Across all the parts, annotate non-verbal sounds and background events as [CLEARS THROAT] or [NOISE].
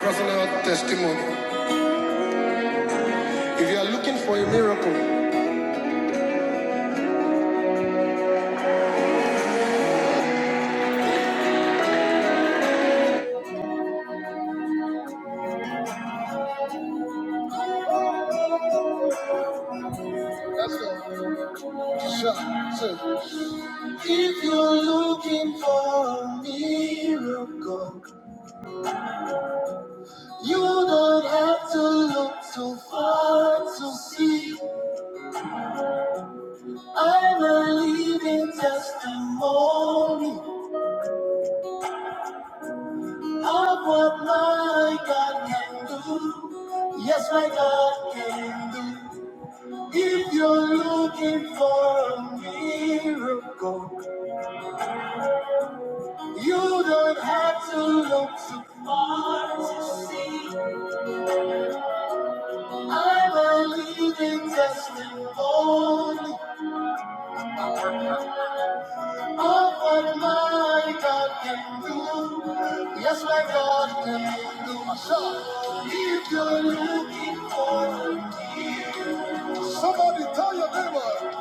Personal testimony. If you are looking for a miracle, Sure, sure. if you're looking for a miracle, you don't have to look too far to see. I'm a living testimony of what my God can do. Yes, my God can do. If you're looking for a miracle, You don't have to look too far to see. I'm a living testimony of what my God can do. Yes, my God can do. If you're looking for a Somebody tell your neighbor,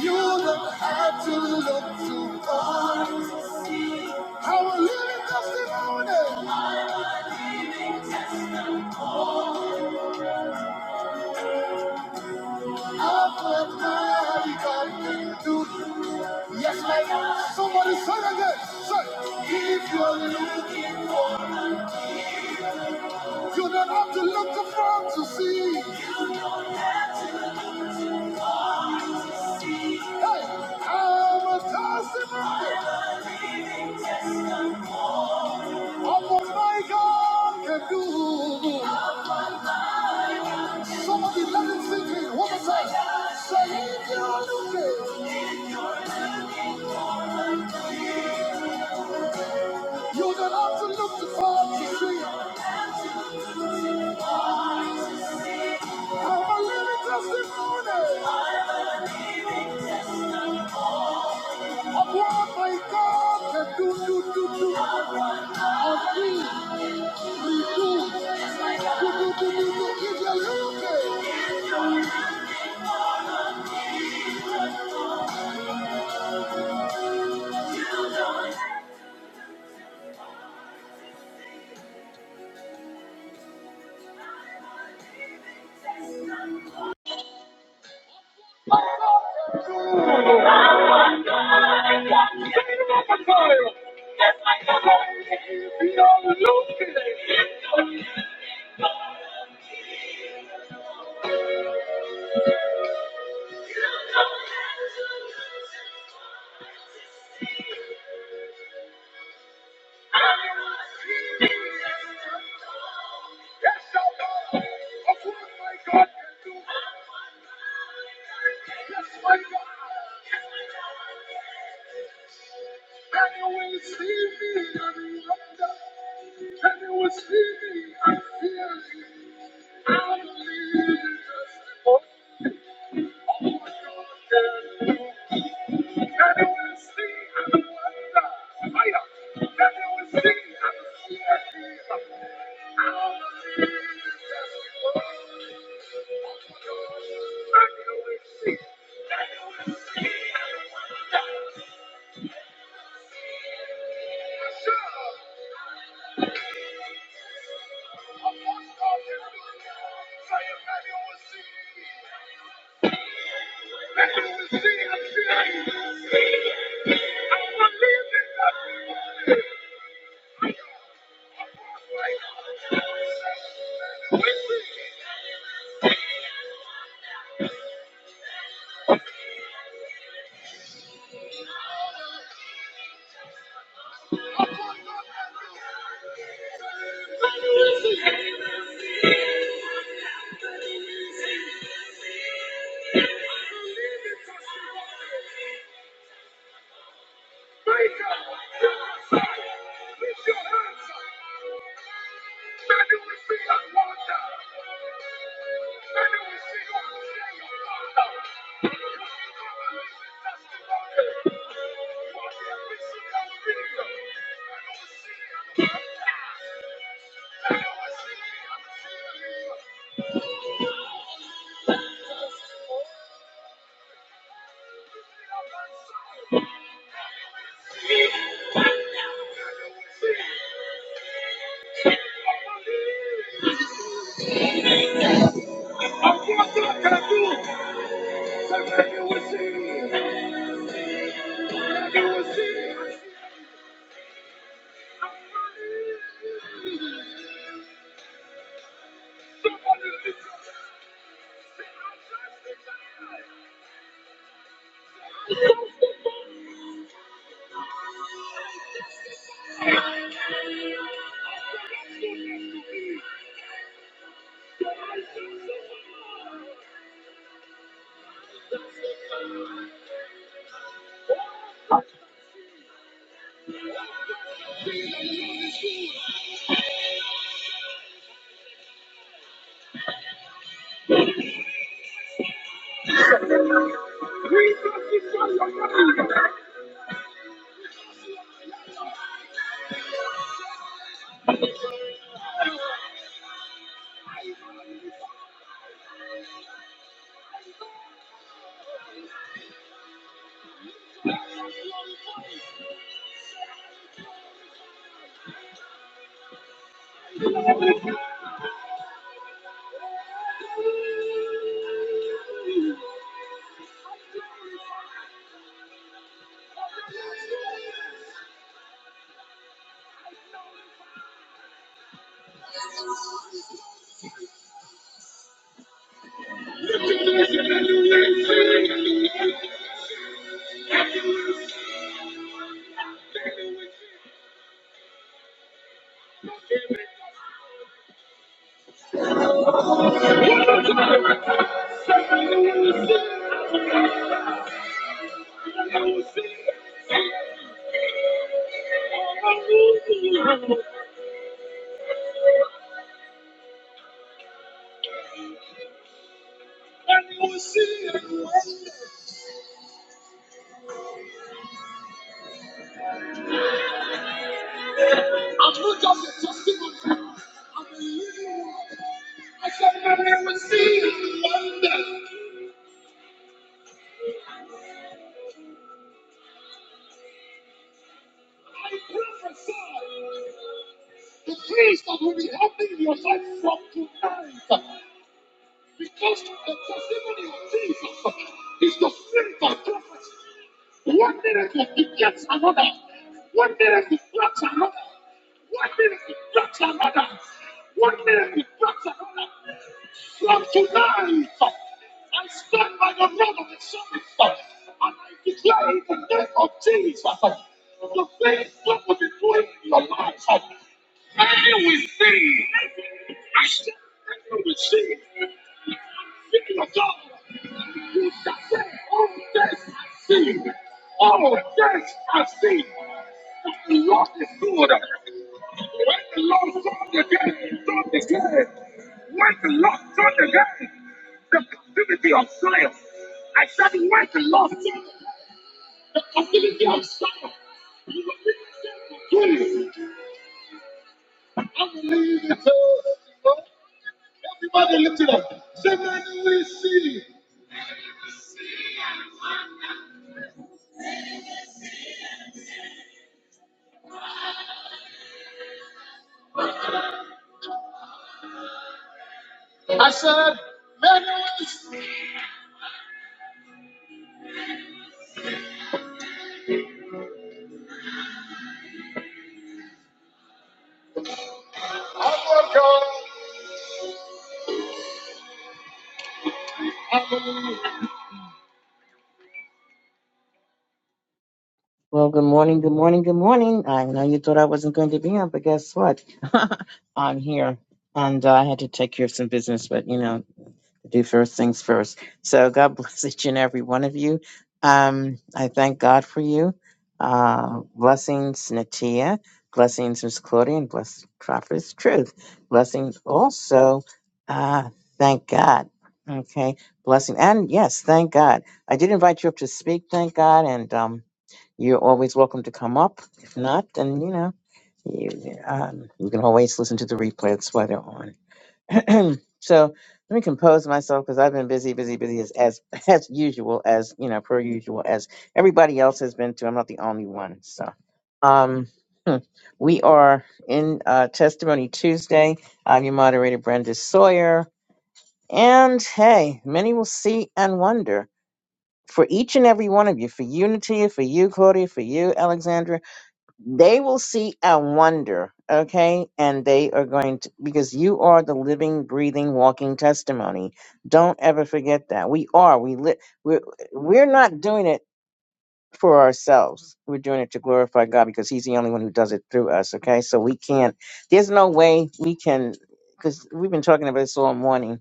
you don't have to look too far to see. How a living testimony. I'm a living testimony. Yes, my God. Somebody say it again. Say, if you're looking for, you don't have to look too far to see. You don't have to look too far to see. Hey, I'm a testimony of what my God can do. Somebody let it sink in. One more time. Say, if you're looking, you don't have to look too far to see. I'm a living testimony of what my God can do, do, do, do. On me, we do, do, do, do, do, do. Give you a little Well, good morning, good morning, good morning. I know you thought I wasn't going to be on, but guess what? [LAUGHS] I'm here. And uh, I had to take care of some business, but you know. do first things first. So God [LAUGHS] bless each and every one of you. Um, I thank God for you. Uh, blessings, Natia. Blessings, Miss Claudia, and bless Prophet's Truth. Blessings also. Uh, thank God. Okay. Blessing. And yes, thank God. I did invite you up to speak. Thank God. And um, you're always welcome to come up. If not, then, you know, you, um, you can always listen to the replay. That's why they're on. [CLEARS THROAT] so let me compose myself because I've been busy, busy, busy as, as [LAUGHS] as usual, as you know, per usual, as everybody else has been too. I'm not the only one. So, um, [LAUGHS] hmm. we are in uh, Testimony Tuesday. I'm your moderator, Brenda Sawyer, and hey, many will see and wonder. For each and every one of you, for Unity, for you, Claudia, for you, Alexandra, they will see and wonder, okay? And they are going to, because you are the living, breathing, walking testimony. Don't ever forget that. We are. We live. We're, we're not doing it for ourselves. We're doing it to glorify God because He's the only one who does it through us. Okay, so we can't. There's no way we can, because we've been talking about this all morning.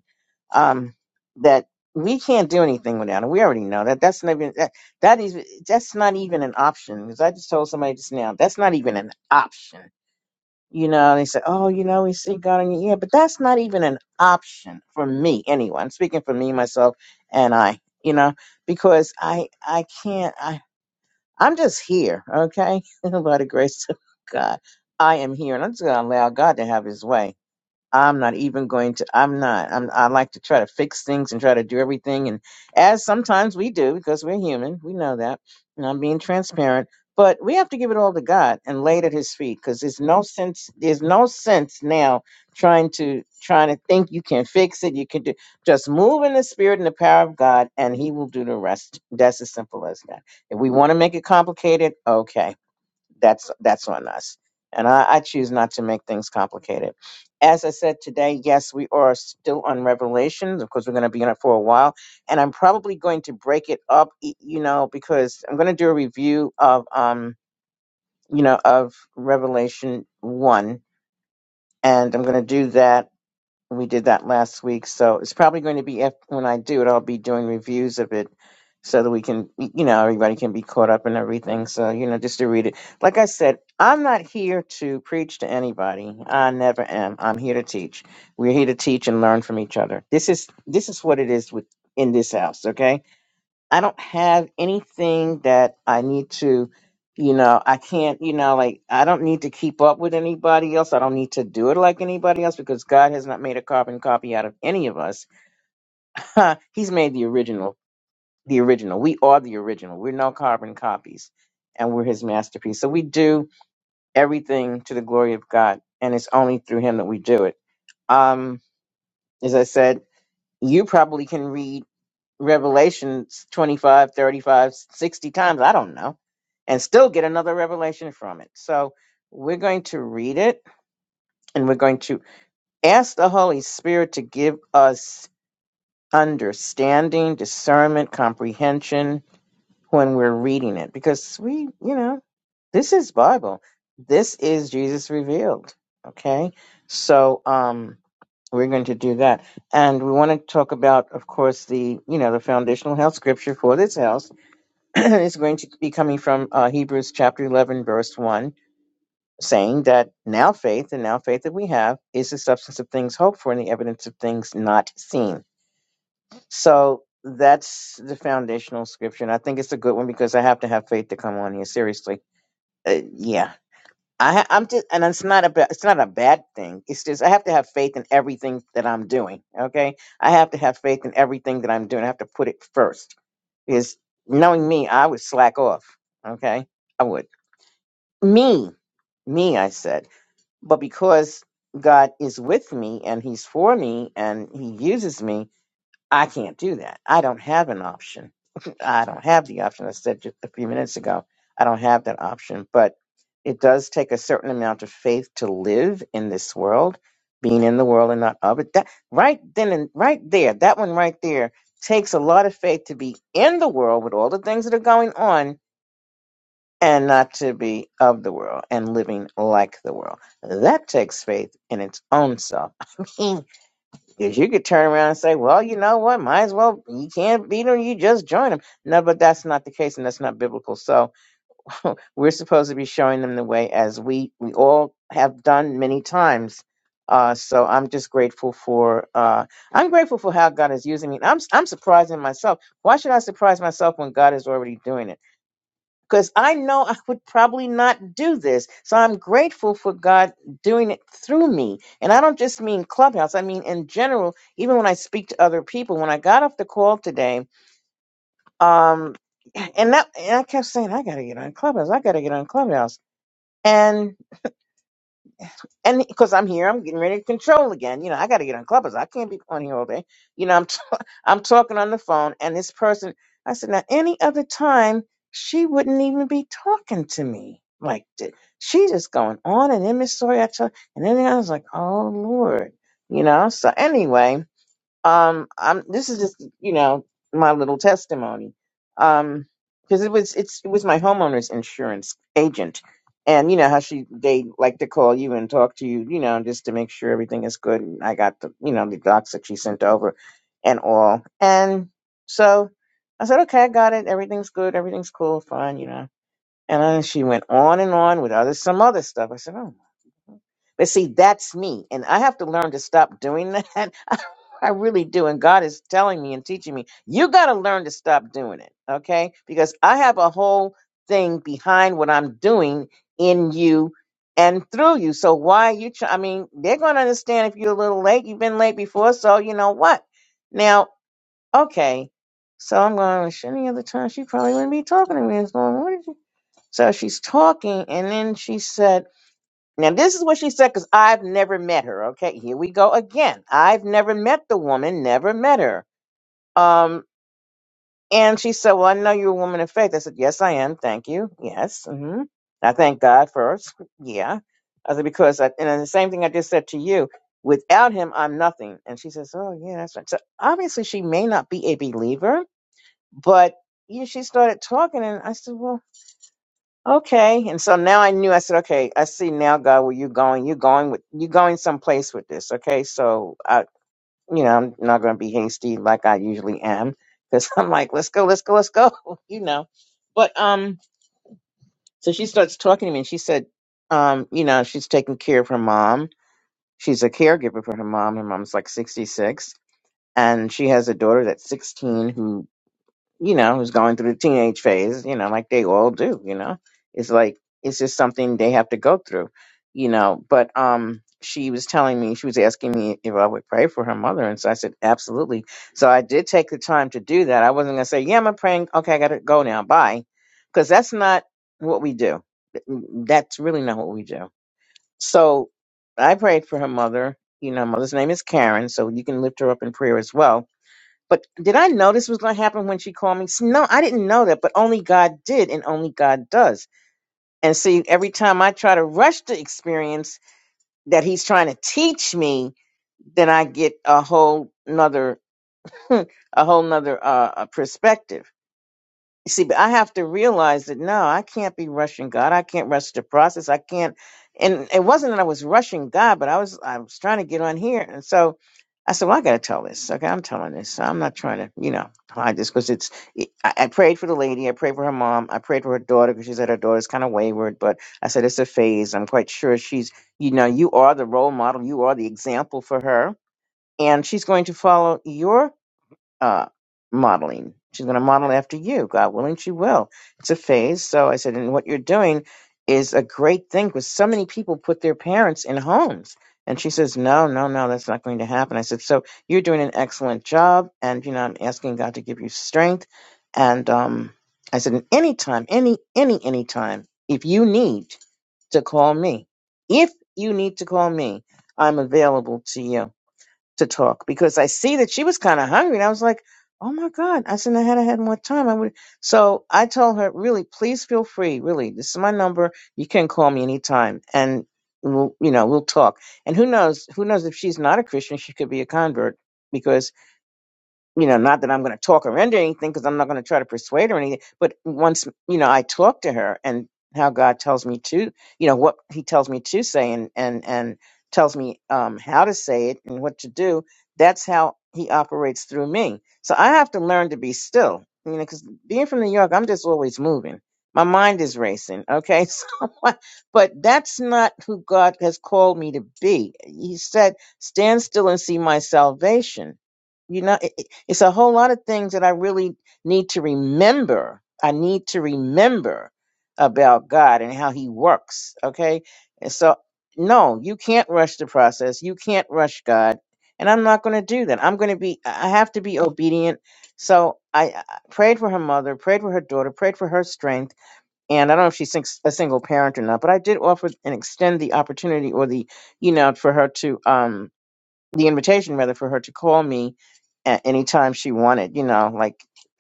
Um, that we can't do anything without it. We already know that. That's not even that. That is that's not even an option. Because I just told somebody just now that's not even an option. You know, they say, "Oh, you know, we see God in your ear," but that's not even an option for me. Anyway, I'm speaking for me, myself, and I. You know, because I I can't. I'm just here, okay? [LAUGHS] By the grace of God, I am here, and I'm just gonna allow God to have His way. I'm not even going to. I'm not. I'm, I like to try to fix things and try to do everything, and as sometimes we do because we're human. We know that, and I'm being transparent. But we have to give it all to God and lay it at His feet because there's no sense. There's no sense now trying to trying to think you can fix it. You can do just move in the Spirit and the power of God, and He will do the rest. That's as simple as that. If we want to make it complicated, okay that's that's on us and I, I choose not to make things complicated as i said today yes we are still on revelations of course we're going to be in it for a while and i'm probably going to break it up y- you know because i'm going to do a review of um you know of revelation 1 and i'm going to do that we did that last week. So it's probably going to be if, when I do it, I'll be doing reviews of it so that we can, you know, everybody can be caught up and everything. So, you know, just to read it. Like I said, I'm not here to preach to anybody. I never am. I'm here to teach. We're here to teach and learn from each other. This is this is what it is with in this house, okay? I don't have anything that I need to, you know, I can't, you know, like I don't need to keep up with anybody else. I don't need to do it like anybody else because God has not made a carbon copy out of any of us. [LAUGHS] He's made the original, the original. We are the original. We're no carbon copies and we're his masterpiece. So we do everything to the glory of God and it's only through him that we do it. Um as I said, you probably can read revelations 25 35 60 times i don't know and still get another revelation from it so we're going to read it and we're going to ask the holy spirit to give us understanding discernment comprehension when we're reading it because we, you know, this is Bible. This is Jesus revealed. Okay. So, um, we're going to do that. And we want to talk about, of course, the, you know, the foundational health scripture for this house [CLEARS THROAT] is going to be coming from uh, Hebrews chapter 11, verse 1, saying that now faith and now faith that we have is the substance of things hoped for and the evidence of things not seen. So that's the foundational scripture, and I think it's a good one because I have to have faith to come on here. Seriously, uh, yeah, I, ha- I'm just, and it's not a, ba- it's not a bad thing. It's just I have to have faith in everything that I'm doing. Okay, I have to have faith in everything that I'm doing. I have to put it first because knowing me, I would slack off. Okay, I would me, me, I said, but because God is with me and He's for me and He uses me, I can't do that. I don't have an option. [LAUGHS] I don't have the option. I said just a few minutes ago, I don't have that option. But it does take a certain amount of faith to live in this world, being in the world and not of it. That right then and right there, that one right there takes a lot of faith to be in the world with all the things that are going on and not to be of the world and living like the world. That takes faith in its own self. [LAUGHS] Because you could turn around and say, well, you know what? Might as well, you can't beat them. You just join them. No, but that's not the case and that's not biblical. So [LAUGHS] we're supposed to be showing them the way as we, we all have done many times. Uh, so I'm just grateful for, uh, I'm grateful for how God is using me. I'm, I'm surprising myself. Why should I surprise myself when God is already doing it? because I know I would probably not do this. So I'm grateful for God doing it through me. And I don't just mean Clubhouse, I mean in general, even when I speak to other people. When I got off the call today, um, and, that, and I kept saying, I got to get on Clubhouse, I got to get on Clubhouse. and. And because I'm here, I'm getting ready to control again. You know, I got to get on Clubhouse. I can't be on here all day. You know, I'm t- [LAUGHS] I'm talking on the phone, and this person, I said, now any other time, she wouldn't even be talking to me like this. She just going on and then Miss Story, I tell, and then I was like, oh Lord, you know. So anyway, um i'm this is just you know my little testimony um because it was it's it was my homeowner's insurance agent and you know how she they like to call you and talk to you you know just to make sure everything is good and i got the you know the docs that she sent over and all and so i said okay i got it everything's good everything's cool fine you know and then she went on and on with other some other stuff i said oh but see, that's me. And I have to learn to stop doing that. [LAUGHS] I I really do. And God is telling me and teaching me, you got to learn to stop doing it. Okay. Because I have a whole thing behind what I'm doing in you and through you. So why are you, try- I mean, they're going to understand if you're a little late. You've been late before. So you know what? Now, okay. So I'm going, "Sh- any other time she probably wouldn't be talking to me. It's going, what did you? So she's talking. And then she said, now, this is what she said because I've never met her. Okay, here we go again. I've never met the woman, never met her. Um, and she said, Well, I know you're a woman of faith. I said, Yes, I am. Thank you. Yes. hmm I thank God first. [LAUGHS] yeah. I said, Because, I, and the same thing I just said to you, without him, I'm nothing. And she says, Oh, yeah, that's right. So obviously, she may not be a believer, but yeah, she started talking, and I said, Well, Okay. And so now I knew I said, okay, I see now, God, where you're going. You're going with you're going someplace with this. Okay. So I you know, I'm not gonna be hasty like I usually am. Because [LAUGHS] I'm like, let's go, let's go, let's go, [LAUGHS] you know. But um so she starts talking to me and she said, um, you know, she's taking care of her mom. She's a caregiver for her mom. Her mom's like sixty six. And she has a daughter that's 16 who you know, who's going through the teenage phase, you know, like they all do, you know. It's like it's just something they have to go through, you know. But um she was telling me, she was asking me if I would pray for her mother. And so I said, absolutely. So I did take the time to do that. I wasn't going to say, yeah, I'm praying. Okay, I got to go now. Bye. Because that's not what we do. That's really not what we do. So I prayed for her mother. You know, mother's name is Karen. So you can lift her up in prayer as well but did I know this was going to happen when she called me? S- No, I didn't know that, but only God did and only God does. And see, every time I try to rush the experience that he's trying to teach me, then I get a whole nother, [LAUGHS] a whole nother uh, uh, perspective. You see, but I have to realize that no, I can't be rushing God. I can't rush the process. I can't. And it wasn't that I was rushing God, but I was I was trying to get on here, and so I said, "Well, I got to tell this. Okay, I'm telling this. So I'm not trying to, you know, hide this because it's." I, I prayed for the lady. I prayed for her mom. I prayed for her daughter because she said her daughter's kind of wayward, but I said it's a phase. I'm quite sure she's, you know, you are the role model. You are the example for her, and she's going to follow your uh, modeling. She's going to model after you. God willing, she will. It's a phase. So I said, and what you're doing is a great thing because so many people put their parents in homes. And she says, no, no, no, that's not going to happen. I said, so you're doing an excellent job. And, you know, I'm asking God to give you strength. And um, I said, and anytime, any, any, any time, if you need to call me, if you need to call me, I'm available to you to talk because I see that she was kind of hungry. And I was like, oh my God. I said, I had I had more time. I would. So I told her, really, please feel free. Really, this is my number. You can call me anytime. And we'll, you know, we'll talk. And who knows, who knows if she's not a Christian, she could be a convert because you know, not that I'm going to talk her into anything because I'm not going to try to persuade her or anything. But once, you know, I talk to her and how God tells me to, you know, what he tells me to say and, and, and tells me, um, how to say it and what to do. That's how he operates through me. So I have to learn to be still, you know, because being from New York, I'm just always moving. My mind is racing. Okay. [LAUGHS] So, I- but that's not who God has called me to be. He said, stand still and see my salvation you know it's a whole lot of things that I really need to remember. I need to remember about God and how He works. Okay. And so, no, you can't rush the process. You can't rush God. And I'm not going to do that. I'm going to be, I have to be obedient. So I I prayed for her mother, prayed for her daughter, prayed for her strength. And I don't know if she's sing- a single parent or not, but I did offer and extend the opportunity or the, you know, for her to, um, the invitation rather for her to call me at any time she wanted you know like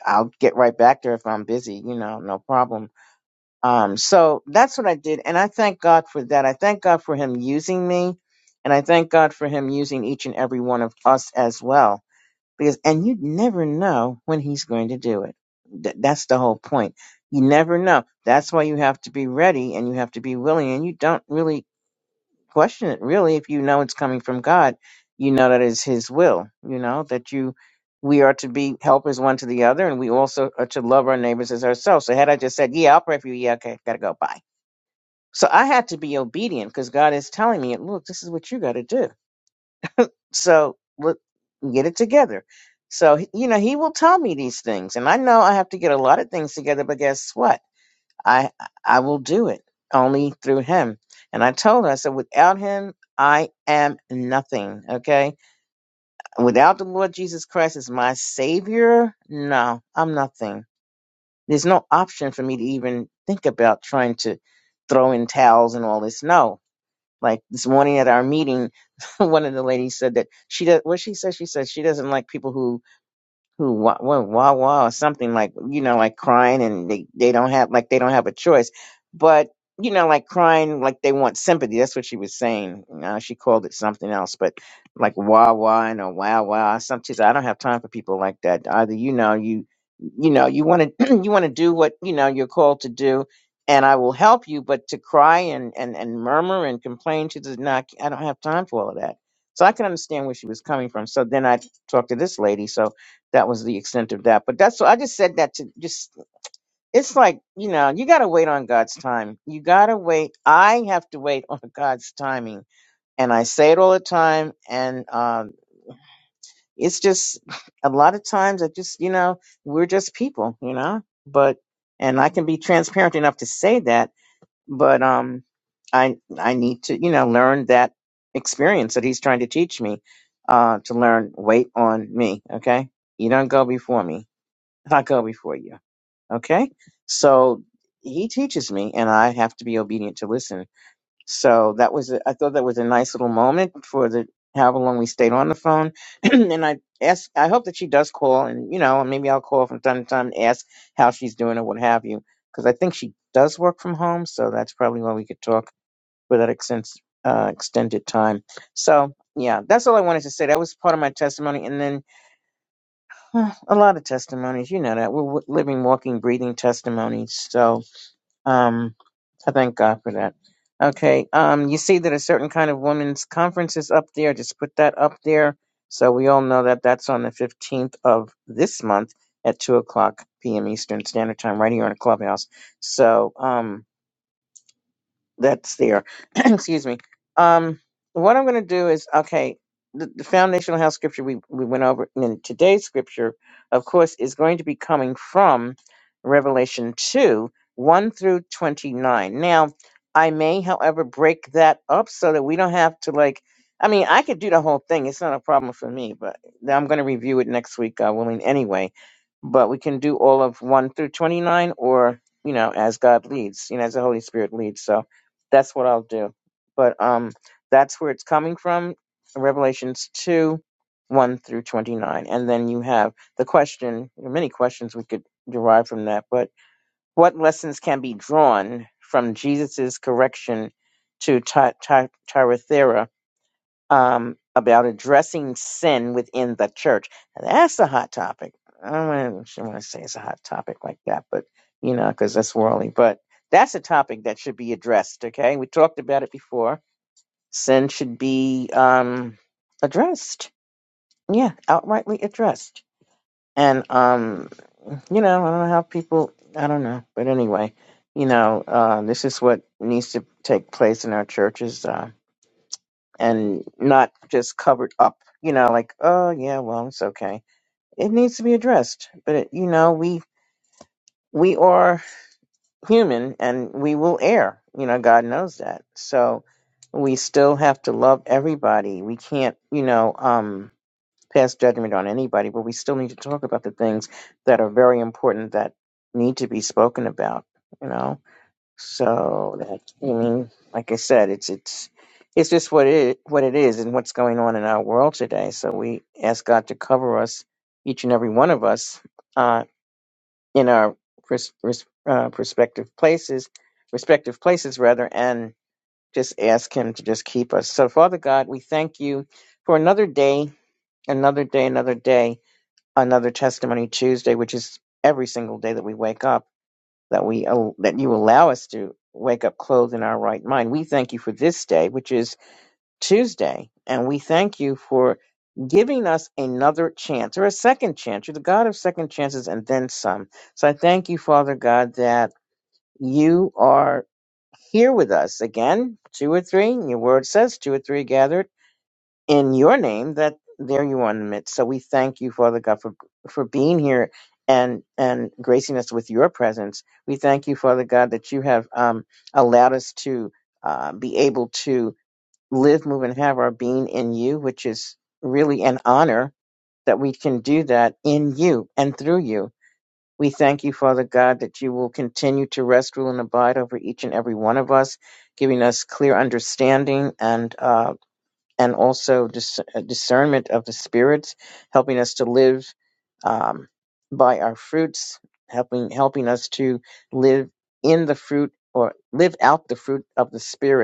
i'll get right back there if i'm busy you know no problem um so that's what i did and i thank god for that i thank god for him using me and i thank god for him using each and every one of us as well because and you never know when he's going to do it Th- that's the whole point you never know that's why you have to be ready and you have to be willing and you don't really question it really if you know it's coming from God. You know that is His will. You know that you we are to be helpers one to the other, and we also are to love our neighbors as ourselves. So had I just said, "Yeah, I'll pray for you," yeah, okay, gotta go, bye. So I had to be obedient because God is telling me, "Look, this is what you got to do." So look, get it together. So you know He will tell me these things, and I know I have to get a lot of things together. But guess what? I I will do it only through him. And I told her, I said, without him, I am nothing. Okay. Without the Lord Jesus Christ as my savior, no, I'm nothing. There's no option for me to even think about trying to throw in towels and all this. No. Like this morning at our meeting, [LAUGHS] one of the ladies said that she does what she said, she said she doesn't like people who who wah wah wah wah or something like you know like crying and they they don't have like they don't have a choice but you know like crying like they want sympathy that's what she was saying uh, she called it something else but like wah wah and a wow wow sometimes i don't have time for people like that either you know you you know you want to [CLEARS THROAT] you want to do what you know you're called to do and i will help you but to cry and and and murmur and complain she does not i don't have time for all of that so i can understand where she was coming from so then i talked to this lady so that was the extent of that. But that's so I just said that to just it's like, you know, you gotta wait on God's time. You gotta wait. I have to wait on [LAUGHS] God's timing. And I say it all the time and um it's just [LAUGHS] a lot of times I just you know, we're just people, you know. But and I can be transparent enough to say that, but um I I need to, you know, learn that experience that he's trying to teach me, uh, to learn wait on me, okay? You don't go before me if I go before you. Okay? So he teaches me and I have to be obedient to listen. So that was a, I thought that was a nice little moment for the however long we stayed on the phone. [CLEARS THROAT] and I ask, I hope that she does call and you know, maybe I'll call from time to time and ask how she's doing or what have you. Because I think she does work from home, so that's probably why we could talk for that extens- uh, extended time. So yeah, that's all I wanted to say. That was part of my testimony. And then Huh, a lot of testimonies. You know that we're w- living, walking, breathing testimonies. So, um, I thank God for that. Okay. Um, you see that a certain kind of women's conference is up there. Just put that up there, so we all know that that's on the fifteenth of this month at two o'clock p.m. Eastern Standard Time, right here on the clubhouse. So, um that's there. [CLEARS THROAT] Excuse me. Um, what I'm going to do is okay. The, the foundational health scripture we we went over, and then today's scripture, of course, is going to be coming from Revelation two one through twenty nine. Now, I may, however, break that up so that we don't have to like. I mean, I could do the whole thing. It's not a problem for me, but I'm going to review it next week, God willing, anyway. But we can do all of 1 through 29 or, you know, as God leads, you know, as the Holy Spirit leads. So that's what I'll do. But um, that's where it's coming from. Revelations two, one through twenty nine, and then you have the question. There are many questions we could derive from that, but what lessons can be drawn from Jesus's correction to Ty- Ty- Thyatira um, about addressing sin within the church. Now, that's a hot topic. I don't know if you want to say it's a hot topic like that, but you know, because that's worldly. But that's a topic that should be addressed. Okay, we talked about it before. Sin should be um, addressed. Yeah, outrightly addressed. And um, you know, I don't know how people. I don't know, but anyway, you know, uh, this is what needs to take place in our churches. Uh, and not just covered up, you know, like, oh yeah, well, it's okay. It needs to be addressed. But it, you know, we we are human and we will err. You know, God knows that. So we still have to love everybody. We can't, you know, um pass judgment on anybody, but we still need to talk about the things that are very important that need to be spoken about, you know. So that I mean, like I said, it's it's it's just what it what it is and what's going on in our world today. So we ask God to cover us, each and every one of us, uh, in our pers- pers- uh, prospective places, respective places rather, and just ask Him to just keep us. So Father God, we thank you for another day, another day, another day, another testimony Tuesday, which is every single day that we wake up that we that you allow us to wake up clothed in our right mind. We thank you for this day, which is Tuesday, and we thank you for giving us another chance or a second chance. You're the God of second chances and then some. So I thank you, Father God, that you are here with us again, two or three. Your word says two or three gathered in your name that there you are in the midst. So we thank you, Father God, for for being here and and gracing us with your presence. We thank you, Father God, that you have um, allowed us to uh, be able to live, move, and have our being in you, which is really an honor that we can do that in you and through you. We thank you, Father God, that you will continue to rest, rule, and abide over each and every one of us, giving us clear understanding and uh, and also dis- uh, discernment of the spirits, helping us to live um, by our fruits, helping helping us to live in the fruit or live out the fruit of the spirit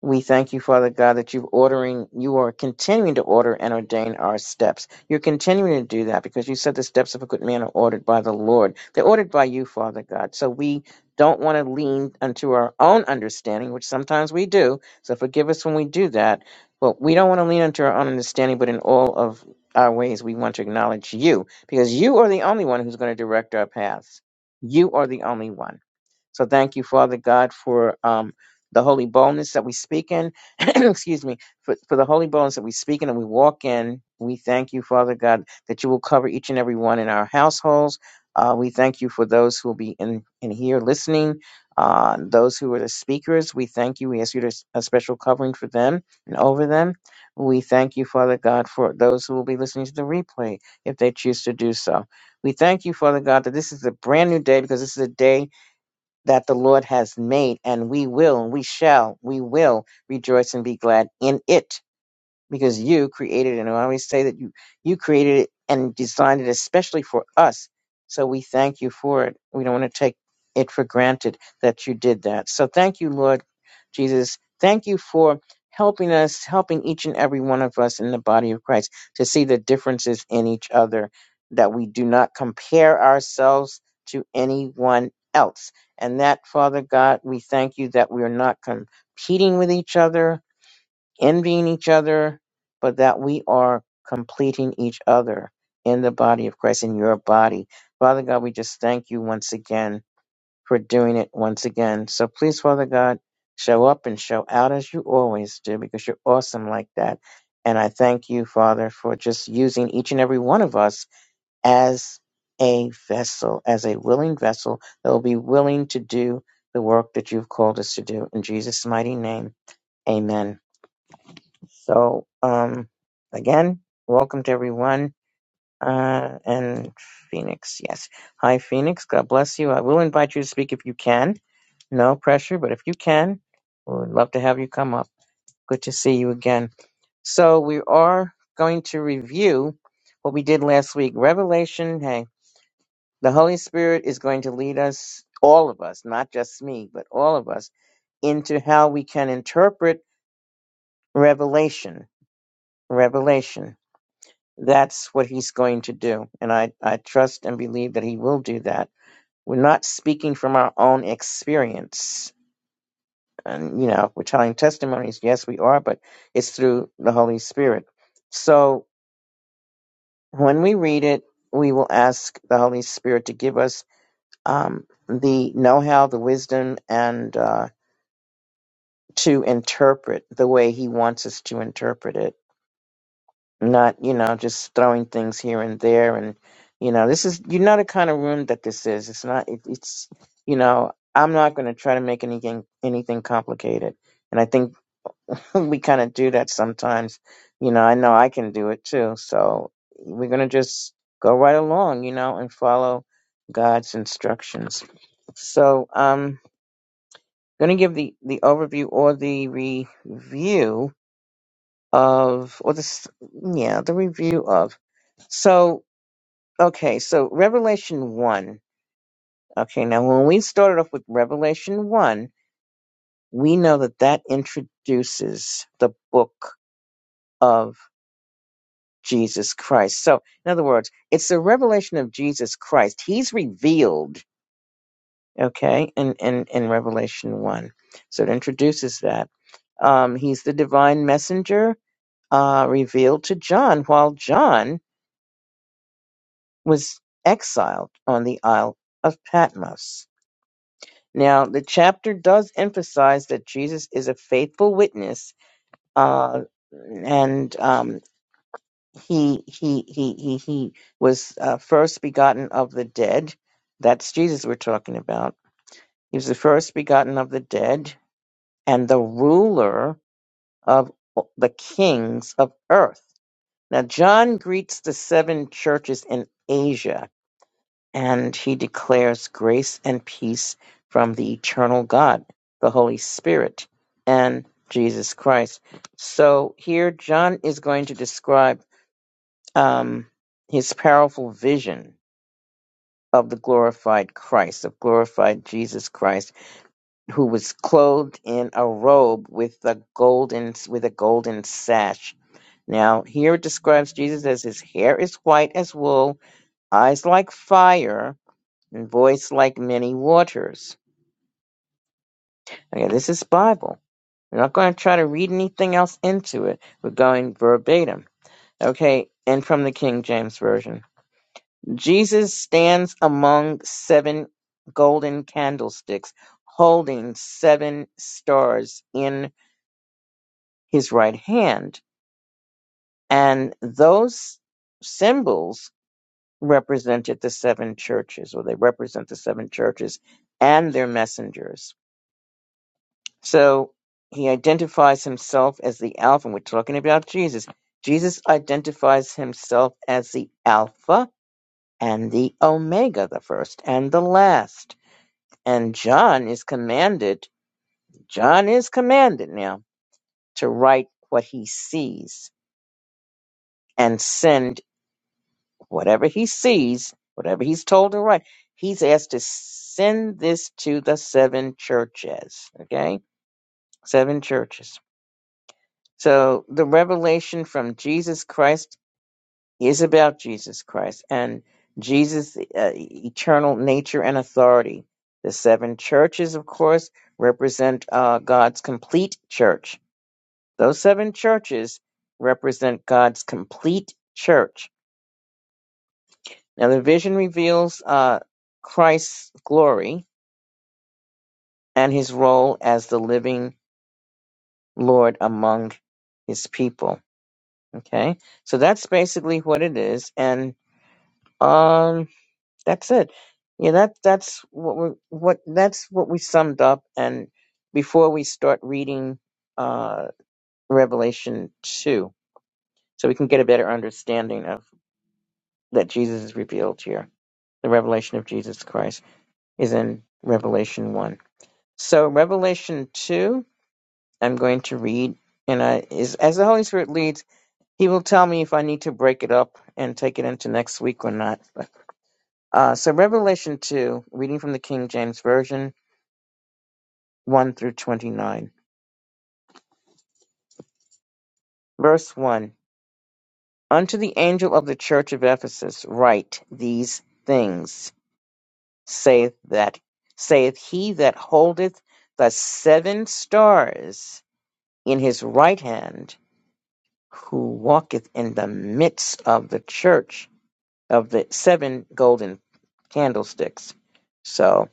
we thank you, Father God, that you've ordering, you are continuing to order and ordain our steps. You're continuing to do that because you said the steps of a good man are ordered by the Lord. They're ordered by you, Father God. So we don't want to lean unto our own understanding, which sometimes we do. So forgive us when we do that. But we don't want to lean unto our own understanding, but in all of our ways, we want to acknowledge you because you are the only one who's going to direct our paths. You are the only one. So thank you, Father God, for um, the holy boldness that we speak in. [CLEARS THROAT] Excuse me, for, for the holy boldness that we speak in and we walk in. We thank you, Father God, that you will cover each and every one in our households. Uh, we thank you for those who will be in, in here listening, uh, those who are the speakers. We thank you. We ask you to s- a special covering for them and over them. We thank you, Father God, for those who will be listening to the replay if they choose to do so. We thank you, Father God, that this is a brand new day because this is a day that the Lord has made, and we will, we shall, we will rejoice and be glad in it because you created it. And I always say that you, you created it and designed it especially for us. So we thank you for it. We don't want to take it for granted that you did that. So thank you, Lord Jesus. Thank you for helping us, helping each and every one of us in the body of Christ to see the differences in each other, that we do not compare ourselves to anyone else. And that, Father God, we thank you that we are not competing with each other, envying each other, but that we are completing each other in the body of Christ, in your body. Father God, we just thank you once again for doing it once again. So please, Father God, show up and show out as you always do because you're awesome like that. And I thank you, Father, for just using each and every one of us as a vessel, as a willing vessel that will be willing to do the work that you've called us to do. In Jesus' mighty name, amen. So, um, again, welcome to everyone. Uh, and Phoenix, yes. Hi, Phoenix. God bless you. I will invite you to speak if you can. No pressure, but if you can, we would love to have you come up. Good to see you again. So, we are going to review what we did last week. Revelation, hey, the Holy Spirit is going to lead us, all of us, not just me, but all of us, into how we can interpret revelation. Revelation. that's what he's going to do. And I, I trust and believe that he will do that. We're not speaking from our own experience. And, you know, we're telling testimonies. Yes, we are, but it's through the Holy Spirit. So when we read it, we will ask the Holy Spirit to give us um, the know how, the wisdom, and uh, to interpret the way he wants us to interpret it not you know just throwing things here and there and you know this is you know the kind of room that this is it's not it, it's you know i'm not going to try to make anything anything complicated and i think [LAUGHS] we kind of do that sometimes you know i know i can do it too so we're going to just go right along you know and follow god's instructions so i'm going to give the the overview or the review of, or this, yeah, the review of. So, okay, so Revelation 1. Okay, now when we started off with Revelation 1, we know that that introduces the book of Jesus Christ. So, in other words, it's the revelation of Jesus Christ. He's revealed, okay, in, in, in Revelation 1. So it introduces that. Um, he's the divine messenger uh, revealed to John while John was exiled on the Isle of Patmos. Now, the chapter does emphasize that Jesus is a faithful witness, uh, and um, he he he he he was uh, first begotten of the dead. That's Jesus we're talking about. He was the first begotten of the dead and the ruler of the kings of earth. Now, John greets the seven churches in Asia and he declares grace and peace from the eternal God, the Holy Spirit, and Jesus Christ. So here, John is going to describe um, his powerful vision of the glorified Christ, of glorified Jesus Christ, who was clothed in a robe with a golden with a golden sash. Now, here it describes Jesus as his hair is white as wool, eyes like fire, and voice like many waters. Okay, this is Bible. We're not going to try to read anything else into it. We're going verbatim. Okay, and from the King James Version. Jesus stands among seven golden candlesticks, holding seven stars in his right hand. And those symbols represented the seven churches, or they represent the seven churches and their messengers. So he identifies himself as the Alpha. And we're talking about Jesus. Jesus identifies himself as the Alpha and the Omega, the first and the last. And John is commanded, John is commanded now to write what he sees and send whatever he sees, whatever he's told to write. He's asked to send this to the seven churches, okay? Seven churches. So the revelation from Jesus Christ is about Jesus Christ and Jesus' uh, eternal nature and authority. The seven churches, of course, represent uh, God's complete church. Those seven churches represent God's complete church. Now, the vision reveals uh, Christ's glory and his role as the living Lord among his people. Okay, so that's basically what it is. And Um, that's it. Yeah, that that's what we what that's what we summed up. And before we start reading uh, Revelation two, so we can get a better understanding of that Jesus is revealed here. The revelation of Jesus Christ is in Revelation one. So Revelation two, I'm going to read, and I is as the Holy Spirit leads, He will tell me if I need to break it up and take it into next week or not. Uh, so Revelation 2, reading from the King James Version 1 through 29. Verse 1 Unto the angel of the church of Ephesus write these things, saith that saith he that holdeth the seven stars in his right hand, who walketh in the midst of the church of the seven golden candlesticks. So.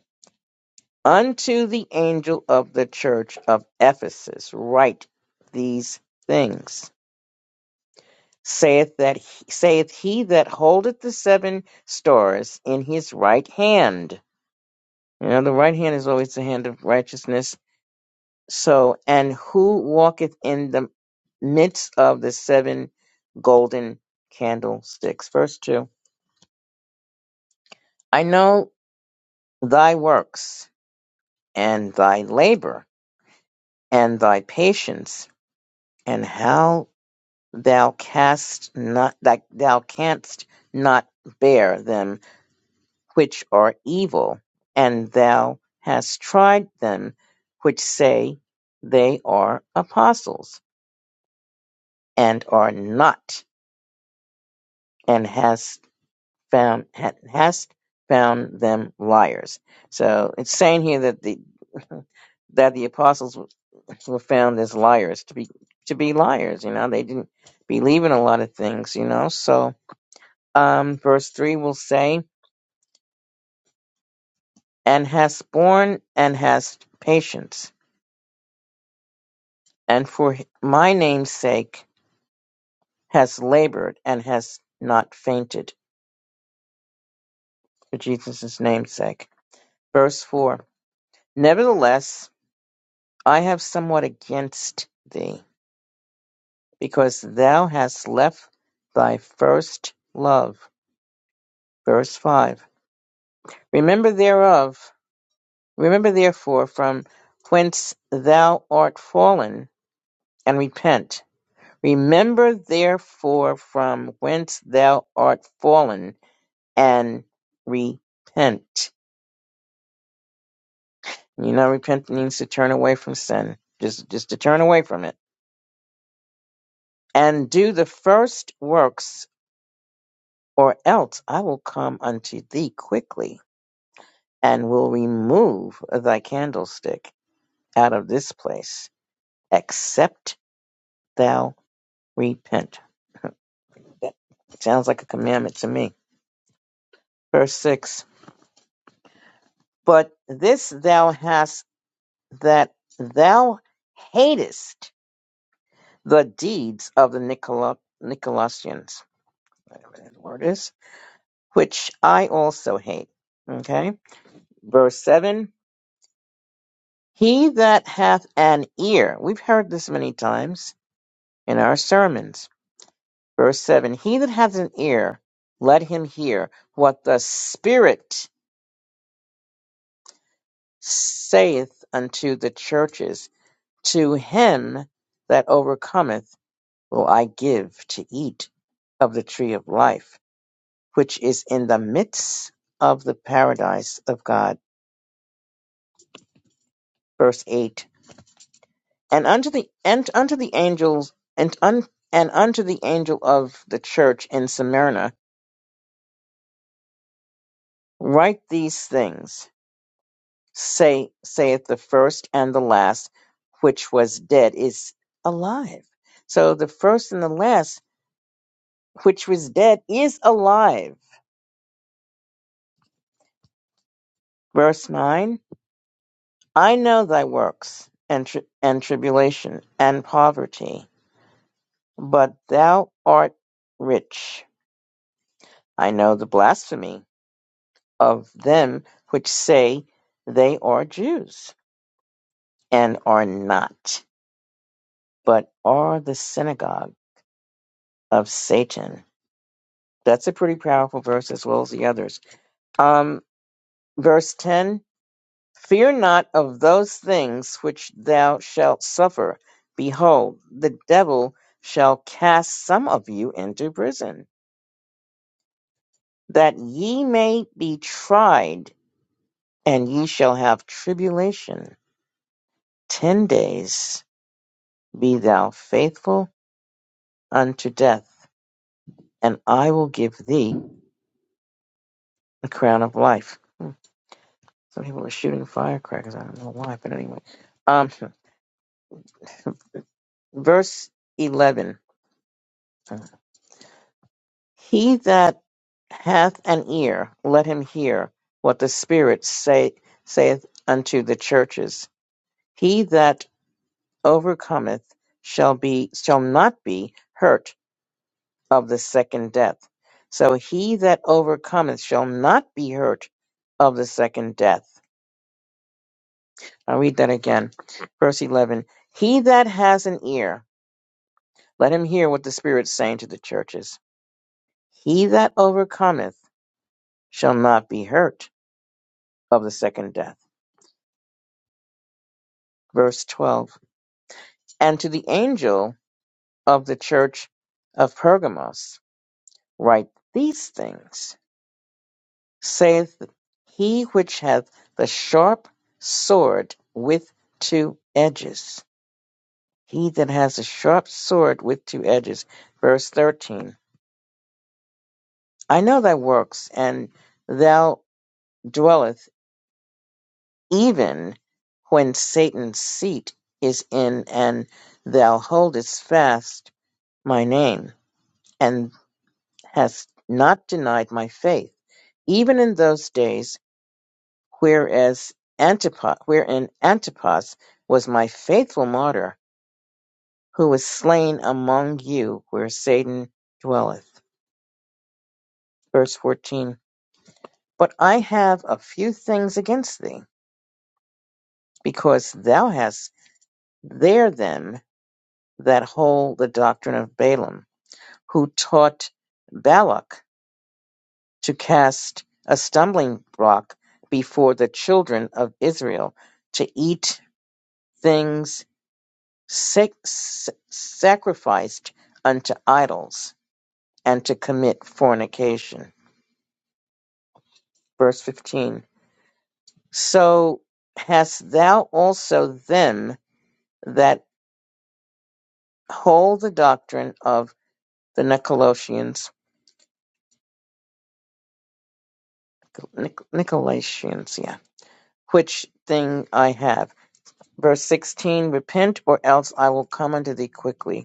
Unto the angel of the church of Ephesus write these things. Saith that saith he that holdeth the seven stars in his right hand. You know, the right hand is always the hand of righteousness. So, and who walketh in the midst of the seven golden candlesticks. Verse 2 I know thy works, and thy labor, and thy patience, and how thou cast not that thou canst not bear them which are evil, and thou hast tried them which say they are apostles and are not, and hast found ha- hast found them liars. So it's saying here that the [LAUGHS] that the apostles were [LAUGHS] were found as liars to be to be liars. You know, they didn't believe in a lot of things. You know, so um, verse 3 will say, And hast borne and hast patience, and for my name's sake has labored and has not fainted, for Jesus' name's sake. Verse 4 Nevertheless, I have somewhat against thee, because thou hast left thy first love. Verse 5 Remember thereof, remember therefore from whence thou art fallen, and repent Remember therefore from whence thou art fallen, and repent. You know, repent means to turn away from sin, just just to turn away from it, and do the first works, or else I will come unto thee quickly, and will remove thy candlestick out of this place, except thou repent. That sounds like a commandment to me. Verse six. But this thou hast that thou hatest the deeds of the Nicola, Nicolaitans, whatever that word is, which I also hate. Okay. Verse 7 He that hath an ear, we've heard this many times in our sermons. Verse 7 He that hath an ear, let him hear what the Spirit saith unto the churches. To him that overcometh, will I give to eat of the tree of life, which is in the midst of the paradise of God. Verse eight. And unto the and unto the angels and un, and unto the angel of the church in Smyrna write these things. Say saith the first and the last, which was dead is alive. So the first and the last, which was dead, is alive. Verse nine. I know thy works and, tri- and tribulation and poverty, but thou art rich. I know the blasphemy of them which say they are Jews and are not, but are the synagogue of Satan. That's a pretty powerful verse as well as the others. Um, verse 10 Fear not of those things which thou shalt suffer. Behold, the devil shall cast some of you into prison, that ye may be tried, and ye shall have tribulation. Ten days be thou faithful unto death, and I will give thee the crown of life. Hmm, Some people are shooting firecrackers. I don't know why, but anyway. Um, verse 11. He that hath an ear, let him hear what the Spirit say, saith unto the churches. He that overcometh shall be shall not be hurt of the second death. So he that overcometh shall not be hurt of the second death. I'll read that again. Verse eleven. He that has an ear, let him hear what the Spirit's saying to the churches. He that overcometh shall not be hurt of the second death. verse 12. And to the angel of the church of Pergamos, write these things, saith he which hath the sharp sword with two edges. He that has a sharp sword with two edges. Verse 13. I know thy works, and thou dwelleth even when Satan's seat is in, and thou holdest fast my name and. has not denied my faith, even in those days, whereas Antipas, wherein Antipas was my faithful martyr, who was slain among you, where Satan dwelleth. Verse 14. But I have a few things against thee, because thou hast there them that hold the doctrine of Balaam, who taught Balak to cast a stumbling block before the children of Israel, to eat things sac- sac- sacrificed unto idols, and to commit fornication. Verse 15 So hast thou also them that hold the doctrine of the Nicolaitans, Nic- Nicolaitans, yeah, which thing I have. Verse 16 Repent, or else I will come unto thee quickly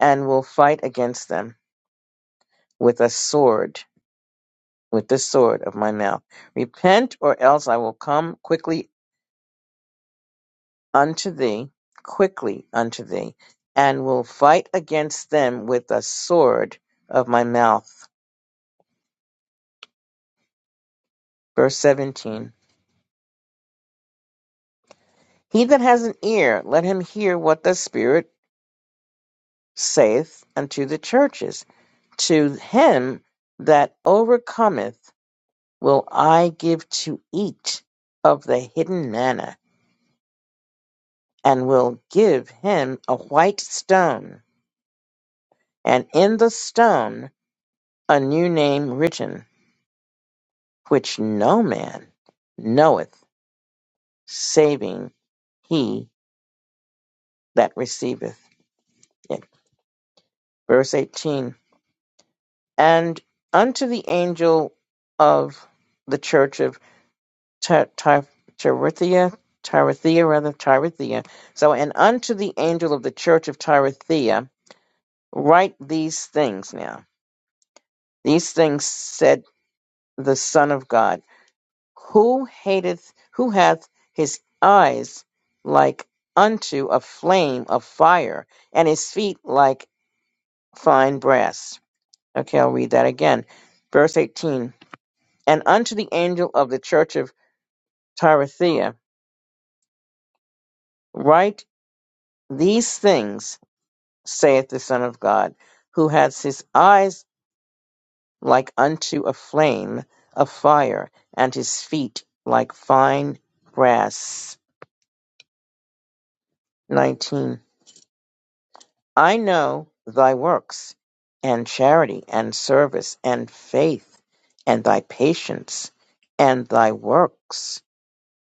and will fight against them with a sword, with the sword of my mouth. Repent, or else I will come quickly unto thee, quickly unto thee, and will fight against them with a sword of my mouth. Verse 17 He that has an ear, let him hear what the Spirit saith unto the churches. To him that overcometh will I give to eat of the hidden manna and will give him a white stone, and in the stone a new name written, which no man knoweth, saving he that receiveth it. Verse 18 And unto the angel of the church of Ti- Ti- Tyrithia, Tyrithia, rather, Tyrithia. So, and unto the angel of the church of Tyrithia, write these things now. These things said. the Son of God, who hateth, who hath his eyes like unto a flame of fire, and his feet like fine brass. Okay, I'll read that again. Verse 18 And unto the angel of the church of Thyatira, write these things, saith the Son of God, who hath his eyes like unto a flame of fire, and his feet like fine brass. 19 I know thy works, and charity, and service, and faith, and thy patience, and thy works,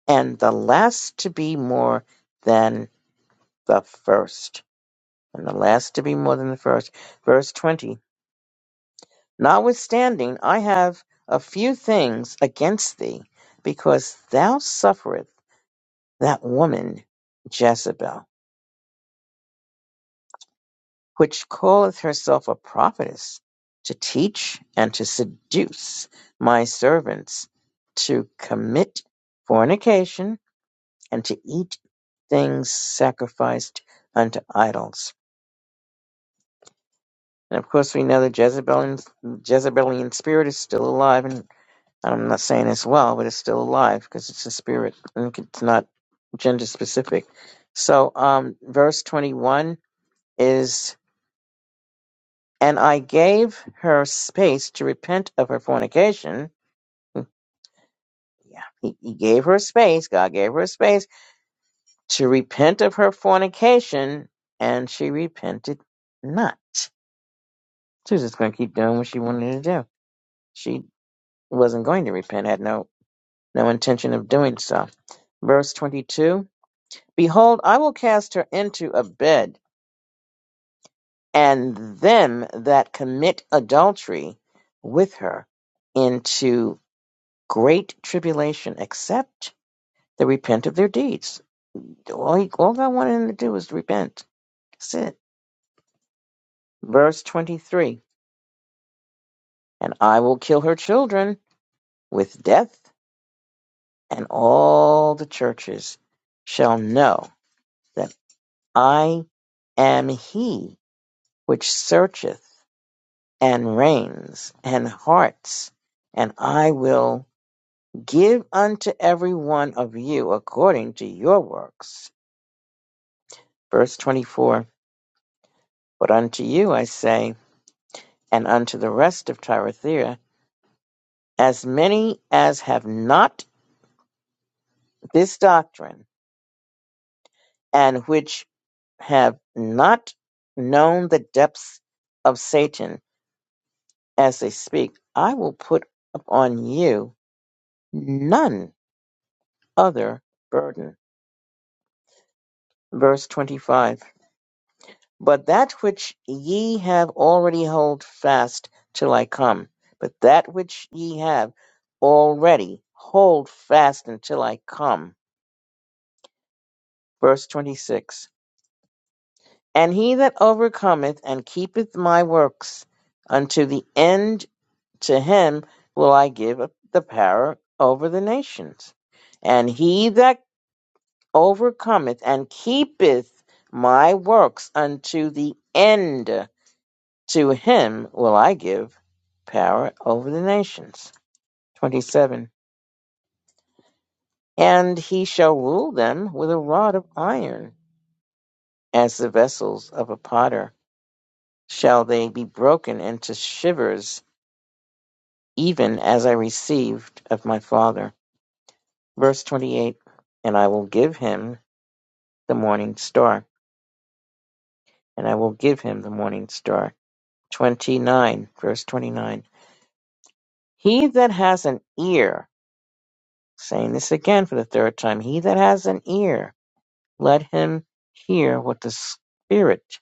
and the last to be more than the first. And the last to be more than the first. Verse 20 Notwithstanding, I have a few things against thee, because thou suffereth that woman Jezebel which calleth herself a prophetess, to teach and to seduce my servants to commit fornication and to eat things sacrificed unto idols. And of course, we know the Jezebelian, Jezebelian spirit is still alive, and I'm not saying it's well, but it's still alive because it's a spirit and it's not gender specific. So, um, verse 21 is. And I gave her space to repent of her fornication. Hmm, Yeah, he, he gave her space. God gave her space to repent of her fornication, and she repented not. She was just going to keep doing what she wanted to do. She wasn't going to repent, had no, no intention of doing so. Verse 22 Behold, I will cast her into a bed, and them that commit adultery with her into great tribulation except they repent of their deeds. All, he, all God wanted him to do was repent. That's it. Verse 23 And I will kill her children with death, and all the churches shall know that I am he which searcheth and reigns and hearts, and I will give unto every one of you according to your works. Verse 24 But unto you I say, and unto the rest of Thyatira, as many as have not this doctrine, and which have not known the depths of Satan as they speak, I will put upon you none other burden. Verse 25. But that which ye have already hold fast till I come. But that which ye have already hold fast until I come Verse 26 And he that overcometh and keepeth my works unto the end, to him will I give up the power over the nations. And he that overcometh and keepeth my works unto the end, to him will I give power over the nations. 27 And he shall rule them with a rod of iron, as the vessels of a potter shall they be broken into shivers, even as I received of my Father. Verse 28 And I will give him the morning star, and I will give him the morning star. 29, verse 29. He that has an ear, saying this again for the third time, he that has an ear, let him hear what the Spirit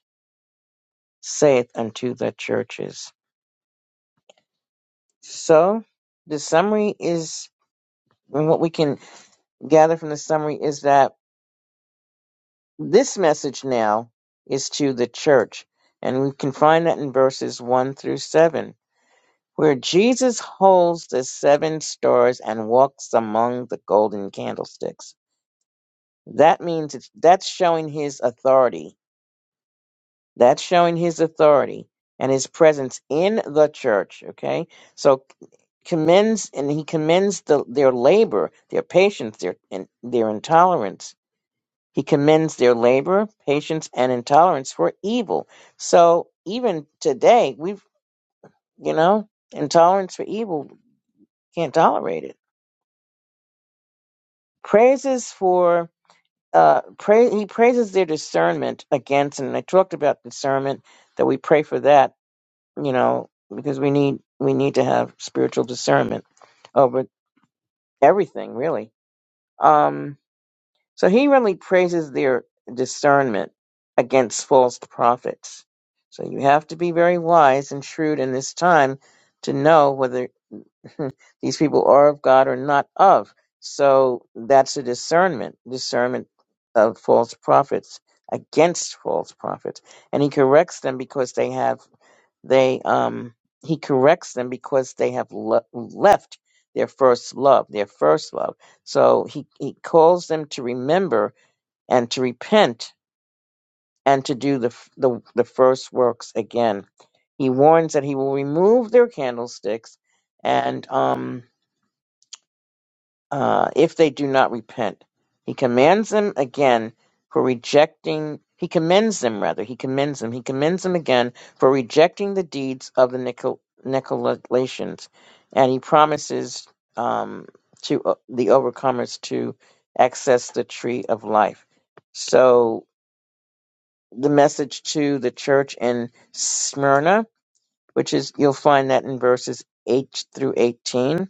saith unto the churches. So, the summary is, and what we can gather from the summary is that This message now is to the church, and we can find that in verses 1 through 7, where Jesus holds the seven stars and walks among the golden candlesticks. That means it's, that's showing his authority. That's showing his authority and his presence in the church, okay? So commends and he commends the, their labor, their patience, their and their intolerance He commends their labor, patience, and intolerance for evil. So even today, we've, you know, intolerance for evil, can't tolerate it. Praises for, uh, pray, he praises their discernment against, and I talked about discernment, that we pray for that, you know, because we need, we need to have spiritual discernment over everything, really. Um, So he really praises their discernment against false prophets. So you have to be very wise and shrewd in this time to know whether [LAUGHS] these people are of God or not of. So that's a discernment, discernment of false prophets against false prophets. And he corrects them because they have they um he corrects them because they have le- left their first love, their first love. So he, he calls them to remember and to repent and to do the, f- the, the first works again. He warns that he will remove their candlesticks and um, uh, if they do not repent. He commands them again for rejecting, he commends them rather, he commends them, he commends them again for rejecting the deeds of the Nicol- Nicolaitans. And he promises um, to uh, the overcomers to access the tree of life. So the message to the church in Smyrna, which is you'll find that in verses 8 through 18.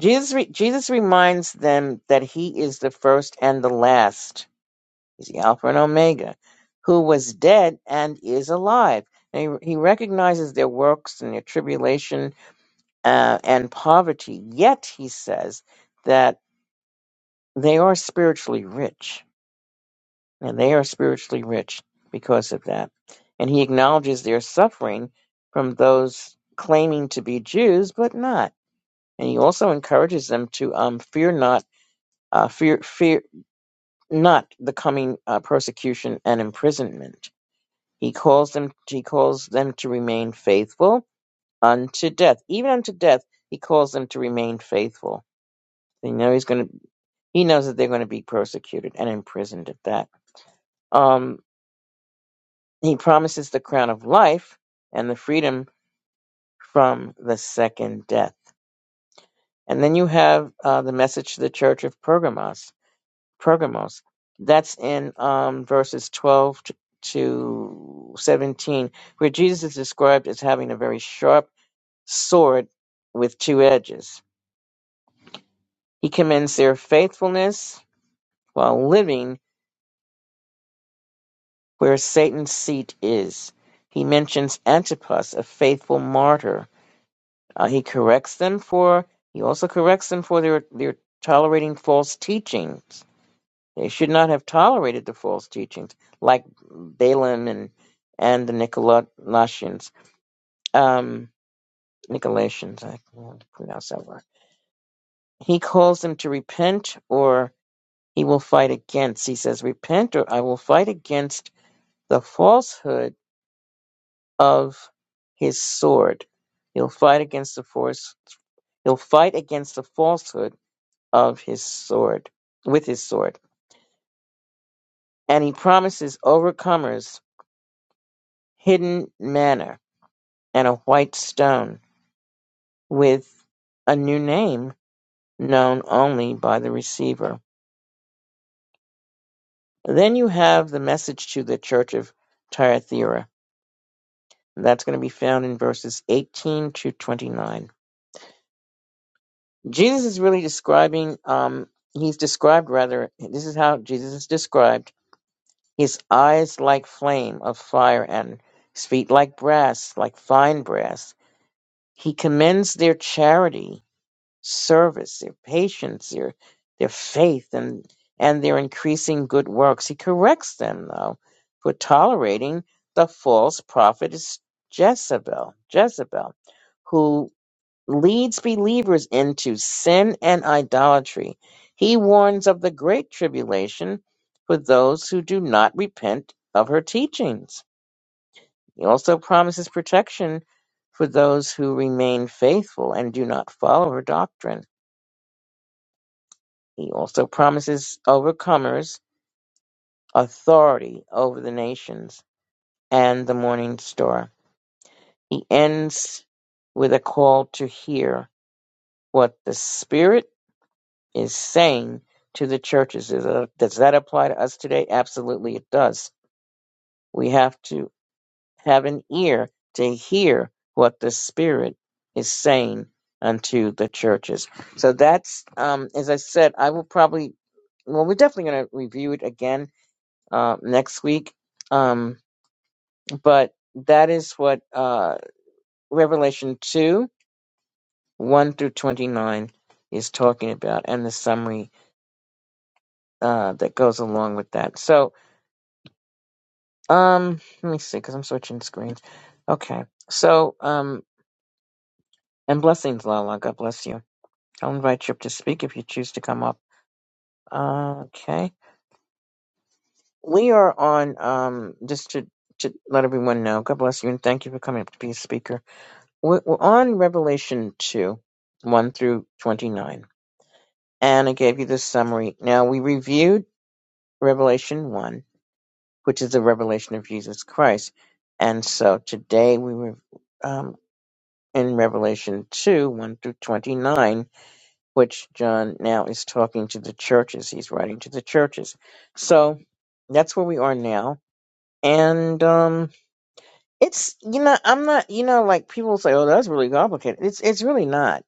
Jesus re- Jesus reminds them that he is the first and the last. He's the Alpha and Omega, who was dead and is alive. And he, he recognizes their works and their tribulation uh, and poverty. Yet he says that they are spiritually rich and they are spiritually rich because of that. And he acknowledges their suffering from those claiming to be Jews but not. And he also encourages them to um, fear not, uh, fear fear not the coming uh, persecution and imprisonment. He calls them. He calls them to remain faithful unto death, even unto death. He calls them to remain faithful. They know he's going to. He knows that they're going to be persecuted and imprisoned at that. Um, He promises the crown of life and the freedom from the second death. And then you have uh, the message to the church of Pergamos. Pergamos. That's in um, verses 12 t- to 17, where Jesus is described as having a very sharp sword with two edges. He commends their faithfulness while living where Satan's seat is. He mentions Antipas, a faithful martyr Uh, he corrects them for he also corrects them for their their tolerating false teachings. They should not have tolerated the false teachings, like Balaam and and the Nicolaitans. Um, Nicolaitans, I can't pronounce that word. He calls them to repent, or he will fight against. He says, "Repent, or I will fight against the falsehood of his sword." He'll fight against the force. He'll fight against the falsehood of his sword with his sword, and he promises overcomers hidden manna and a white stone with a new name known only by the receiver. Then you have the message to the church of Thyatira. That's going to be found in verses 18 to 29. Jesus is really describing, um, he's described rather, this is how Jesus is described His eyes like flame of fire, and his feet like brass, like fine brass. He commends their charity, service, their patience, their their faith, and and their increasing good works. He corrects them though for tolerating the false prophetess Jezebel, Jezebel, who leads believers into sin and idolatry. He warns of the great tribulation for those who do not repent of her teachings. He also promises protection for those who remain faithful and do not follow her doctrine. He also promises overcomers authority over the nations and the morning star. He ends with a call to hear what the Spirit is saying to the churches. Does that, does that apply to us today? Absolutely, it does. We have to have an ear to hear what the Spirit is saying unto the churches. So that's, um, as I said, I will probably, well, we're definitely going to review it again uh, next week. Um, but that is what uh, Revelation 2 1 through 29 is talking about and the summary uh, that goes along with that. So, Um, let me see, because I'm switching screens. Okay, so, um, and blessings, Lala. God bless you. I'll invite you up to speak if you choose to come up. Uh, okay. We are on, um, just to, to let everyone know, God bless you and thank you for coming up to be a speaker. We're, we're on Revelation 2, 1 through 29. And I gave you the summary. Now, we reviewed Revelation 1, which is the revelation of Jesus Christ. And so today we were in Revelation 2 1 through 29, which John now is talking to the churches. He's writing to the churches. So that's where we are now. And um it's you know I'm not you know like people say oh that's really complicated it's it's really not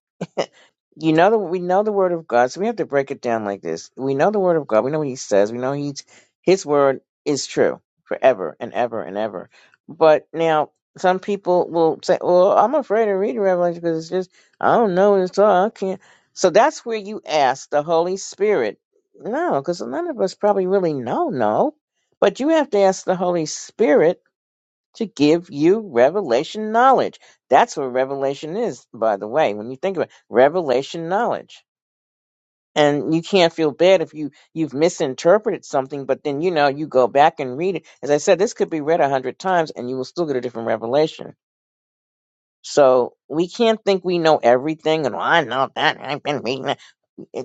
you know that we know the word of God, so we have to break it down like this. We know the word of God. We know what He says. We know He's His word is true forever and ever and ever. But now some people will say, "Well, I'm afraid to read Revelation because it's just I don't know what it's all. I can't." So that's where you ask the Holy Spirit. No, because none of us probably really know. No, but you have to ask the Holy Spirit to give you revelation knowledge. That's what revelation is, by the way, when you think about it, revelation knowledge. And you can't feel bad if you you've misinterpreted something, but then you know you go back and read it. As I said, this could be read a hundred times, and you will still get a different revelation. So we can't think we know everything, and "Well, I know that. I've been reading that.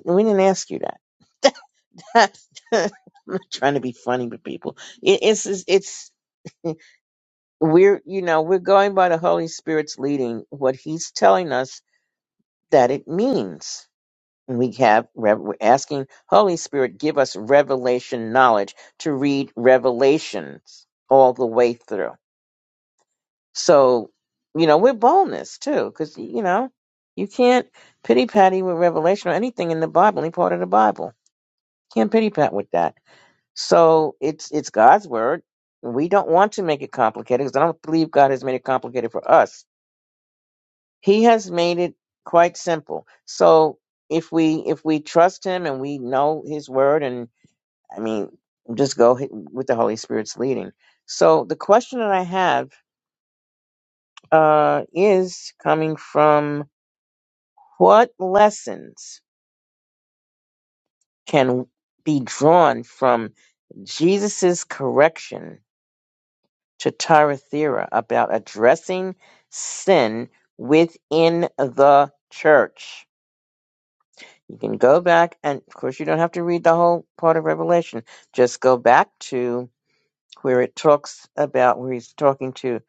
We didn't ask you that. [LAUGHS] I'm not trying to be funny with people. It, it's it's it's we're you know we're going by the holy spirit's leading what he's telling us that it means And we have rev- we're asking holy spirit give us revelation knowledge to read revelations all the way through so you know with boldness too because you know you can't pity patty with revelation or anything in the bible any part of the bible can't pity pat with that so it's it's god's word we don't want to make it complicated because i don't believe god has made it complicated for us he has made it quite simple so if we if we trust him and we know his word and i mean just go h- with the holy spirit's leading so the question that i have uh is coming from what lessons can be drawn from jesus's correction to thyatira about addressing sin within the church You can go back, and of course, you don't have to read the whole part of Revelation. Just go back to where it talks about where he's talking to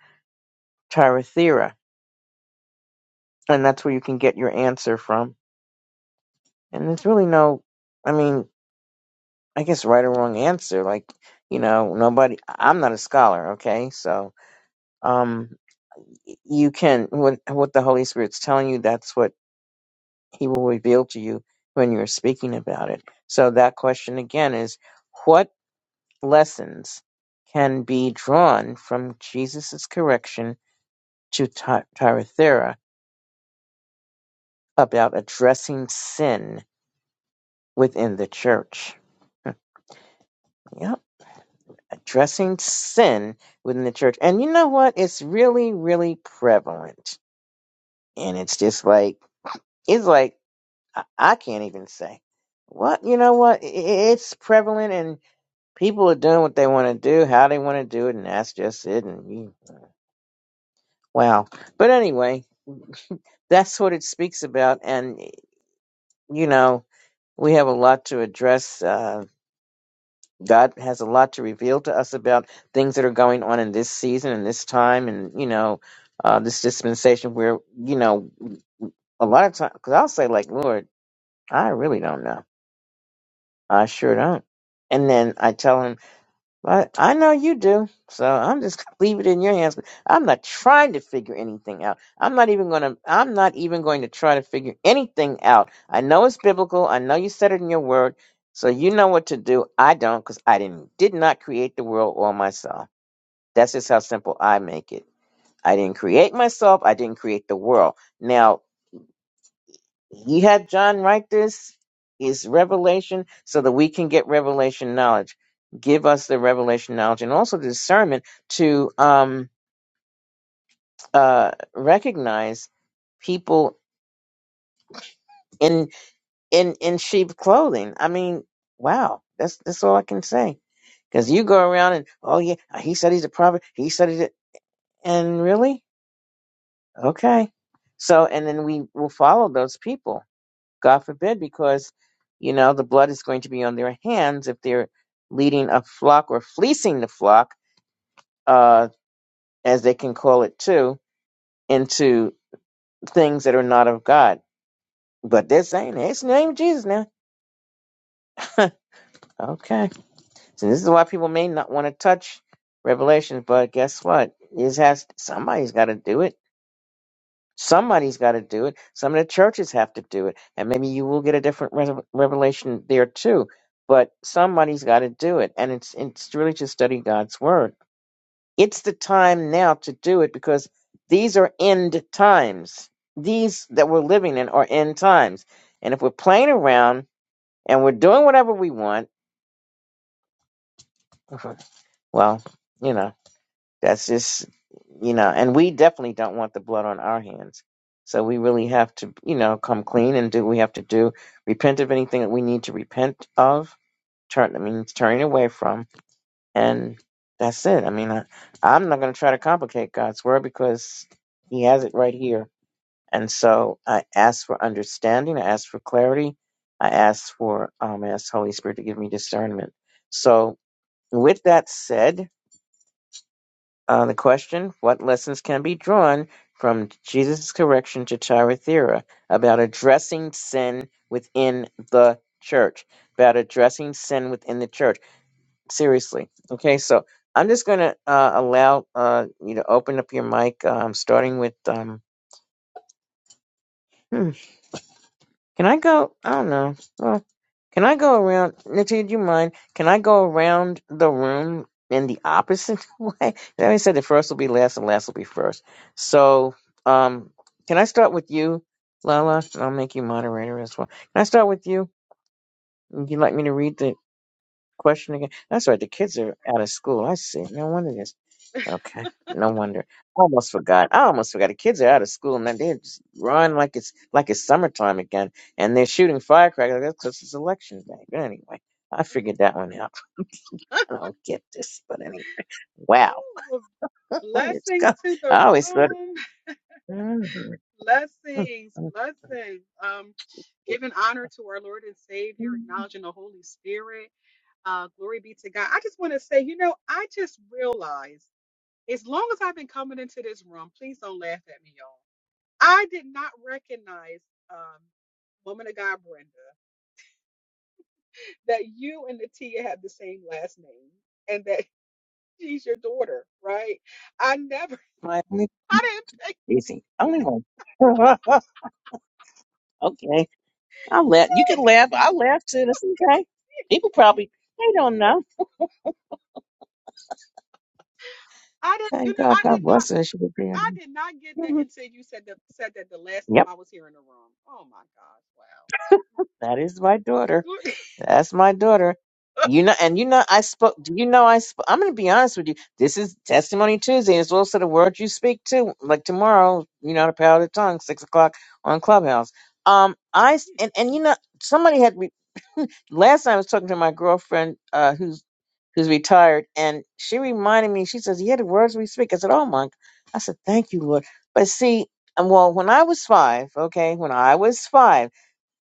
Tirathera, and that's where you can get your answer from. And there's really no, I mean, I guess right or wrong answer. Like, you know, nobody. I'm not a scholar, okay? So, um, you can what what the Holy Spirit's telling you. That's what He will reveal to you when you're speaking about it. So that question again is, what lessons can be drawn from Jesus' correction to Ti- Thyatira about addressing sin within the church. [LAUGHS] Yep, addressing sin within the church. And you know what? It's really, really prevalent. And it's just like, it's like, I, I can't even say. What? You know what? I- I- It's prevalent and people are doing what they want to do, how they want to do it, and that's just it. And you, wow. But anyway, that's what it speaks about and you know we have a lot to address uh, god has a lot to reveal to us about things that are going on in this season and this time and you know uh, this dispensation where you know a lot of times because i'll say like lord i really don't know i sure don't and then i tell him But I know you do, so I'm just gonna leave it in your hands. I'm not trying to figure anything out. I'm not even gonna. I'm not even going to try to figure anything out. I know it's biblical. I know you said it in your word, so you know what to do. I don't, because I didn't did not create the world or myself. That's just how simple I make it. I didn't create myself. I didn't create the world. Now he had John write this. Is revelation so that we can get revelation knowledge. Give us the revelation knowledge and also the discernment to um, uh, recognize people in in in sheep clothing. I mean, wow, that's that's all I can say. Because you go around and oh yeah, he said he's a prophet. He said he's a, and really okay. So and then we will follow those people God forbid, because, you know, the blood is going to be on their hands if they're leading a flock or fleecing the flock, uh, as they can call it too, into things that are not of God. But they're saying, hey, it's in the name of Jesus now. Okay. So this is why people may not want to touch Revelation, but guess what? It has somebody's got to do it Somebody's got to do it. Some of the churches have to do it. And maybe you will get a different res- revelation there too. But somebody's got to do it. And it's, it's really to study God's word. It's the time now to do it because these are end times. These that we're living in are end times. And if we're playing around and we're doing whatever we want, [LAUGHS] well, you know. That's just, you know, and we definitely don't want the blood on our hands. So we really have to, you know, come clean and do what we have to do. Repent of anything that we need to repent of. Turn, I mean, turning away from. And that's it. I mean, I, I'm not going to try to complicate God's word because He has it right here. And so I ask for understanding. I ask for clarity. I ask for, um, I ask Holy Spirit to give me discernment. So with that said, uh, the question What lessons can be drawn from Jesus' correction to Thyatira about addressing sin within the church? About addressing sin within the church. Seriously. Okay, so I'm just going to uh, allow uh, you to open up your mic, um, starting with. Um, hmm, can I go? I don't know. Well, Can I go around? Natia, do you mind? Can I go around the room in the opposite [LAUGHS] way? Then I said the first will be last and last will be first. So, um, can I start with you, Lala? And I'll make you moderator as well. Can I start with you? Would you like me to read the question again? That's right. The kids are out of school. I see. No wonder this. Okay. No wonder. I almost forgot. I almost forgot. The kids are out of school and they just run like it's like it's summertime again, and they're shooting firecrackers. That's because it's election day. But anyway, I figured that one out. [LAUGHS] I don't get this, but anyway, wow. Well, What is blessings go? to the I always thought. room. Blessings, blessings. Um, giving honor to our Lord and [LAUGHS] Savior, acknowledging the Holy Spirit. Uh, glory be to God. I just want to say, you know, I just realized as long as I've been coming into this room, please don't laugh at me, y'all. I did not recognize um woman of God Brenda that you and Natia have the same last name and that [LAUGHS] she's your daughter, right? I never My only- [LAUGHS] I didn't Easy. Only one. [LAUGHS] okay. I'll laugh. You can laugh. I'll laugh too. That's okay. People probably they don't know. I didn't. You Thank know, God. I God did not. bless her. She would be. I did not get that Mhm. until you said that. Said that the last Yep. time I was here in the room. Oh my gosh! That is my daughter. Wow. [LAUGHS] That's my daughter. Glo- You know, and you know, I spoke. Do you know I spoke? I'm going to be honest with you. This is Testimony Tuesday. and It's also the word you speak to. Like tomorrow, you know, the power of the tongue, six o'clock on Clubhouse. Um, I s- and and you know, somebody had re- last time I was talking to my girlfriend, uh, who's who's retired, and she reminded me. She says, "Yeah, the words we speak." I said, "Oh my," I said, "Thank you, Lord." But see, um, well, when I was five, okay, when I was five.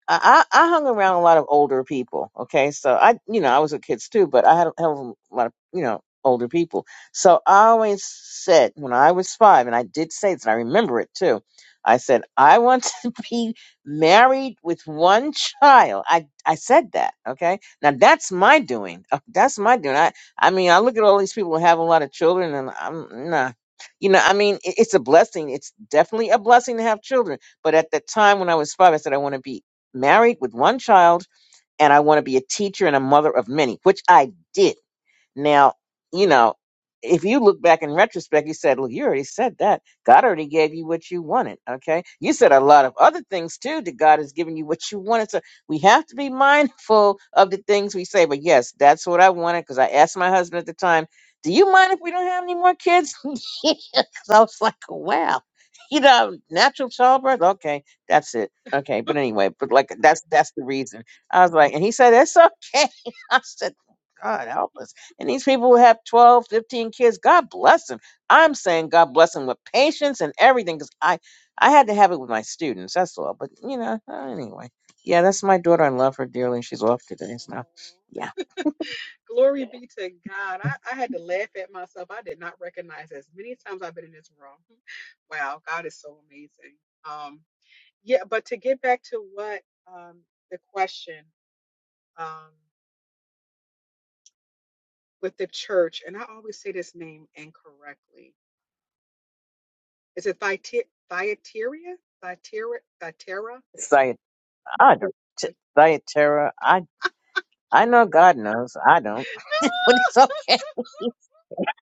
I, I I hung around a lot of older people. Okay, so I, you know, I was with kids too, but I had a hell of a lot of, you know, older people. So I always said when I was five, and I did say this, and I remember it too. I said I want [LAUGHS] to be married with one child. I I said that. Okay, now that's my doing. [LAUGHS] Uh, That's my doing. I I mean, I look at all these people who have a lot of children, and I'm nah. You know, I mean, it- it's a blessing. It's definitely a blessing to have children. But at the time when I was five, I said I want to be married with one child, and I want to be a teacher and a mother of many, which I did. Now, you know, if you look back in retrospect, you said, Look, you already said that. God already gave you what you wanted. Okay. You said a lot of other things too that God has given you what you wanted. So we have to be mindful of the things we say. But yes, that's what I wanted because I asked my husband at the time, Do you mind if we don't have any more kids? [LAUGHS] Because I was like, Wow. [LAUGHS] You know, natural childbirth. Okay, that's it. Okay, but anyway, but like that's that's the reason. I was like, and he said, It's okay. [LAUGHS] I said, God help us. And these people who have 12, 15 kids, God bless them. I'm saying God bless them with patience and everything because I, I had to have it with my students. That's all. But, you know, uh, anyway. Yeah, that's my daughter. I love her dearly. She's off today. So, yeah. Glory be to God. I, I had to laugh at myself. I did not recognize as many times I've been in this room. Wow, God is so amazing. Um, yeah, but to get back to what um the question um with the church, and I always say this name incorrectly. Is it Thyatira? Thyatira? Thyatira? Thyatira? diet, I don't- T- Thyatira. I, I know God knows. I don't. [LAUGHS] But it's okay. [LAUGHS]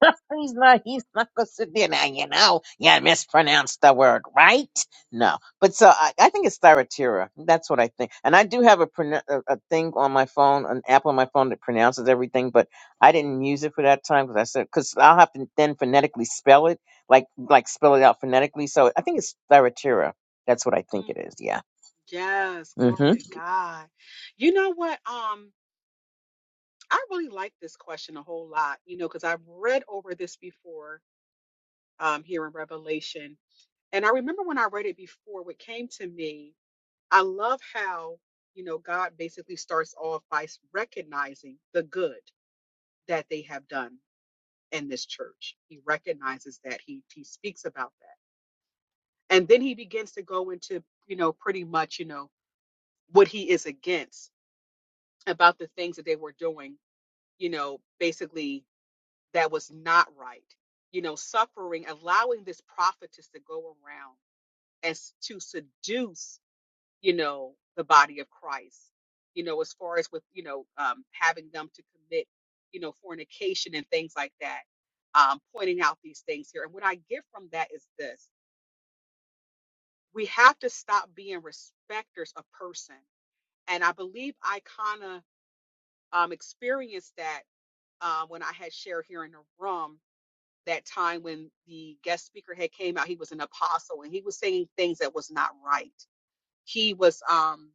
[LAUGHS] he's not he's not gonna sit there now, you know. Yeah, mispronounced the word, right? No. But so I, I think it's Thyatira. That's what I think. And I do have a, pronou- a a thing on my phone, an app on my phone that pronounces everything, but I didn't use it for that time because I said because I'll have to then phonetically spell it, like like spell it out phonetically. So I think it's Thyatira. That's what I think Mm. it is. Yeah. Yes, Mm-hmm. glory to God. You know what? Um, I really like this question a whole lot, you know, because I've read over this before um here in Revelation. And I remember when I read it before, what came to me, I love how, you know, God basically starts off by s- recognizing the good that they have done in this church. He recognizes that he he speaks about that. And then he begins to go into, you know, pretty much, you know. what he is against about the things that they were doing, you know, basically that was not right. You know, suffering, allowing this prophetess to go around and to seduce, you know, the body of Christ, you know, as far as with, you know, um, having them to commit, you know, fornication and things like that, um, pointing out these things here. And what I get from that is this we have to stop being respecters of person. And I believe I kind of um, experienced that uh, when I had shared here in the room that time when the guest speaker had came out, he was an apostle and he was saying things that was not right. He was, um,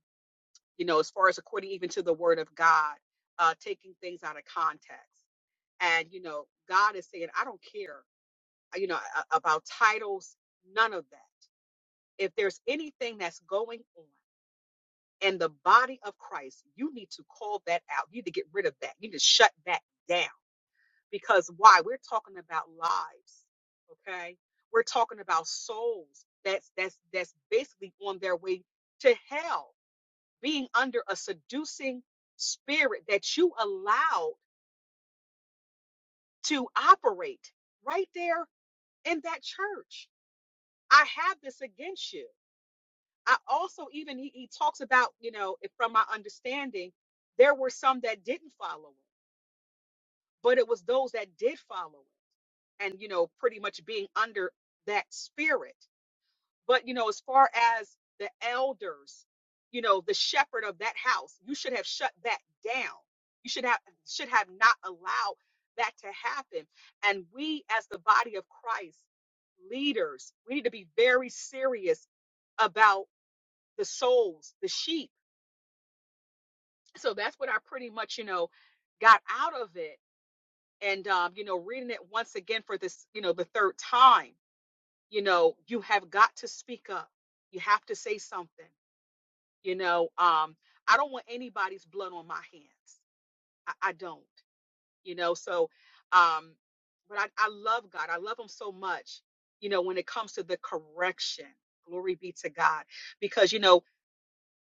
you know, as far as according even to the word of God, uh, taking things out of context. And, you know, God is saying, I don't care, uh, you know, a- about titles, none of that. If there's anything that's going on in the body of Christ, you need to call that out. You need to get rid of that. You need to shut that down Because why? We're talking about lives, okay? We're talking about souls that's that's that's basically on their way to hell, being under a seducing spirit that you allowed to operate right there in that church. I have this against you. I also even he, he talks about, you know, if from my understanding, there were some that didn't follow it, but it was those that did follow it and you know, pretty much being under that spirit. But you know, as far as the elders, you know, the shepherd of that house, you should have shut that down. You should have should have not allowed that to happen. And we as the body of Christ, leaders, we need to be very serious about the souls, the sheep. So that's what I pretty much, you know, got out of it. And um, you know, reading it once again for this, you know, the third time, you know, you have got to speak up. You have to say something You know, um, I don't want anybody's blood on my hands. I, I don't, you know, so um, but I, I love God. I love him so much, you know, when it comes to the correction. Glory be to God. Because, you know,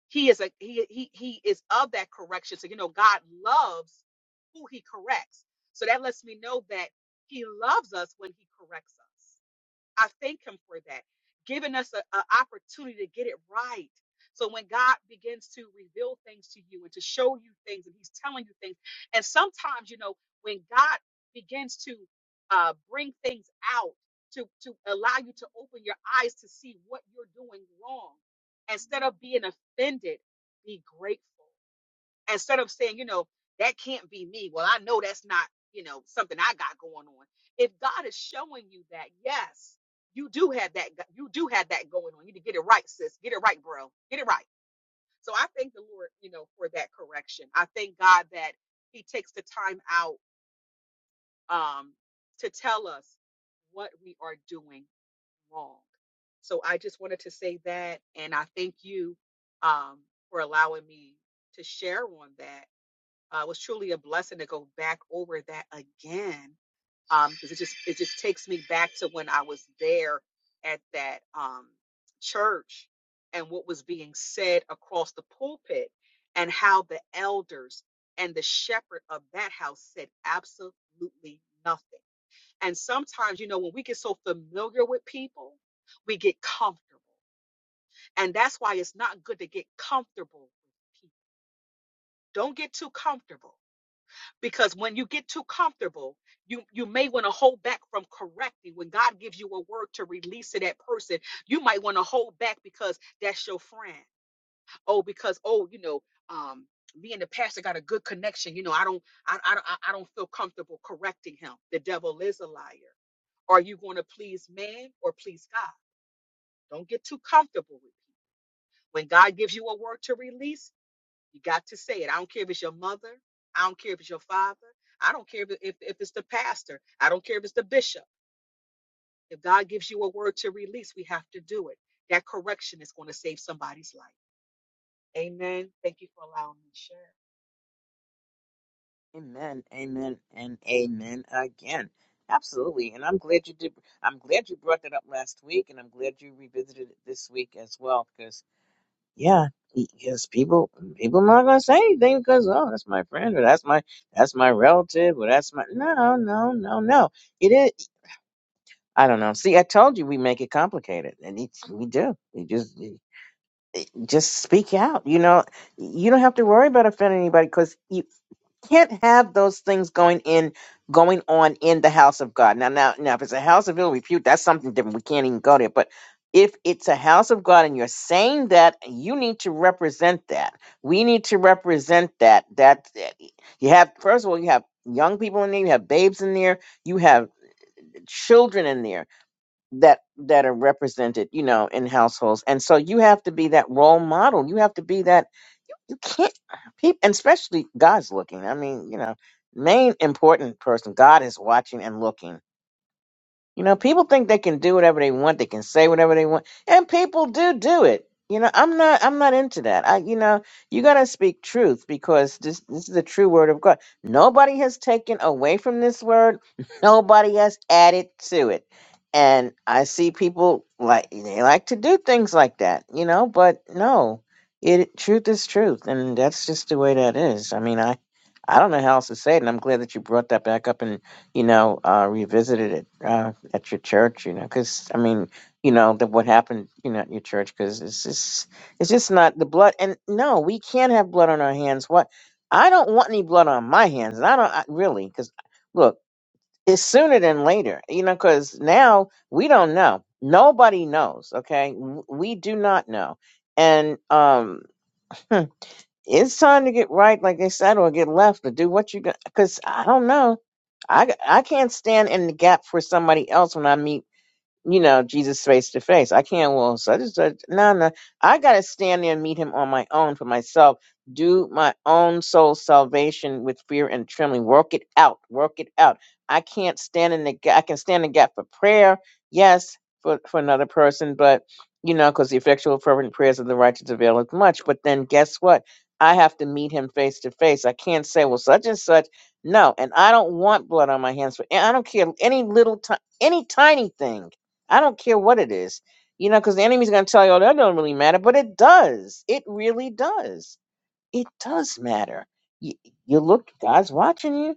he is a he he he is of that correction. So, you know, God loves who he corrects. So that lets me know that he loves us when he corrects us. I thank him for that, giving us an opportunity to get it right. So when God begins to reveal things to you and to show you things, and He's telling you things, and sometimes you know when God begins to uh, bring things out to to allow you to open your eyes to see what you're doing wrong, instead of being offended, be grateful instead of saying, you know, that can't be me. Well, I know that's not, you know, something I got going on. If God is showing you that, yes, you do have that. You do have that going on. You need to get it right, sis. Get it right, bro. Get it right. So I thank the Lord, you know, for that correction. I thank God that He takes the time out um, to tell us what we are doing wrong. So I just wanted to say that, and I thank you um, for allowing me to share on that uh, it was truly a blessing to go back over that again um, because it just it just takes me back to when I was there at that um, church and what was being said across the pulpit and how the elders and the shepherd of that house said absolutely nothing. And sometimes, you know, when we get so familiar with people, we get comfortable. And that's why it's not good to get comfortable with people. Don't get too comfortable because when you get too comfortable you you may want to hold back from correcting when god gives you a word to release to that person you might want to hold back because that's your friend oh because oh you know um me and the pastor got a good connection you know i don't i, I, don't- I I don't feel comfortable correcting him the devil is a liar are you going to please man or please god don't get too comfortable with people when god gives you a word to release you got to say it. I don't care if it's your mother. I don't care if it's your father. I don't care if, if, if it's the pastor. I don't care if it's the bishop. If God gives you a word to release, we have to do it. That correction is going to save somebody's life. Amen. Thank you for allowing me to share. Amen, amen, and amen again. Absolutely, and I'm glad you did. I'm glad you brought that up last week, and I'm glad you revisited it this week as well. Because yeah, because people people are not gonna say anything because oh, that's my friend or that's my that's my relative or that's my no no no no. It is. I don't know. See, I told you we make it complicated, and it's, we do. We just just speak out. You know, you don't have to worry about offending anybody because can't have those things going in going on in the house of God. Now now now if it's a house of ill repute, that's something different. We can't even go there. But if it's a house of God and you're saying that, you need to represent that. We need to represent that. That that- you have first of all, you have young people in there, you have babes in there, you have children in there that that are represented, you know, in households. And so you have to be that role model. You have to be that you can't people and especially god's looking i mean you know main important person god is watching and looking you know, people think they can do whatever they want, they can say whatever they want, and people do do it. You know, I'm not I'm not into that. I you know, you got to speak truth because this this is the true word of God. Nobody has taken away from this word. [LAUGHS] Nobody has added to it. And I see people like they like to do things like that, you know, but no. It truth is truth and that's just the way that is. I mean, I I don't know how else to say it, and I'm glad that you brought that back up and you know, uh, revisited it. Uh, at your church, you know, because I mean, you know, that what happened, you know, at your church, because it's just, it's just not the blood. And no, we can't have blood on our hands. What? I don't want any blood on my hands, and I don't I, really, because look, it's sooner than later, you know, because now we don't know. Nobody knows. Okay, W- we do not know, and um. hmm, It's time to get right, like they said, or get left, or do what you got. Because I don't know, I I can't stand in the gap for somebody else when I meet you know, Jesus face to face. I can't, well, so I just, uh, no, no. I got to stand there and meet him on my own for myself. Do my own soul salvation with fear and trembling. Work it out. Work it out. I can't stand in the gap. I can stand in the gap for prayer, yes, for, for another person, but, you know, because the effectual, fervent prayers of the righteous availeth much. But then guess what? I have to meet him face to face. I can't say, well, such and such. No, and I don't want blood on my hands. For, and I don't care any little, ti- any tiny thing I don't care what it is, you know, because the enemy's going to tell you, oh, that don't really matter, but it does. It really does. It does matter. You, you look, God's watching you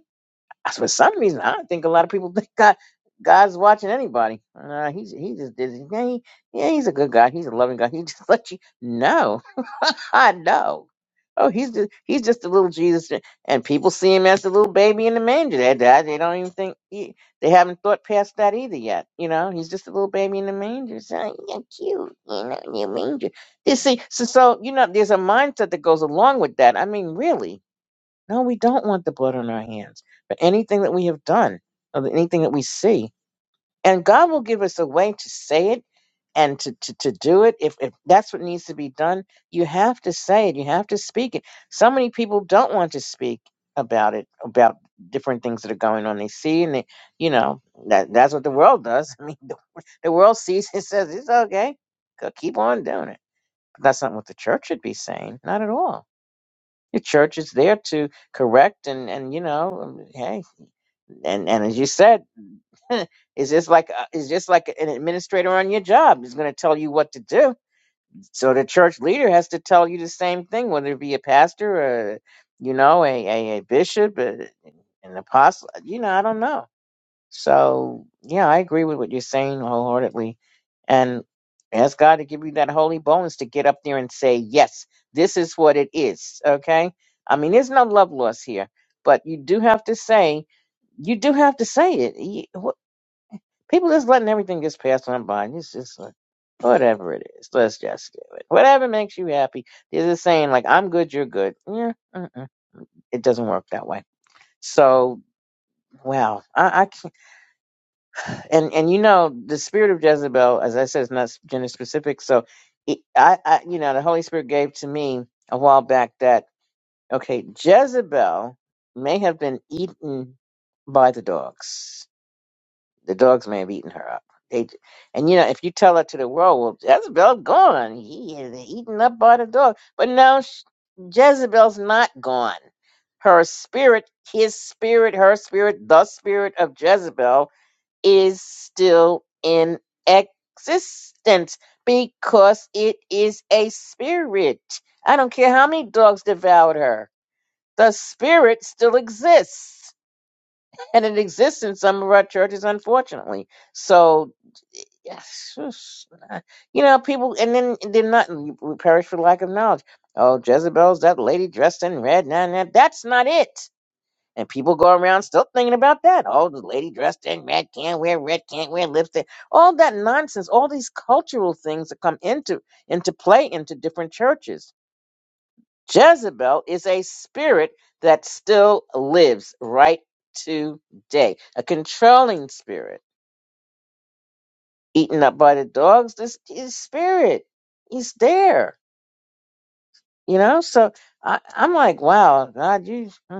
for some reason, I don't think a lot of people [LAUGHS] think God God's watching anybody. Uh, he's he just is yeah, he, yeah he's a good God. He's a loving God. He [LAUGHS] just let you know. [LAUGHS] I know. Oh, he's just he's just a little Jesus, and and people see him as the little baby in the manger. They, they they don't even think he, they haven't thought past that either yet. You know, he's just a little baby in the manger. So yeah, cute, you know, in your manger. You see, so so you know, there's a mindset that goes along with that. I mean, really, no, we don't want the blood on our hands for anything that we have done or anything that we see. And God will give us a way to say it and to, to, to do it. If, if that's what needs to be done, you have to say it. You have to speak it. So many people don't want to speak about it, about different things that are going on. They see and they, you know, that that's what the world does. [LAUGHS] I mean, the, the world sees and says, it's okay. Go keep on doing it. That's not what the church should be saying. Not at all the church is there to correct and and you know um, hey and and as you said, [LAUGHS] it's just like uh, it's just like an administrator on your job is going to tell you what to do. So the church leader has to tell you the same thing, whether it be a pastor or you know a a, a bishop, a, an apostle. You know I don't know so, yeah, I agree with what you're saying wholeheartedly. And ask God to give you that holy bonus to get up there and say, yes, this is what it is. Okay. I mean, there's no love loss here, but you do have to say, you do have to say it. You- wh- People just letting everything just pass on by. It's just like, whatever it is. Let's just do it. Whatever makes you happy. There's a saying like, I'm good, you're good. Yeah. Mm-mm. It doesn't work that way. So, wow. I, I can't. and and you know the spirit of Jezebel, as I said, is not gender specific. So, it, I, I you know the Holy Spirit gave to me a while back that okay, Jezebel may have been eaten by the dogs. The dogs may have eaten her up. They and you know if you tell her to the world, well, Jezebel gone. He is eaten up by the dog. But no, sh- Jezebel's not gone. Her spirit, his spirit, her spirit, the spirit of Jezebel is still in existence because it is a spirit. I don't care how many dogs devoured her. The spirit still exists. And it exists in some of our churches, unfortunately. So, yes, you know, people, and then they're not, we perish for lack of knowledge. Oh, Jezebel's that lady dressed in red. Nah, nah, that's not it. And people go around still thinking about that. Oh, the lady dressed in red can't wear red, can't wear lipstick. All that nonsense, all these cultural things that come into into play into different churches. Jezebel is a spirit that still lives right today, a controlling spirit, eaten up by the dogs. This is spirit. He's there, you know. So I, I'm like, wow, God, you. hmm,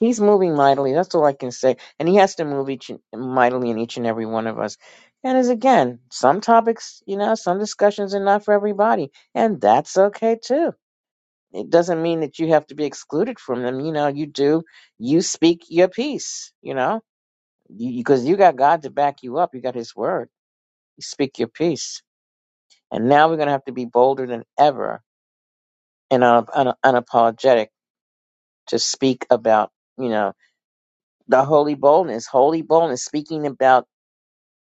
He's moving mightily. That's all I can say. And he has to move each and- mightily in each and every one of us. And as again, some topics, you know, some discussions are not for everybody, and that's okay too. It doesn't mean that you have to be excluded from them. You know, you do. You speak your piece. You know, because you, 'cause you got God to back you up. You got His Word. You speak your piece. And now we're gonna have to be bolder than ever and un- un- unapologetic to speak about, you know, the holy boldness, holy boldness, speaking about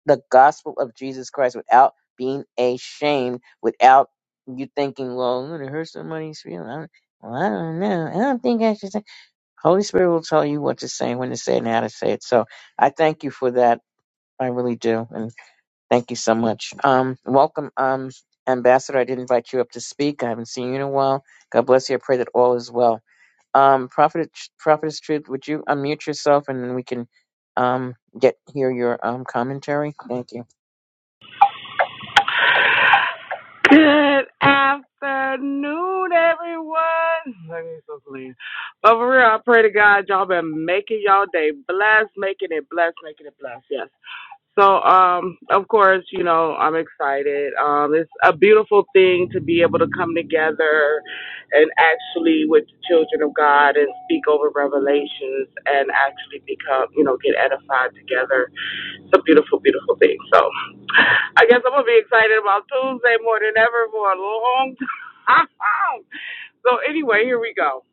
the gospel of Jesus Christ without being ashamed, without you thinking, well, I'm going to hurt somebody's feelings. I don't- Well, I don't know. I don't think I should say. Holy Spirit will tell you what to say, when to say, it, and how to say it. So I thank you for that. I really do. And thank you so much. Um, welcome, um, Ambassador. I did invite you up to speak. I haven't seen you in a while. God bless you. I pray that all is well. Um, Prophet, Prophetess Truth, would you unmute yourself and then we can um, get hear your um, commentary? Thank you. Good afternoon, everyone. Let me so clean. But for real, I pray to God y'all been making y'all day blessed, making it blessed, making it blessed. Yes. So, um, of course, you know I'm excited. Um, it's a beautiful thing to be able to come together and actually with the children of God and speak over revelations and actually become, you know, get edified together it's a beautiful, beautiful thing. So I guess I'm gonna be excited about Tuesday more than ever for a long time. [LAUGHS] so anyway, here we go.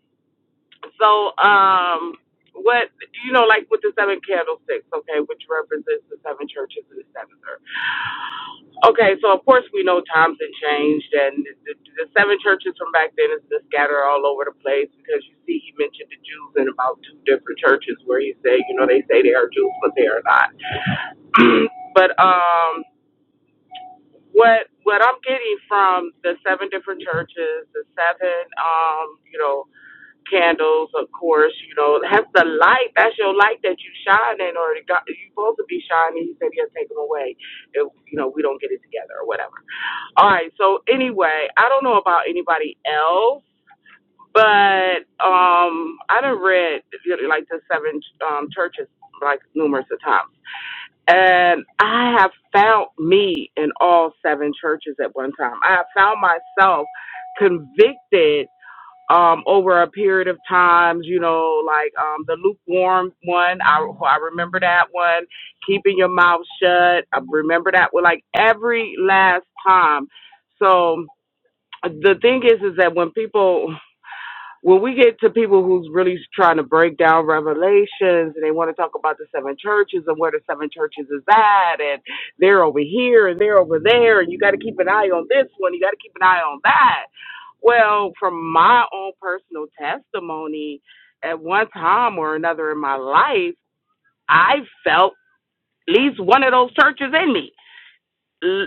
So um what you know, like with the seven candlesticks, okay, which represents the seven churches and the seven earth. Okay, so of course we know times have changed, and the, the seven churches from back then is just scattered all over the place because you see, he mentioned the Jews in about two different churches where he said, you know, they say they are Jews, but they are not. [CLEARS THROAT] but um, what what I'm getting from the seven different churches, the seven um, you know, candles, of course, you know, that's the light. That's your light that you shine in or God, you supposed to be shining. He said he'll take them away if you know we don't get it together or whatever. All right, so anyway, I don't know about anybody else. But um, I done read you know, like the seven um, churches like numerous of times. And I have found me in all seven churches at one time. I have found myself convicted um, over a period of times, you know, like um, the lukewarm one. I, I remember that one. Keeping your mouth shut. I remember that one. Like every last time. So the thing is, is that when people when we get to people who's really trying to break down revelations and they want to talk about the seven churches and where the seven churches is at and they're over here and they're over there and you got to keep an eye on this one you got to keep an eye on that well from my own personal testimony at one time or another in my life i felt at least one of those churches in me I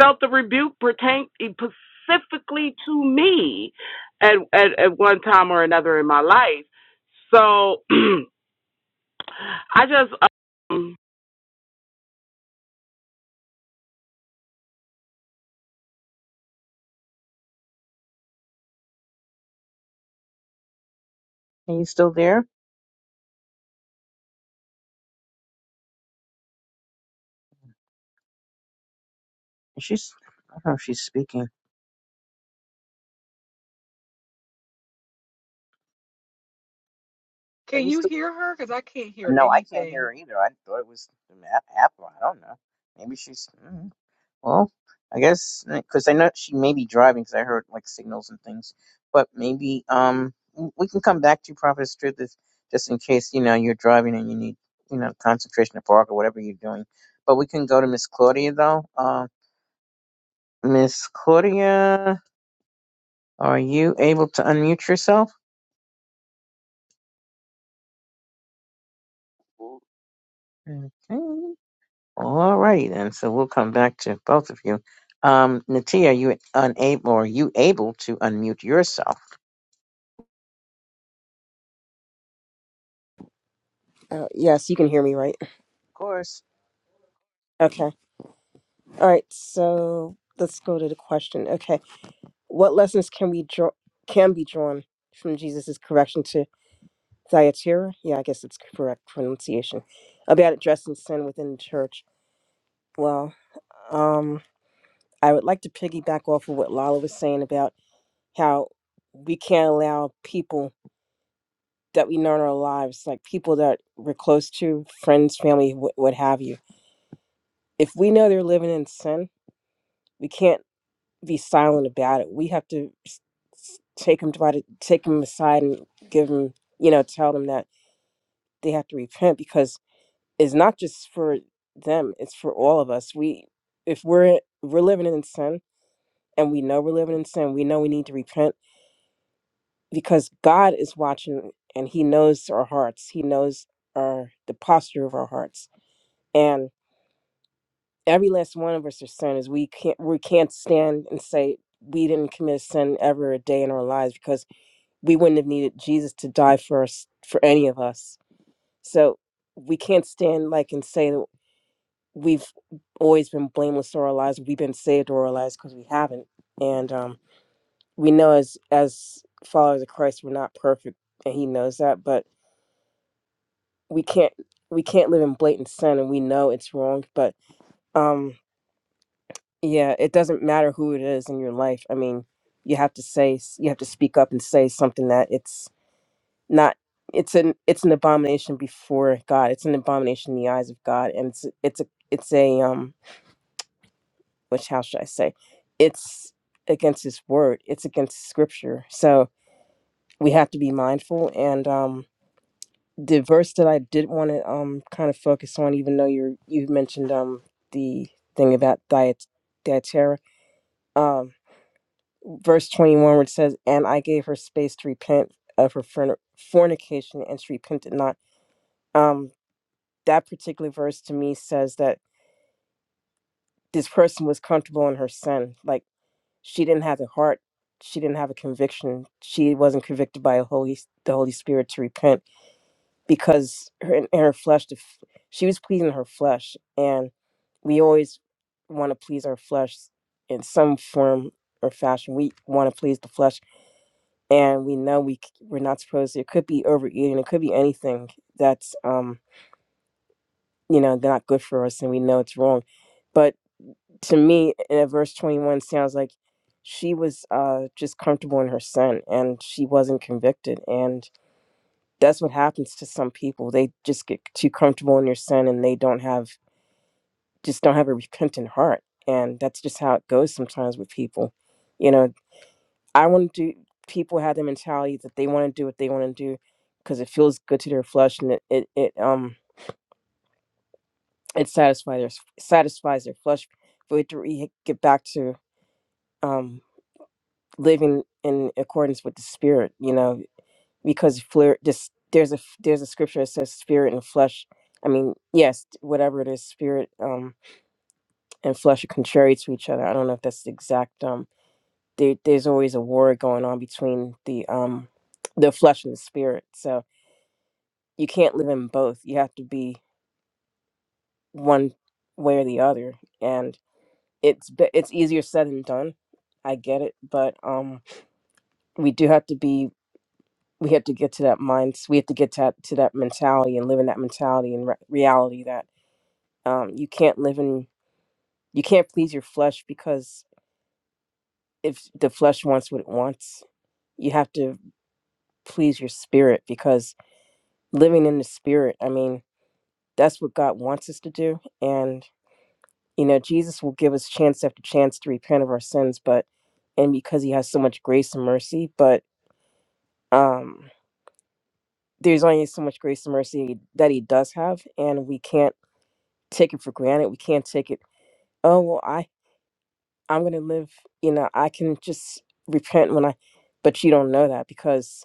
felt the rebuke pertain specifically to me at, at at one time or another in my life. So [CLEARS THROAT] I just um, Are you still there? Is she's I don't know if she's speaking. Are Can you you still? hear her? Because I can't hear No, I can't anything. hear her either. I thought it was the ma- Apple. I don't know. Maybe she's. mm, Well, I guess because I know she may be driving because I heard like signals and things. But maybe um w- we can come back to you, Prophet Truth, just in case you know you're driving and you need you know concentration at park or whatever you're doing. But we can go to Miss Claudia though. Uh, Miss Claudia, are you able to unmute yourself? Okay. All right, and so we'll come back to both of you. Um, Natia, are you unable or are you able to unmute yourself? Uh, yes, you can hear me, right? Of course. Okay. All right. So let's go to the question. Okay. What lessons can we draw can be drawn from Jesus' correction to Thyatira? Yeah, I guess it's correct pronunciation about addressing sin within the church. Well, um, I would like to piggyback off of what Lala was saying about how we can't allow people that we know in our lives, like people that we're close to, friends, family, what, what have you. If we know they're living in sin, we can't. be silent about it. We have to s- s- take them by the, take them aside and give them, you know, tell them that they have to repent because it's not just for them; it's for all of us. We, if we're we're living in sin and we know we're living in sin, we know we need to repent because God is watching and He knows our hearts. He knows our the posture of our hearts, and every last one of us are sinners. We can't we can't stand and say we didn't commit a sin ever a day in our lives because we wouldn't have needed Jesus to die for us for any of us. So we can't stand like and say that we've always been blameless or our lives, we've been saved or our lives because we haven't. And um, we know as as followers of Christ, we're not perfect, and He knows that. But we can't we can't live in blatant sin, and we know it's wrong. But um, yeah, it doesn't matter who it is in your life. I mean, you have to say you have to speak up and say something that it's not it's an it's an abomination before God. It's an abomination in the eyes of God, and it's it's a it's a um which how should I say? It's against His word. It's against Scripture. So we have to be mindful. And um, the verse that I did want to um kind of focus on, even though you you mentioned um the thing about diet dietera um verse twenty one, which says, "And I gave her space to repent of her forn- fornication, and she repented not." Um, that particular verse to me says that this person was comfortable in her sin. Like she didn't have a heart, she didn't have a conviction. She wasn't convicted by a Holy the Holy Spirit to repent because her in her flesh, the f- she was pleasing her flesh, and we always want to please our flesh in some form or fashion. We want to please the flesh, and we know we c- we're not supposed to. It could be overeating, it could be anything that's um you know not good for us, and we know it's wrong but. to me at verse 21 sounds like she was uh just comfortable in her sin and she wasn't convicted and that's what happens to some people they just get too comfortable in their sin and they don't have just don't have a repentant heart and that's just how it goes sometimes with people you know i want to do people have the mentality that they want to do what they want to do because it feels good to their flesh and it it, it um it satisfies their satisfies their flesh but we have to re- get back to um living in accordance with the spirit you know because flir- just there's a there's a scripture that says spirit and flesh i mean yes whatever it is spirit um and flesh are contrary to each other i don't know if that's the exact um there, there's always a war going on between the um the flesh and the spirit so you can't live in both you have to be one way or the other and it's be- it's easier said than done i get it but um we do have to be we have to get to that mind we have to get to, to that mentality and live in that mentality and re- reality that um, you can't live in you can't please your flesh because if the flesh wants what it wants you have to please your spirit because living in the spirit i mean that's what god wants us to do and you know jesus will give us chance after chance to repent of our sins but and because he has so much grace and mercy but um there's only so much grace and mercy that he does have and we can't take it for granted. We can't take it. Oh well, I I'm gonna live. You know, I can just repent when I. But you don't know that because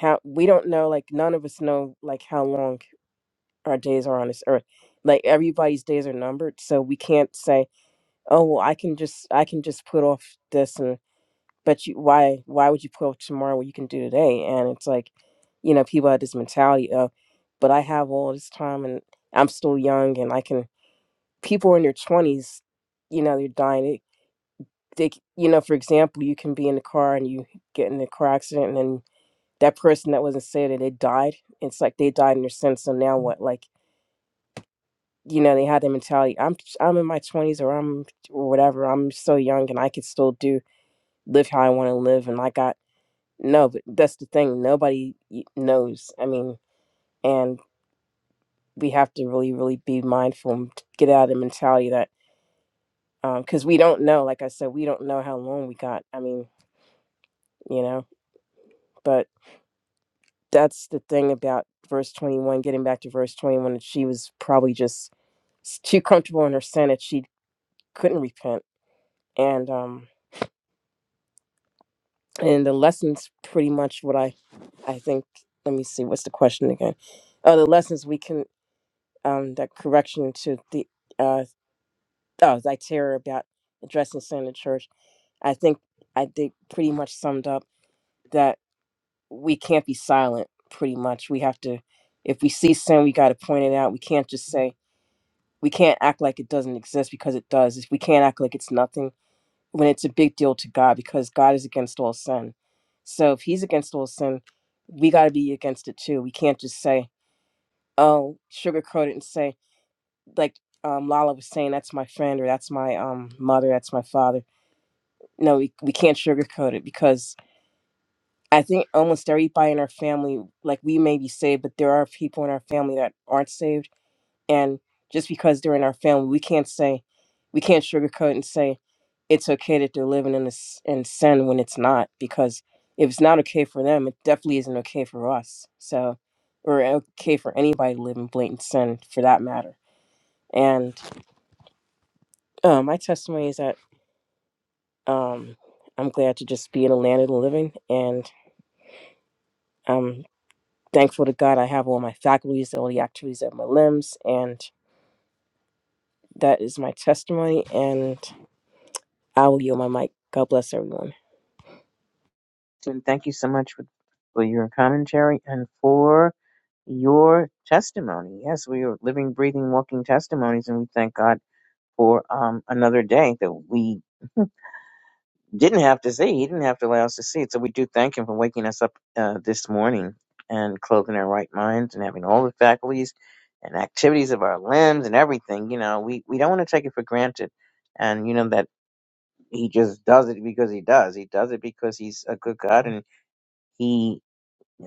how we don't know. Like none of us know like how long our days are on this earth. Like everybody's days are numbered, so we can't say, oh well, I can just I can just put off this and. But you, why why would you put off tomorrow what you can do today? And it's like, you know, people have this mentality of, but I have all this time and I'm still young and I can people in their 20s you know they're dying It- they you know for example you can be in the car and you get in a car accident and then that person that wasn't saved they died it's like they died in their sin so now what like you know they had the mentality i'm i'm in my 20s or i'm or whatever i'm so young and i could still do live how i want to live and i got no but that's the thing nobody y- knows i mean and we have to really really be mindful and get out of the mentality that because we don't know. Like I said, we don't know how long we got. I mean, you know, but that's the thing about verse 21, getting back to verse 21, that she was probably just s- too comfortable in her sin that she couldn't repent. And, um, and the lessons pretty much what I, I think, let me see, what's the question again? Oh, the lessons we can, um, that correction to the, uh, oh, thy terror about addressing sin in church. I think I did pretty much summed up that we can't be silent pretty much we have to if we see sin we got to point it out we can't just say we can't act like it doesn't exist because it does if we can't act like it's nothing when it's a big deal to god because god is against all sin so if he's against all sin we got to be against it too we can't just say oh sugarcoat it and say like um, lala was saying that's my friend or that's my um, mother that's my father no we, we can't sugarcoat it because I think almost everybody in our family, like we may be saved, but there are people in our family that aren't saved. And just because they're in our family, we can't say, we can't sugarcoat and say it's okay that they're living in this in sin when it's not, because if it's not okay for them, it definitely isn't okay for us. So, or okay for anybody to live in blatant sin for that matter. And uh, my testimony is that um, I'm glad to just be in a land of the living, and um. Thankful to God I have all my faculties, all the activities of my limbs, and that is my testimony. And I will yield my mic. God bless everyone. And thank you so much for, for your commentary and for your testimony. Yes, we are living, breathing, walking testimonies, and we thank God for um, another day that we didn't have to see. He didn't have to allow us to see it. So we do thank him for waking us up uh, this morning and clothing our right minds and having all the faculties and activities of our limbs and everything. You know, we, we don't want to take it for granted. And, you know, that he just does it because he does. He does it because he's a good God and he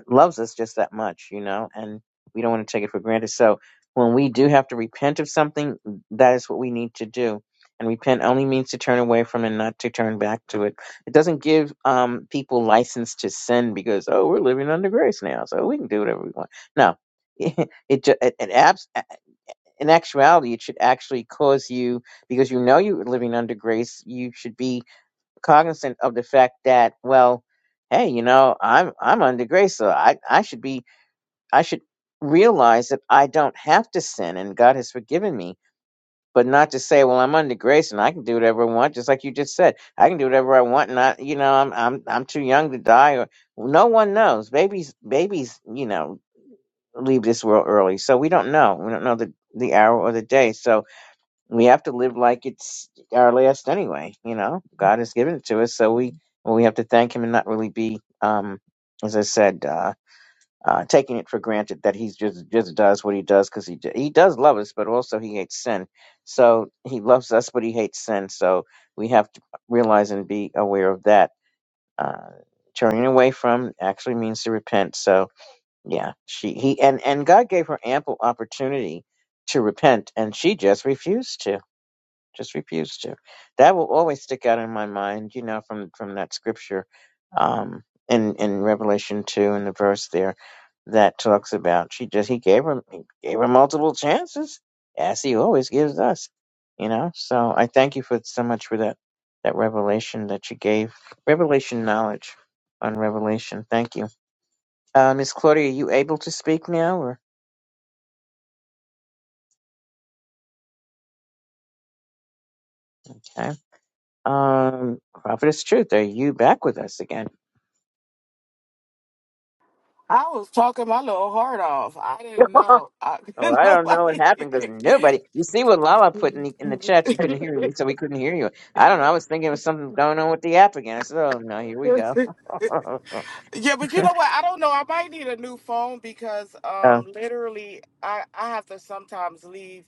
loves us just that much, you know, and we don't want to take it for granted. So when we do have to repent of something, that is what we need to do. And repent only means to turn away from and not to turn back to it. It doesn't give um, people license to sin because oh, we're living under grace now, so we can do whatever we want. No, [LAUGHS] it ju- it, it abs- in actuality, it should actually cause you because you know you're living under grace. You should be cognizant of the fact that well hey you know i'm i'm under grace so i i should be i should realize that i don't have to sin and god has forgiven me but not to say well i'm under grace and i can do whatever i want just like you just said i can do whatever i want and i you know i'm i'm, I'm too young to die or no one knows babies babies you know leave this world early so we don't know we don't know the the hour or the day so we have to live like it's our last anyway. You know, God has given it to us, so we we have to thank Him and not really be, um, as I said, uh, uh, taking it for granted that He just just does what He does because He d- He does love us, but also He hates sin. So He loves us, but He hates sin. So we have to realize and be aware of that. Uh, turning away from actually means to repent. So yeah, she he and and God gave her ample opportunity to repent, and she just refused to just refused to. That will always stick out in my mind, you know, from from that scripture um, in in Revelation two in the verse there that talks about she just he gave her he gave her multiple chances as he always gives us, you know. So I thank you for so much for that that revelation that you gave revelation knowledge on revelation. Thank you, uh, Miss Claudia. Are you able to speak now? Or okay. Um, Prophetess Truth, are you back with us again? I was talking my little heart off. I didn't [LAUGHS] know. I, Oh, [LAUGHS] I don't know what nobody. happened because nobody. You see what Lala put in the, in the chat? She couldn't hear me, so we couldn't hear you. I don't know. I was thinking it was something going on with the app again. I said, "Oh no, here we go." [LAUGHS] oh, yeah, but you know what? I don't know. I might need a new phone because um, literally, I I have to sometimes leave.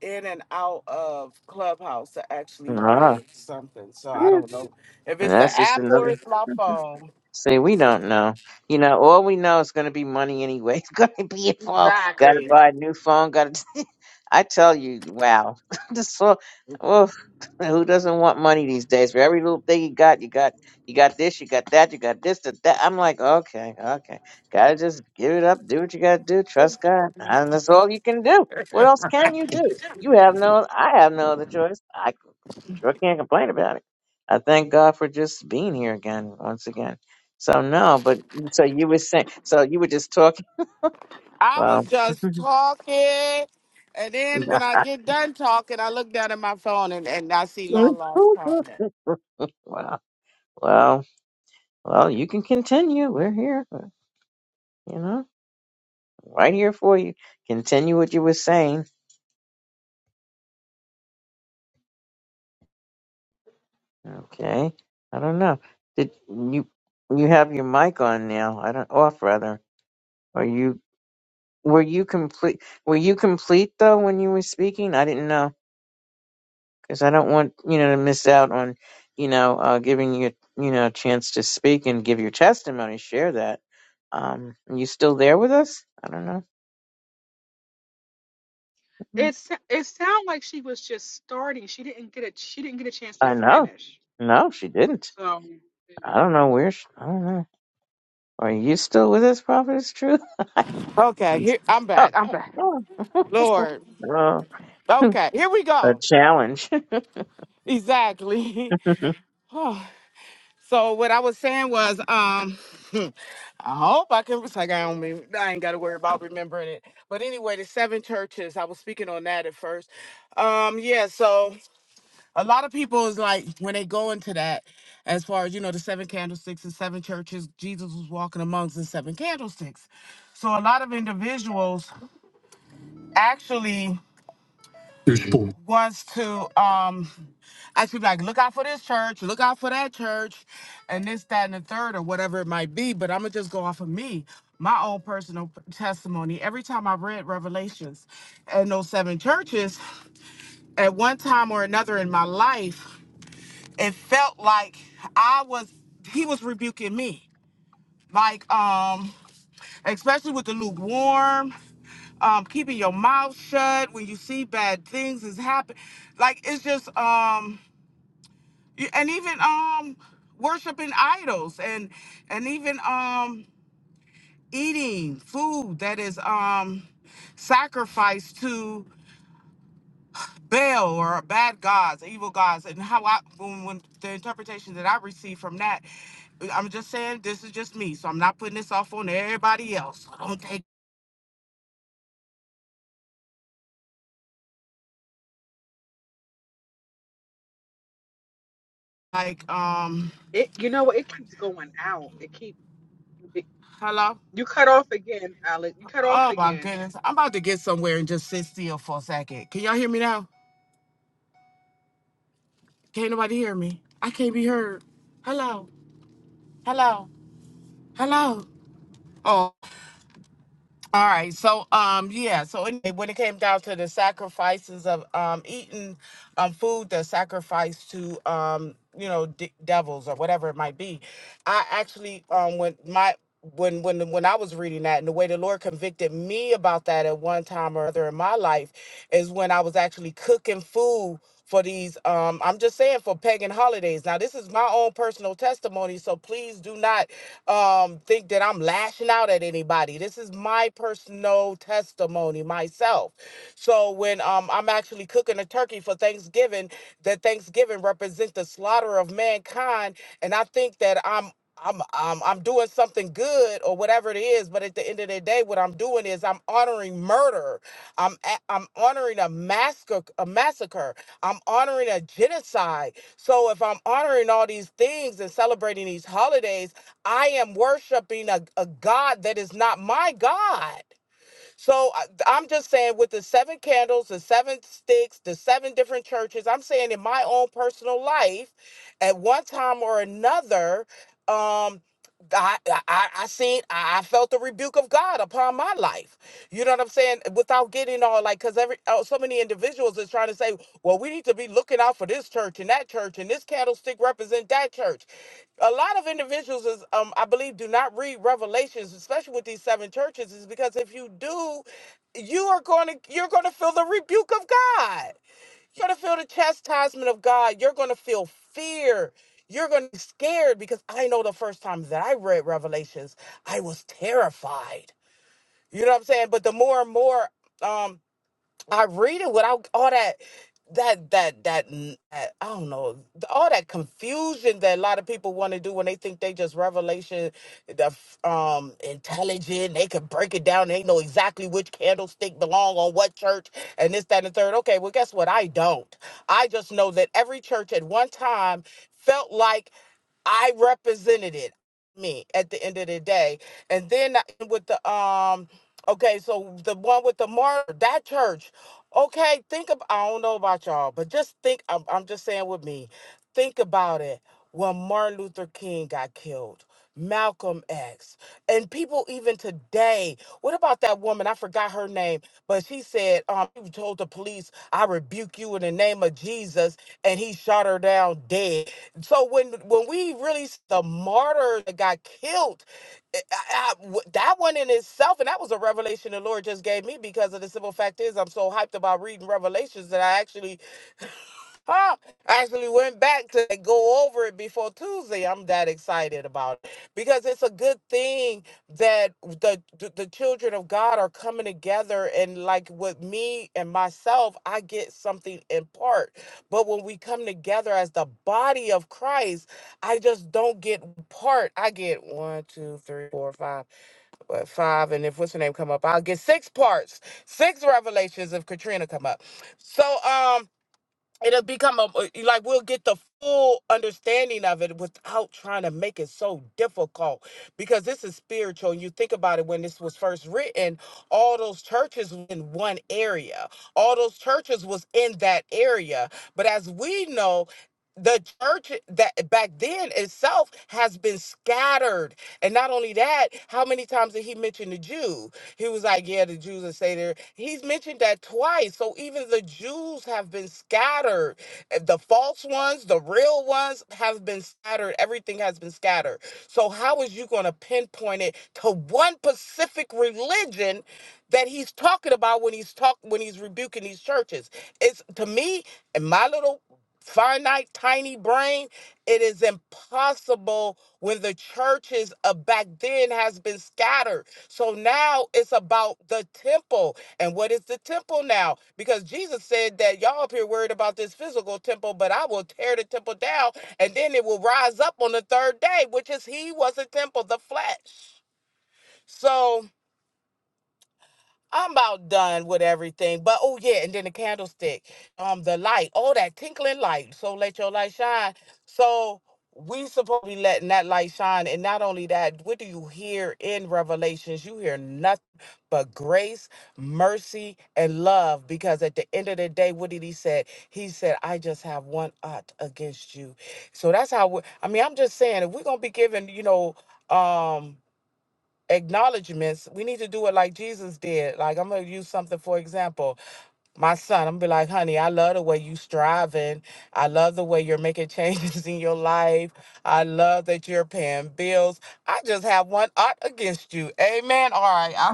in and out of Clubhouse to actually ah. hear something. So I don't know if and it's the that's just app or another. it's my phone. See, we don't know. You know, all we know is going to be money anyway. [LAUGHS] It's going to be involved. Got to Exactly. buy a new phone. Got to. [LAUGHS] I tell you, wow. [LAUGHS] This so, oh, [LAUGHS] who doesn't want money these days? For every little thing you got, you got, you got this, you got that, you got this, that. that. I'm like, okay, okay. Gotta just give it up. Do what you gotta do. Trust God, and that's all you can do. What else can you do? You have no. I have no other choice sure can't complain about it. I thank God for just being here again, once again. So no, but so you were saying, so you were just talking. I was Well, [LAUGHS] just talking. And then when I get done talking, I look down at my phone and, and I see well, Long Lost comment. well, well, you can continue. We're here, uh, you know, right here for you. Continue what you were saying. Okay. I don't know. Did you you have your mic on now? I don't off rather. Are you were you complete? Were you complete though when you were speaking? I didn't know. because I don't want you know to miss out on you know uh, giving you you know a chance to speak and give your testimony, share that. Um, are you still there with us? I don't It know. it sounded like she was just starting. She didn't get a she didn't get a chance to I know. finish. No, she didn't. So you know. I don't know where. She, I don't know. Are you still with us, Prophetess Truth? Okay, [LAUGHS] here I'm Oh, back. I'm back. oh, cool. Lord. oh, Okay, here we a go. challenge. [LAUGHS] Exactly. that [LAUGHS] [SIGHS] So what I was saying was, um, [LAUGHS] I hope I can. It's like I don't mean, I ain't got to worry about remembering it. But anyway, the seven churches. I was speaking on that at first. Um, yeah. So a lot of people is like when they go into that, as far as you know, the seven candlesticks and seven churches. Jesus was walking amongst the seven candlesticks. So a lot of individuals actually There's four. wants to. Um, I should be like, look out for this church, look out for that church, and this, that, and the third, or whatever it might be. But I'm gonna just go off of me, my own personal p- testimony. Every time I read Revelations and those seven churches, at one time or another in my life, it felt like I was he was rebuking me. Like, um, especially with the lukewarm, um, keeping your mouth shut when you see bad things is happen. Like it's just um Y- and even um worshiping idols and and even um eating food that is um sacrificed to Baal or bad gods, evil gods, and how I when, when the interpretation that I received from that, I'm just saying this is just me, so I'm not putting this off on everybody else. So don't take like um it you know what? It keeps going out. It keep it, hello. you cut off again, Alex. You cut off Oh my again. goodness, I'm about to get somewhere and just sit still for a second. Can y'all hear me now? Can't nobody hear me. I can't be heard. Hello. Hello. Hello. Oh, all right. So, um, yeah. So anyway, when it came down to the sacrifices of um eating um food that's sacrificed to um you know de- devils or whatever it might be, I actually um when my when when when I was reading that and the way the Lord convicted me about that at one time or other in my life is when I was actually cooking food for these um I'm just saying for pagan holidays. Now this is my own personal testimony, so please do not um, think that I'm lashing out at anybody. This is my personal testimony myself. So when um, I'm actually cooking a turkey for Thanksgiving, that Thanksgiving represents the slaughter of mankind, and I think that I'm. I'm, I'm I'm doing something good or whatever it is, but at the end of the day, what I'm doing is I'm honoring murder. I'm a- I'm honoring a massacre, a massacre. I'm honoring a genocide. So if I'm honoring all these things and celebrating these holidays I am worshiping a, a God that is not my God. So I- I'm just saying, with the seven candles, the seven sticks, the seven different churches, I'm saying in my own personal life, at one time or another, um, I, I I seen I I felt the rebuke of God upon my life. You know what I'm saying? Without getting all like, cause every oh, so many individuals is trying to say, well, we need to be looking out for this church and that church and this candlestick represent that church a lot of individuals is um i believe do not read revelations especially with these seven churches is because if you do you are going to you're going to feel the rebuke of god you're going to feel the chastisement of god you're going to feel fear you're going to be scared because i know the first time that i read revelations i was terrified you know what i'm saying but the more and more um I read it without all that that that that, n- that I don't know th- all that confusion that a lot of people want to do when they think they just revelation the f- um intelligent they can break it down they know exactly which candlestick belong on what church and this that and the third okay well guess what I don't I just know that every church at one time felt like I represented it, me at the end of the day. And then I- with the um, okay, so the one with the martyr, that church. Okay, think of I don't know about y'all, but just think. I'm, I'm just saying with me. Think about it. When Martin Luther King got killed, Malcolm X, and people even today. What about that woman? I forgot her name, but she said, um, she told the police, "I rebuke you in the name of Jesus," and he shot her down dead so when when we really s- the martyr that got killed, eh, I- I- w- that one in itself, and that was a revelation the Lord just gave me because of the simple fact is I'm so hyped about reading Revelations that I actually Huh? I actually went back to go over it before Tuesday. I'm that excited about it because it's a good thing that the the the children of God are coming together and like with me and myself, I get something in part. But when we come together as the body of Christ, I just don't get part. I get one, two, three, four, five, but five, and if what's her name come up, I'll get six parts, six revelations if Katrina come up. So um it'll become a like we'll get the full understanding of it without trying to make it so difficult because this is spiritual and you think about it when this was first written all those churches were in one area all those churches was in that area but as we know the church that back then itself has been scattered and not only that how many times did he mention the jews he was like, Yeah, the Jews are say there. He's mentioned that twice. So even the Jews have been scattered. Uh, The false ones, the real ones have been scattered. Everything has been scattered. So how is you going to pinpoint it to one specific religion that he's talking about when he's talk when he's rebuking these churches? It's to me, in my little finite, tiny brain, it is impossible when the churches of back then has been scattered. So now it's about the temple. And what is the temple now? Because Jesus said that y'all up here worried about this physical temple, but I will tear the temple down and then it will rise up on the third day, which is he was a temple, the flesh. So I'm about done with everything. But oh yeah, and then the candlestick, um, the light, all that tinkling light. So let your light shine. So we supposed to be letting that light shine. And not only that, what do you hear in Revelations? You hear nothing but grace, mercy, and love. Because at the end of the day, what did he say? He said, I just have one ought against you. So that's how we, I mean, I'm just saying if we're gonna be giving, you know, um acknowledgments, we need to do it like Jesus did. Like I'm gonna use something for example. My son, I'm gonna be like, honey, I love the way you striving. I love the way you're making changes [LAUGHS] in your life. I love that you're paying bills. I just have one art against you. Amen. All right.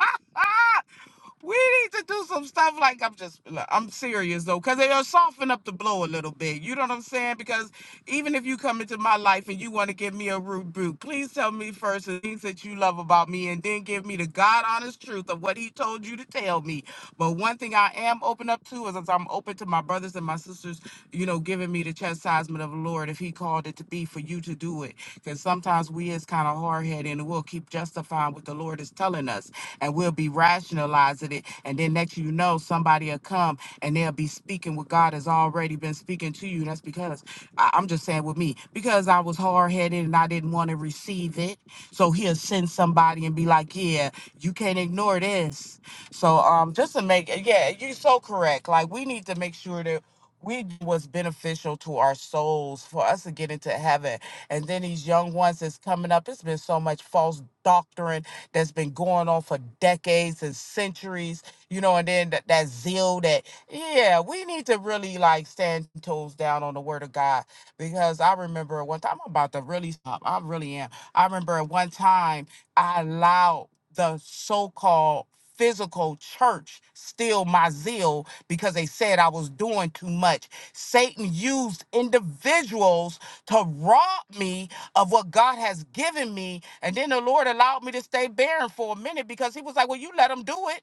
[LAUGHS] we need to do some stuff like I'm just look, I'm serious though, because it'll soften up the blow a little bit. You know what I'm saying? Because even if you come into my life and you want to give me a rude boot, please tell me first the things that you love about me and then give me the God honest truth of what he told you to tell me. But one thing I am open up up to is as I'm open to my brothers and my sisters, you know, giving me the chastisement of the Lord if He called it to be for you to do it. Because sometimes we is kind of hard headed and we'll keep justifying what the Lord is telling us and we'll be rationalizing it. And then next you know, somebody will come and they'll be speaking what God has already been speaking to you. And that's because I, I'm just saying with me, because I was hard headed and I didn't want to receive it. So he'll send somebody and be like, Yeah, you can't ignore this so um, just to make yeah, you're so correct. Like we need to make sure that we do what's beneficial to our souls for us to get into heaven. And then these young ones that's coming up, it's been so much false doctrine that's been going on for decades and centuries, you know, and then that, that zeal that yeah, we need to really like stand toes down on the word of God. Because I remember one time I'm about to really stop. I really am. I remember one time I allowed the so-called physical church steal my zeal because they said I was doing too much. Satan used individuals to rob me of what God has given me. And then the Lord allowed me to stay barren for a minute because he was like, well, you let him do it.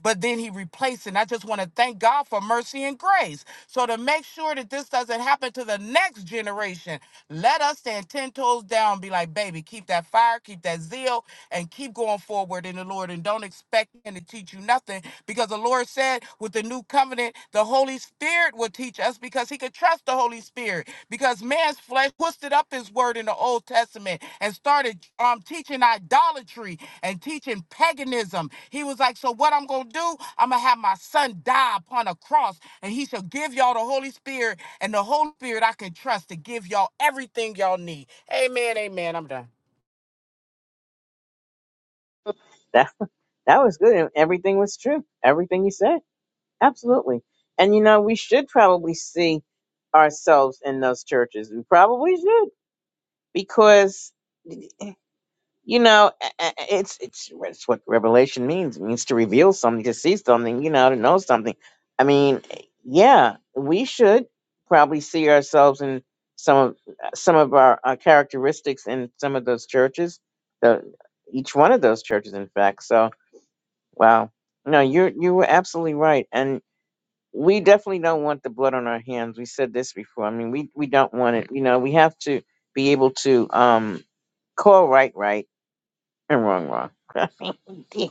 But then he replaced it. And I just want to thank God for mercy and grace. So to make sure that this doesn't happen to the next generation, let us stand 10 toes down, and be like, baby, keep that fire, keep that zeal, and keep going forward in the Lord. And don't expect Him to teach you nothing because the Lord said with the new covenant, the Holy Spirit will teach us because He could trust the Holy Spirit because man's flesh twisted up his word in the Old Testament and started um, teaching idolatry and teaching paganism. He was like, So, what I'm going to do, I'm going to have my son die upon a cross, and he shall give y'all the Holy Spirit, and the Holy Spirit I can trust to give y'all everything y'all need. Amen, amen. I'm done. that was good. Everything was true. Everything you said. Absolutely. And you know, we should probably see ourselves in those churches. We probably should because you know, a- a- a- it's it's it's what revelation means. It means to reveal something, to see something, you know, to know something. I mean, yeah, we should probably see ourselves in some of some of our, our characteristics in some of those churches. The each one of those churches, in fact. So, wow, no, you're you were absolutely right, we definitely don't want the blood on our hands. We said this before. I mean, we we don't want it. You know, we have to be able to um call right right and wrong wrong. [LAUGHS]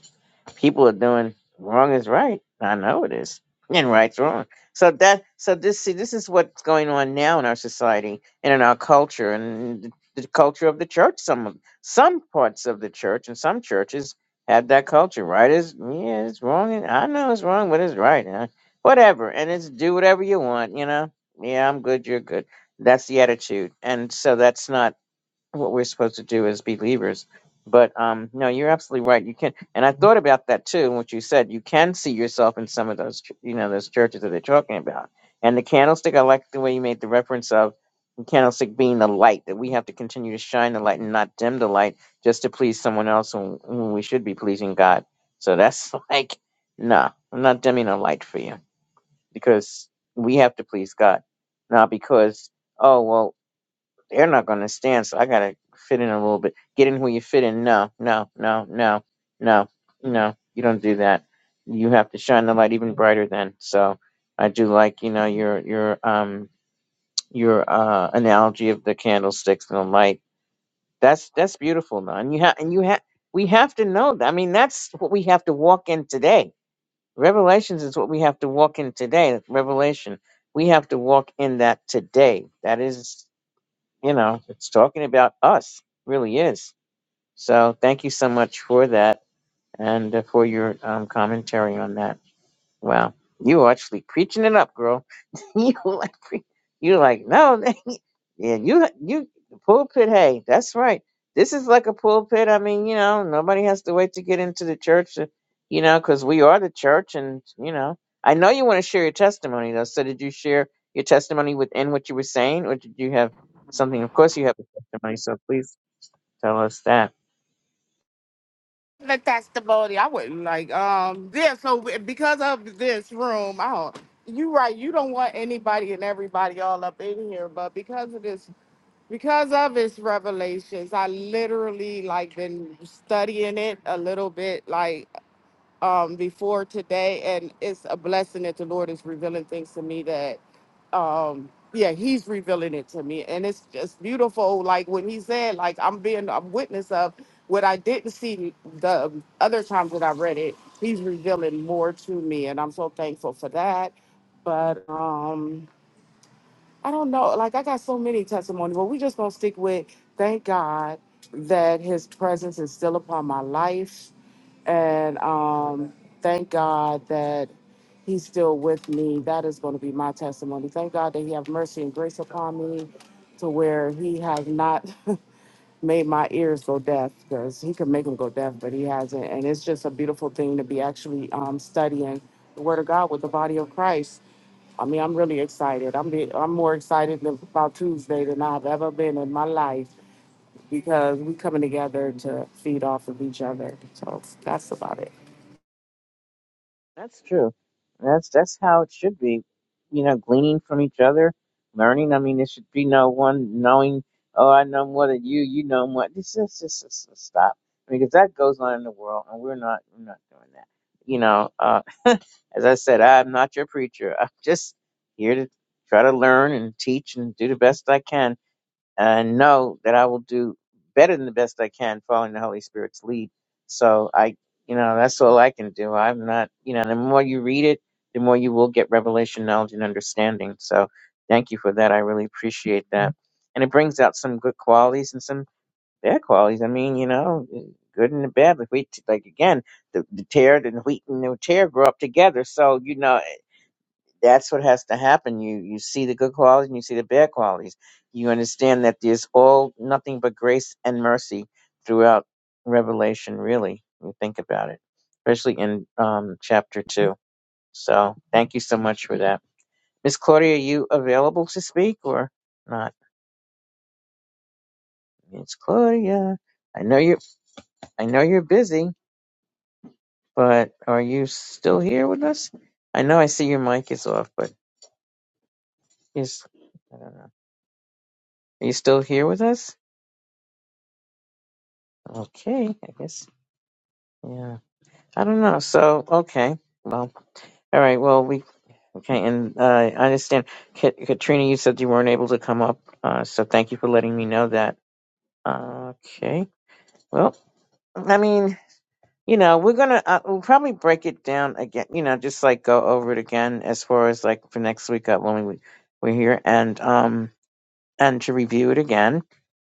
people are doing wrong is right. I know it is, and right's wrong. So that so this see this is what's going on now in our society and in our culture and the the culture of the church. Some of- some parts of the church and some churches have that culture. Right is yeah, it's wrong. And I know it's wrong, but it's right. And I- whatever, and it's do whatever you want. You know, yeah, I'm good. You're good. That's the attitude, and so that's not what we're supposed to do as believers. But um, no, you're absolutely right. You can, and I thought about that too. and What you said, you can see yourself in some of those, ch- you know, those churches that they're talking about. And the candlestick, I like the way you made the reference of the candlestick being the light that we have to continue to shine the light and not dim the light just to please someone else when, when we should be pleasing God. So that's [LAUGHS] like, no, I'm not dimming a light for you because we have to please God, not because oh well they're not going to stand. So I got to fit in a little bit. Get in where you fit in. No, no, no, no, no, no. You don't do that. You have to shine the light even brighter then. So I do like, you know, your your um your uh analogy of the candlesticks and the light. That's that's beautiful, though. And you have and you have we have to know that. I mean, that's what we have to walk in today. Revelations is what we have to walk in today. Revelation. We have to walk in that today. That is you know, it's talking about us, really is. So thank you so much for that and uh, for your um, commentary on that. Wow, you were actually preaching it up, girl. [LAUGHS] you were like pre- you were like no, [LAUGHS] yeah, you you the pulpit. Hey, that's right. This is like a pulpit. I mean, you know, nobody has to wait to get into the church, uh, you know, because we are the church, and you know, I know you want to share your testimony though. So, did you share your testimony within what you were saying, or did you have something? Of course, you have a testimony, so please tell us that. The testimony, I wouldn't like, um, yeah, so because of this room, I don't. You right. You don't want anybody and everybody all up in here, but because of this because of its revelations i literally like been studying it a little bit like um before today and it's a blessing that the lord is revealing things to me that um yeah he's revealing it to me and it's just beautiful like when he said like i'm being a witness of what i didn't see the other times that i read it he's revealing more to me and i'm so thankful for that but um I don't know. Like I got so many testimonies, but we just gonna stick with thank God that his presence is still upon my life. And um thank God that he's still with me. That is gonna be my testimony. Thank God that he have mercy and grace upon me to where he has not [LAUGHS] made my ears go deaf because he could make them go deaf, but he hasn't. And it's just a beautiful thing to be actually um, studying the Word of God with the body of Christ. I mean, I'm really excited. I'm be, I'm more excited than- about Tuesday than I've ever been in my life because we coming together to feed off of each other. So that's about it. That's true. That's that's how it should be. You know, gleaning from each other, learning. I mean, there should be no one knowing. Oh, I know more than you. You know more. This is just stop. I mean, because that goes on in the world, and we're not we're not doing that. You know, uh, as I said, I'm not your preacher. [LAUGHS] I'm just here to try to learn and teach and do the best I can and know that I will do better than the best I can following the Holy Spirit's lead. So I, you know, that's all I can do. I'm not, you know, the more you read it, the more you will get revelation, knowledge, and understanding. So thank you for that. I really appreciate that. And it brings out some good qualities and some bad qualities. I mean, you know, good and the bad. Like, we, like again, the, the tear and the wheat and the tear grow up together. So, you know, that's what has to happen. You you see the good qualities and you see the bad qualities. You understand that there's all nothing but grace and mercy throughout Revelation. Really, when you think about it, especially in um, chapter two. So thank you so much for that, Miss Claudia. Are you available to speak or not, Miss Claudia? I know you. I know you're busy, but are you still here with us? I know I see your mic is off, but is are you still here with us? Okay, I guess Yeah, I don't know. So okay, well, all right. Well, we okay, and uh, I understand, Ka- Katrina. You said you weren't able to come up, uh, so thank you for letting me know that. Uh, okay. Well, I mean, you know, we're gonna uh, we'll probably break it down again. You know, just like go over it again as far as like for next week up when we we're here, and um. and to review it again.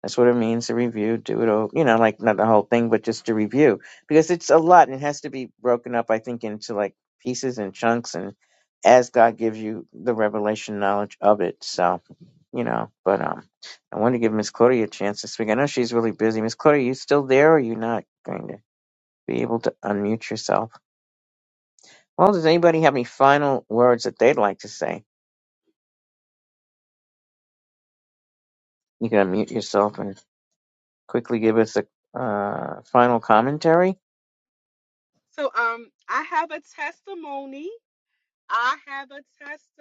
That's what it means to review, do it all, you know, like not the whole thing, but just to review because it's a lot and it has to be broken up, I think, into like pieces and chunks and as God gives you the revelation knowledge of it. So, you know, but um, I want to give Miss Claudia a chance to speak. I know she's really busy. Miss Claudia, you still there or are you not going to be able to unmute yourself? Well, does anybody have any final words that they'd like to say? You can unmute yourself and quickly give us a uh, final commentary So um I have a testimony. I have a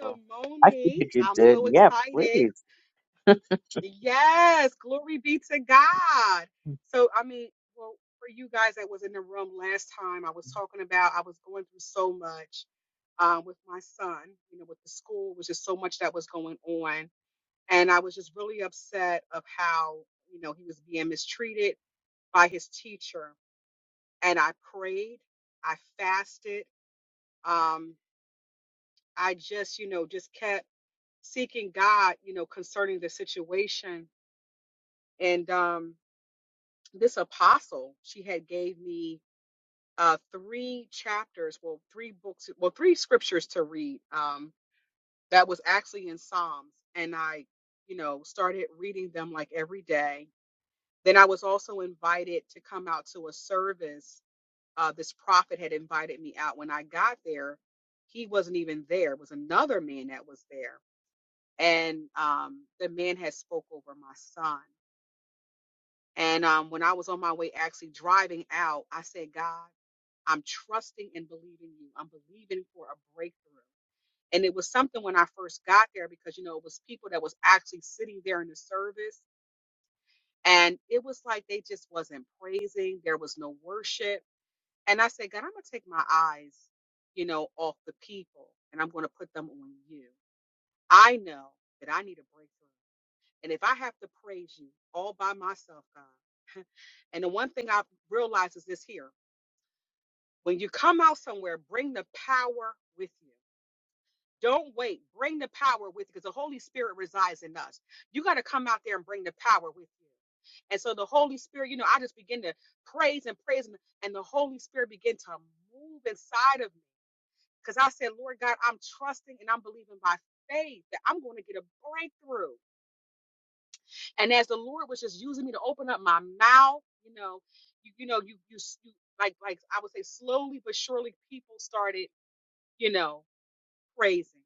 Oh, I see you I'm did. so Yeah, excited. please. Yes, glory be to God. So I mean, well, for you guys that was in the room last time, I was talking about I was going through so much um with my son, you know, with the school, was just so much that was going on. And I was just really upset of how, you know, he was being mistreated by his teacher. And I prayed, I fasted. Um, I just, you know, just kept seeking God, you know, concerning the situation. And um, this apostle, she had gave me uh, three chapters, well, three books, well, three scriptures to read. Um, that was actually in Psalms, and I, you know, started reading them like every day. Then I was also invited to come out to a service. Uh, this prophet had invited me out. When I got there, he wasn't even there. It was another man that was there and um, the man had spoke over my son. And um, when I was on my way actually driving out, I said, God, I'm trusting and believing you. I'm believing for a breakthrough. And it was something when I first got there because you know it was people that was actually sitting there in the service, and it was like they just wasn't praising. There was no worship. And I said, God, I'm gonna take my eyes, you know, off the people, and I'm gonna put them on you. I know that I need a breakthrough. And if I have to praise you all by myself, God, and the one thing I've realized is this here when you come out somewhere, bring the power with you. Don't wait. Bring the power with you because the Holy Spirit resides in us. You got to come out there and bring the power with you. And so the Holy Spirit, you know, I just begin to praise and praise, and the Holy Spirit began to move inside of me because I said, Lord God, I'm trusting and I'm believing by faith that I'm going to get a breakthrough. And as the Lord was just using me to open up my mouth, you know, you you know, you you, you like like I would say slowly but surely people started, you know, praising.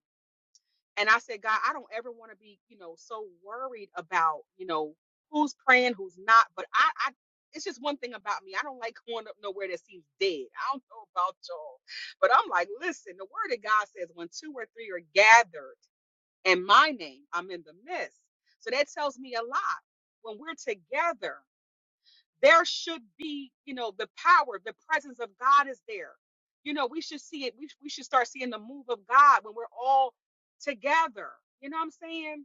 And I said, God, I don't ever want to be, you know, so worried about, you know, who's praying, who's not. But I, I it's just one thing about me. I don't like going up nowhere that seems dead. I don't know about y'all. But I'm like, listen, the word of God says when two or three are gathered and my name. I'm in the midst. So that tells me a lot. When we're together, there should be, you know, the power, the presence of God is there. You know, we should see it. We, we should start seeing the move of God when we're all together. You know what I'm saying?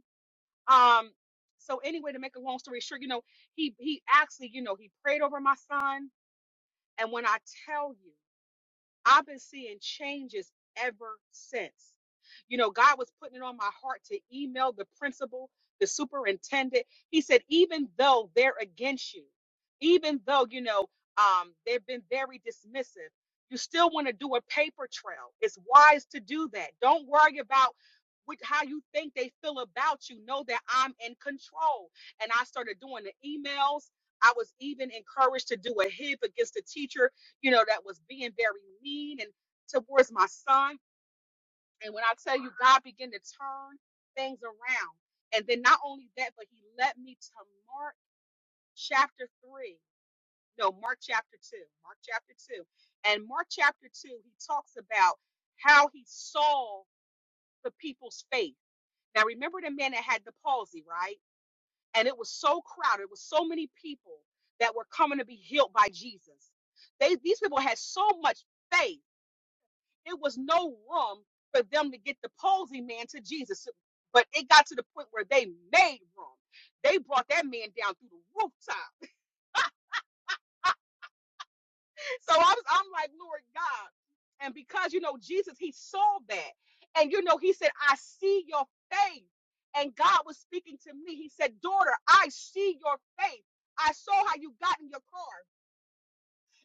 Um, so anyway, to make a long story short, you know, he he actually, you know, he prayed over my son. And when I tell you, I've been seeing changes ever since. You know, God was putting it on my heart to email the principal, the superintendent. He said, even though they're against you, even though, you know, um, they've been very dismissive, you still want to do a paper trail. It's wise to do that. Don't worry about what, how you think they feel about you. Know that I'm in control. And I started doing the emails. I was even encouraged to do a hip against the teacher you know, that was being very mean and towards my son. And when I tell you, God began to turn things around. And then not only that, but he led me to Mark chapter 3. No, Mark chapter 2. Mark chapter 2. And Mark chapter 2, he talks about how he saw the people's faith. Now, remember the man that had the palsy, right? And it was so crowded, it was so many people that were coming to be healed by Jesus. They, these people had so much faith It was no room for them to get the palsy man to Jesus. But it got to the point where they made room. They brought that man down through the rooftop. So I was, I'm like, Lord God. And because, you know, Jesus, he saw that. And, you know, he said, I see your faith. And God was speaking to me. He said, Daughter, I see your faith. I saw how you got in your car.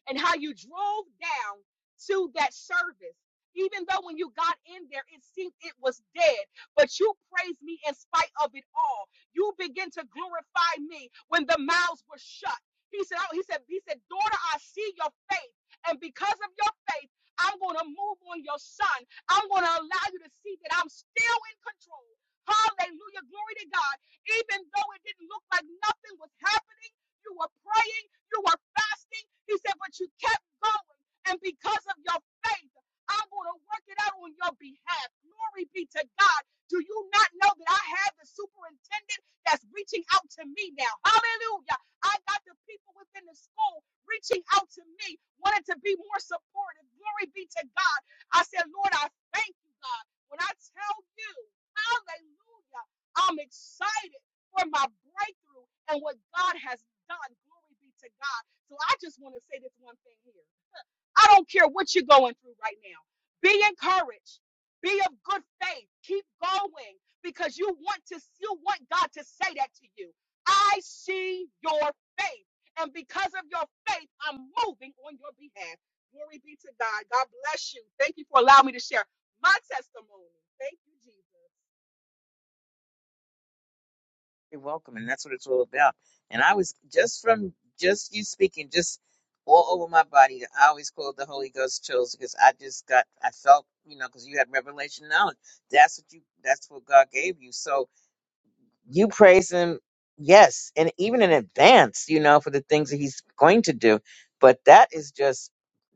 and how you drove down to that service. Even though when you got in there, it seemed it was dead, but you praised me in spite of it all. You begin to glorify me when the mouths were shut. He said, oh, he said, he said, daughter, I see your faith. And because of your faith, I'm going to move on your son. I'm going to allow you to see that I'm still in control. Hallelujah. Glory to God. Even though it didn't look like nothing was happening, you were praying, you were fasting, he said, but you kept going. And because of your faith, I'm going to work it out on your behalf. Glory be to God. Do you not know that I have the superintendent that's reaching out to me now? Hallelujah. I got the people within the school reaching out to me, wanting to be more supportive. Glory be to God. I said, Lord, I thank you, God. When I tell you, hallelujah, I'm excited for my breakthrough and what God has done. Glory be to God. So I just want to say this one thing here. I don't care what you're going through right now. Be encouraged. Be of good faith. Keep going because you want to you want God to say that to you. I see your faith. And because of your faith, I'm moving on your behalf. Glory be to God. God bless you. Thank you for allowing me to share my testimony. Thank you, You're welcome, and that's what it's all about. And I was just from just you speaking, just all over my body. I always call it the Holy Ghost chills because I just got, I felt, you know, because you had revelation knowledge. That's what you, that's what God gave you. So you praise him yes and even in advance you know for the things that he's going to do but that is just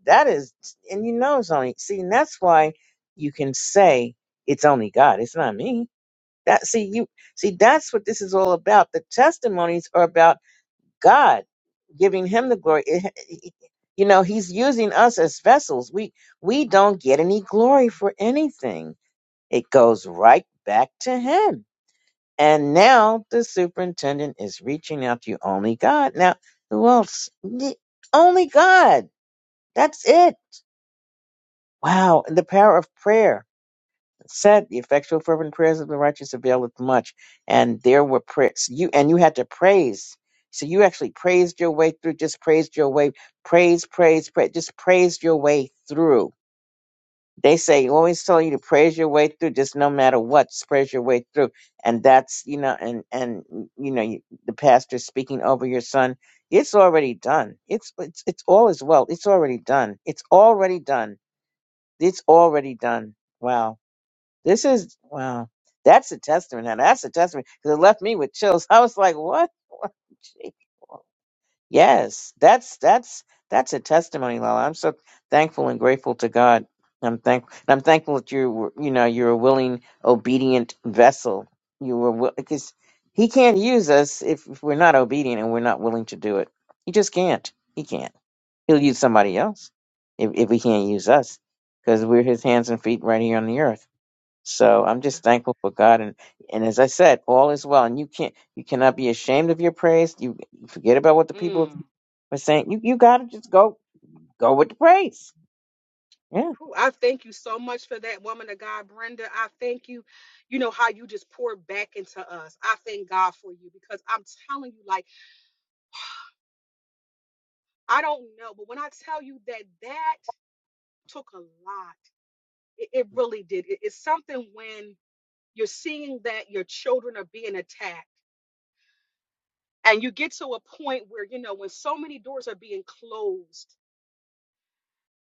that is and you know it's only see and that's why you can say it's only god it's not me that see you see that's what this is all about the testimonies are about god giving him the glory It- it- you know he's using us as vessels we we don't get any glory for anything it goes right back to him and now the superintendent is reaching out to you. Only God. Now, who else? Ye- Only God. That's it. Wow. And the power of prayer. It Said the effectual fervent prayers of the righteous availeth much. And there were prayers. You and you had to praise. So you actually praised your way through, just praised your way, praise, praise, praise, just praised your way through. they say always tell you to praise your way through just no matter what just praise your way through and that's you know and and you know you- the pastor speaking over your son it's already done it's it's it's all is well it's already done it's already done it's already done wow this is wow that's a testament now that's a testament because it left me with chills [LAUGHS] i was like what [LAUGHS] Gee. Yes, that's that's that's a testimony, Lala. I'm so thankful and grateful to God. I'm thank and I'm thankful that you were, you know you're a willing, obedient vessel. You were wi- because He can't use us if, if we're not obedient and we're not willing to do it. He just can't. He can't. He'll use somebody else if if he can't use us because we're His hands and feet right here on the earth. So I'm just thankful for God and and as I said, all is well. And you can't you cannot be ashamed of your praise. You forget about what the Jesus. people Mm. but saying you, you gotta just go go with the praise. Yeah. Whew, I thank you so much for that woman of God, Brenda. I thank you, you know, how you just poured back into us. I thank God for you because I'm telling you, like, I don't know, but when I tell you that that took a lot, it, it really did. It- it's something when you're seeing that your children are being attacked and you get to a point where, you know, when so many doors are being closed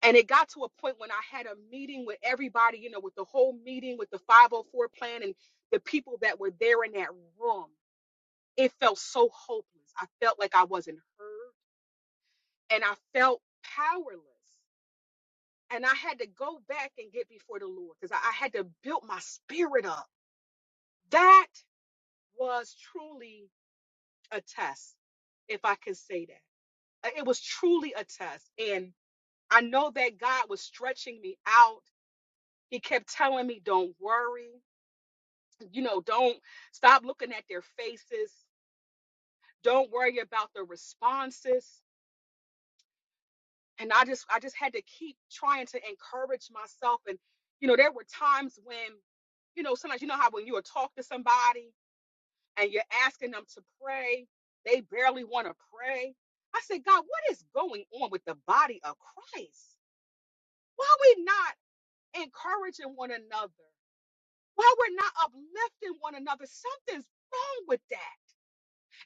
And it got to a point when I had a meeting with everybody, you know, with the whole meeting, with the 504 plan and the people that were there in that room. It felt so hopeless. I felt like I wasn't heard and I felt powerless. And I had to go back and get before the Lord because I, I had to build my spirit up. That was truly a test, if I can say that. Uh, It was truly a test. And I know that God was stretching me out. He kept telling me, don't worry you know, don't stop looking at their faces. Don't worry about the responses. And I just I just had to keep trying to encourage myself. And you know, there were times when, you know, sometimes you know how when you would talk to somebody and you're asking them to pray, they barely want to pray. I said, God, what is going on with the body of Christ? Why are we not encouraging one another? Why we're not uplifting one another? Something's wrong with that.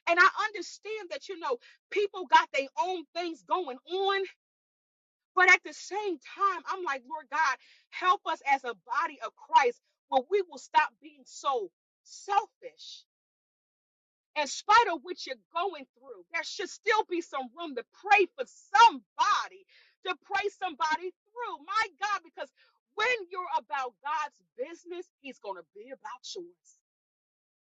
And I understand that, you know, people got their own things going on. But at the same time, I'm like, Lord God, help us as a body of Christ where we will stop being so selfish. In spite of what you're going through, there should still be some room to pray for somebody, to pray somebody through. My God, because when you're about God's business, He's going to be about yours.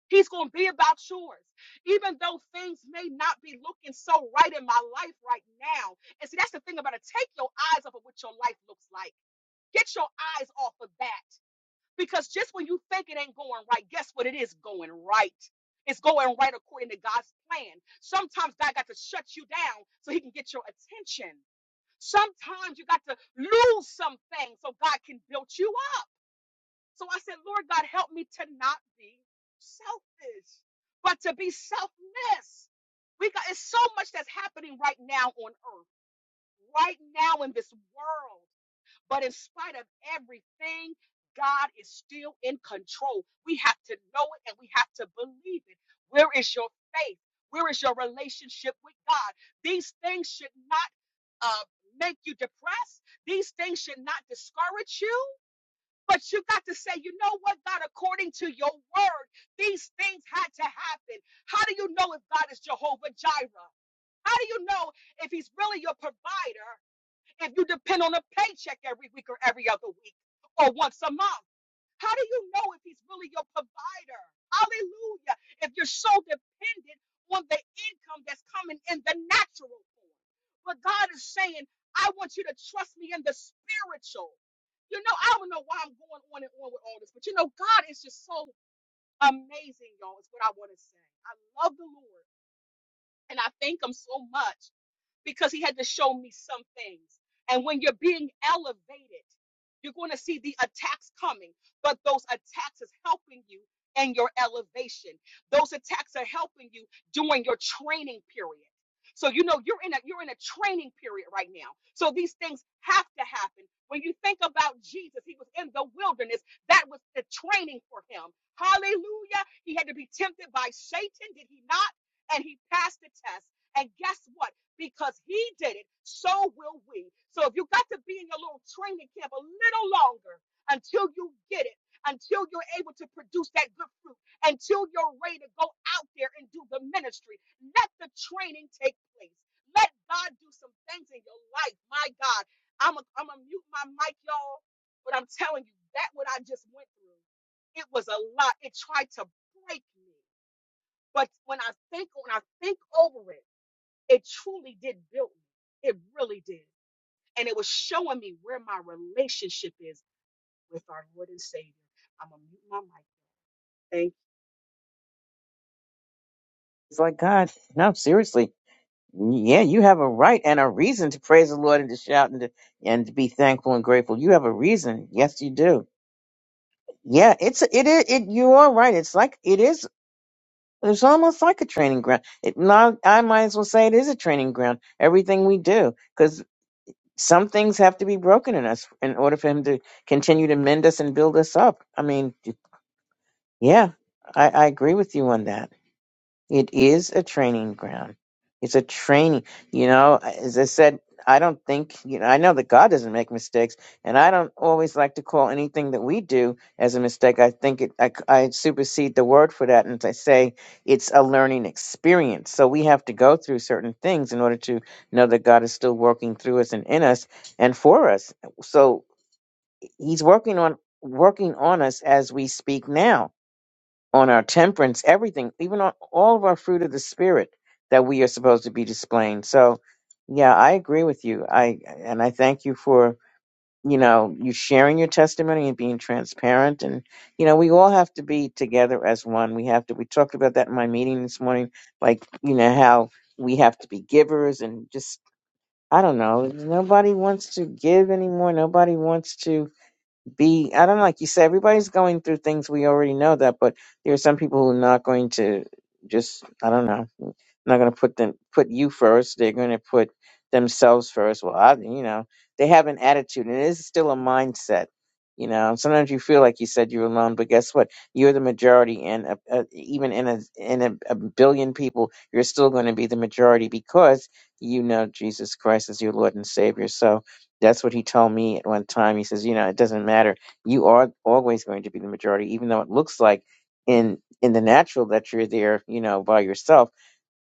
He's going to be about yours, even though things may not be looking so right in my life right now. And see, that's the thing about it. Take your eyes off of what your life looks like. Get your eyes off of that. Because just when you think it ain't going right, guess what? It is going right. It's going right according to God's plan. Sometimes God got to shut you down so he can get your attention. Sometimes you got to lose something so God can build you up. So I said, Lord God, help me to not be selfish, but to be selfless. We got it's so much that's happening right now on earth, right now in this world. But in spite of everything, God is still in control. We have to know it and we have to believe it. Where is your faith? Where is your relationship with God? These things should not uh, make you depressed. These things should not discourage you. But you got to say, you know what, God, according to your word, these things had to happen. How do you know if God is Jehovah Jireh? How do you know if he's really your provider if you depend on a paycheck every week or every other week or once a month? How do you know if he's really your provider? Hallelujah. If you're so dependent on the income that's coming in the natural form. But God is saying, I want you to trust me in the spiritual. You know, I don't know why I'm going on and on with all this, but you know, God is just so amazing, y'all, is what I want to say. I love the Lord and I thank Him so much because he had to show me some things. And when you're being elevated, you're going to see the attacks coming, but those attacks is helping you in your elevation. Those attacks are helping you during your training period. So you know you're in a you're in a training period right now. So these things have to happen. When you think about Jesus, he was in the wilderness. That was the training for him. Hallelujah. He had to be tempted by Satan, did he not? And he passed the test. And guess what? because he did it, so will we. So if you got to be in your little training camp a little longer until you get it, until you're able to produce that good fruit, until you're ready to go out there and do the ministry, let the training take place. Let God do some things in your life. My God, I'm going I'm to mute my mic, y'all, but I'm telling you, that what I just went through it was a lot. It tried to break me. But when I think when I think over it, it truly did build me. It really did. And it was showing me where my relationship is with our Lord and Savior. I'm going to mute my mic. Thank It's like God, no, seriously. Yeah, you have a right and a reason to praise the Lord and to shout and to and to be thankful and grateful. You have a reason. Yes, you do. Yeah, it's it is it you are right. It's like it is it's almost like a training ground. It not I might as well say it is a training ground. Everything we do. some things have to be broken in us in order for him to continue to mend us and build us up. I mean, yeah, I, I agree with you on that. It is a training ground. It's a training. You know, as I said, I don't think, you know, I know that God doesn't make mistakes, and I don't always like to call anything that we do as a mistake. I think it, I, I supersede the word for that, and I say it's a learning experience. So we have to go through certain things in order to know that God is still working through us and in us and for us. So He's working on working on us as we speak now on our temperance, everything, even on all of our fruit of the spirit that we are supposed to be displaying. So, yeah, I agree with you. I and I thank you for you know you sharing your testimony and being transparent. And you know, we all have to be together as one. We have to. We talked about that in my meeting this morning. Like you know how we have to be givers and just I don't know. Nobody wants to give anymore. Nobody wants to be I don't know, like you said, everybody's going through things we already know that, but there are some people who are not going to just I don't know, not gonna put them put you first. They're gonna put themselves first. Well, I you know, they have an attitude and it is still a mindset. You know, sometimes you feel like you said you're alone, but guess what? You're the majority, and uh, uh, even in a in a, a billion people, you're still going to be the majority because you know Jesus Christ is your Lord and Savior. So, that's what he told me at one time. He says, you know, it doesn't matter. You are always going to be the majority, even though it looks like in in the natural that you're there, you know, by yourself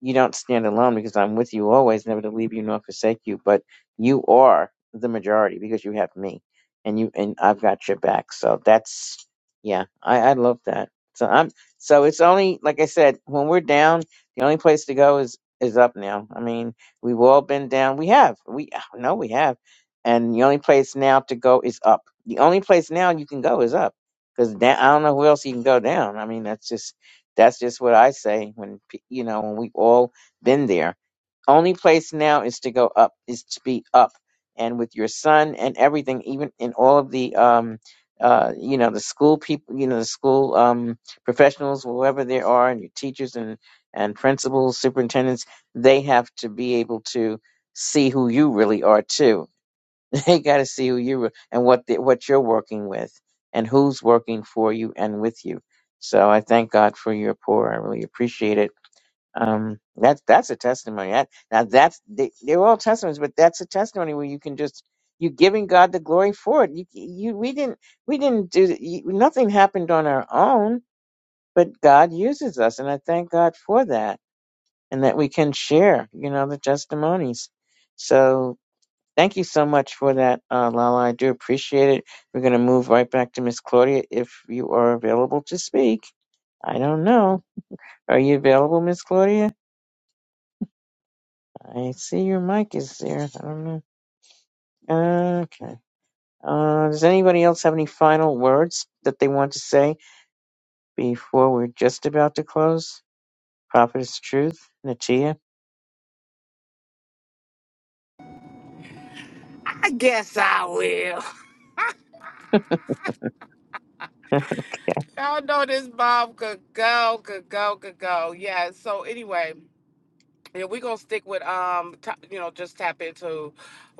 you don't stand alone because I'm with you always, never to leave you nor forsake you. But you are the majority because you have me, and you and I've got your back. So that's yeah, I I love that. So I'm so it's only like I said when we're down, the only place to go is is up now. I mean, we've all been down. We have we no we have, and the only place now to go is up. The only place now you can go is up because I don't know where else you can go down. I mean, that's just that's just what I say when pe- you know when we've all been there. Only place now is to go up, is to be up, and with your son and everything, even in all of the um, uh, you know, the school people, you know, the school um professionals, whoever they are, and your teachers and and principals, superintendents, they have to be able to see who you really are too [LAUGHS] They got to see who you are and what the, what you're working with and who's working for you and with you. So I thank God for your pour. I really appreciate it. Um, that's that's a testimony. That, now that's they, they're all testimonies, but that's a testimony where you can just you giving God the glory for it. You, you we didn't we didn't do you, nothing happened on our own, but God uses us, and I thank God for that, and that we can share you know the testimonies. So Thank you so much for that, uh, Lala. I do appreciate it. We're going to move right back to Miss Claudia if you are available to speak. I don't know. Are you available, Miss Claudia? I see your mic is there. I don't know. Okay. Uh, does anybody else have any final words that they want to say before we're just about to close? Prophetess Truth, Natia. I guess I will. [LAUGHS] [LAUGHS] Y'all know this mom could go, could go, could go. Yeah. So anyway, Yeah, we're gonna stick with um, ta you know, just tap into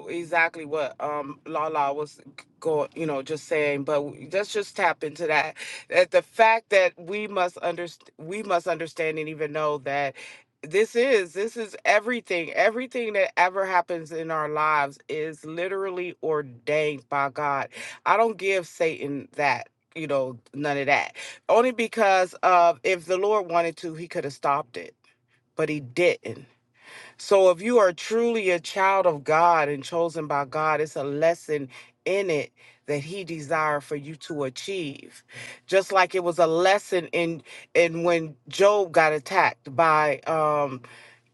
exactly what um Lala was going, you know, just saying. But w- let's just tap into that. That the fact that we must understand, we must understand and even know that this is this is everything. Everything that ever happens in our lives is literally ordained by God. I don't give Satan that. You know, none of that. Only because of if the Lord wanted to, he could have stopped it, but he didn't so if you are truly a child of God and chosen by God, it's a lesson in it that he desired for you to achieve. Just like it was a lesson in in when Job got attacked by um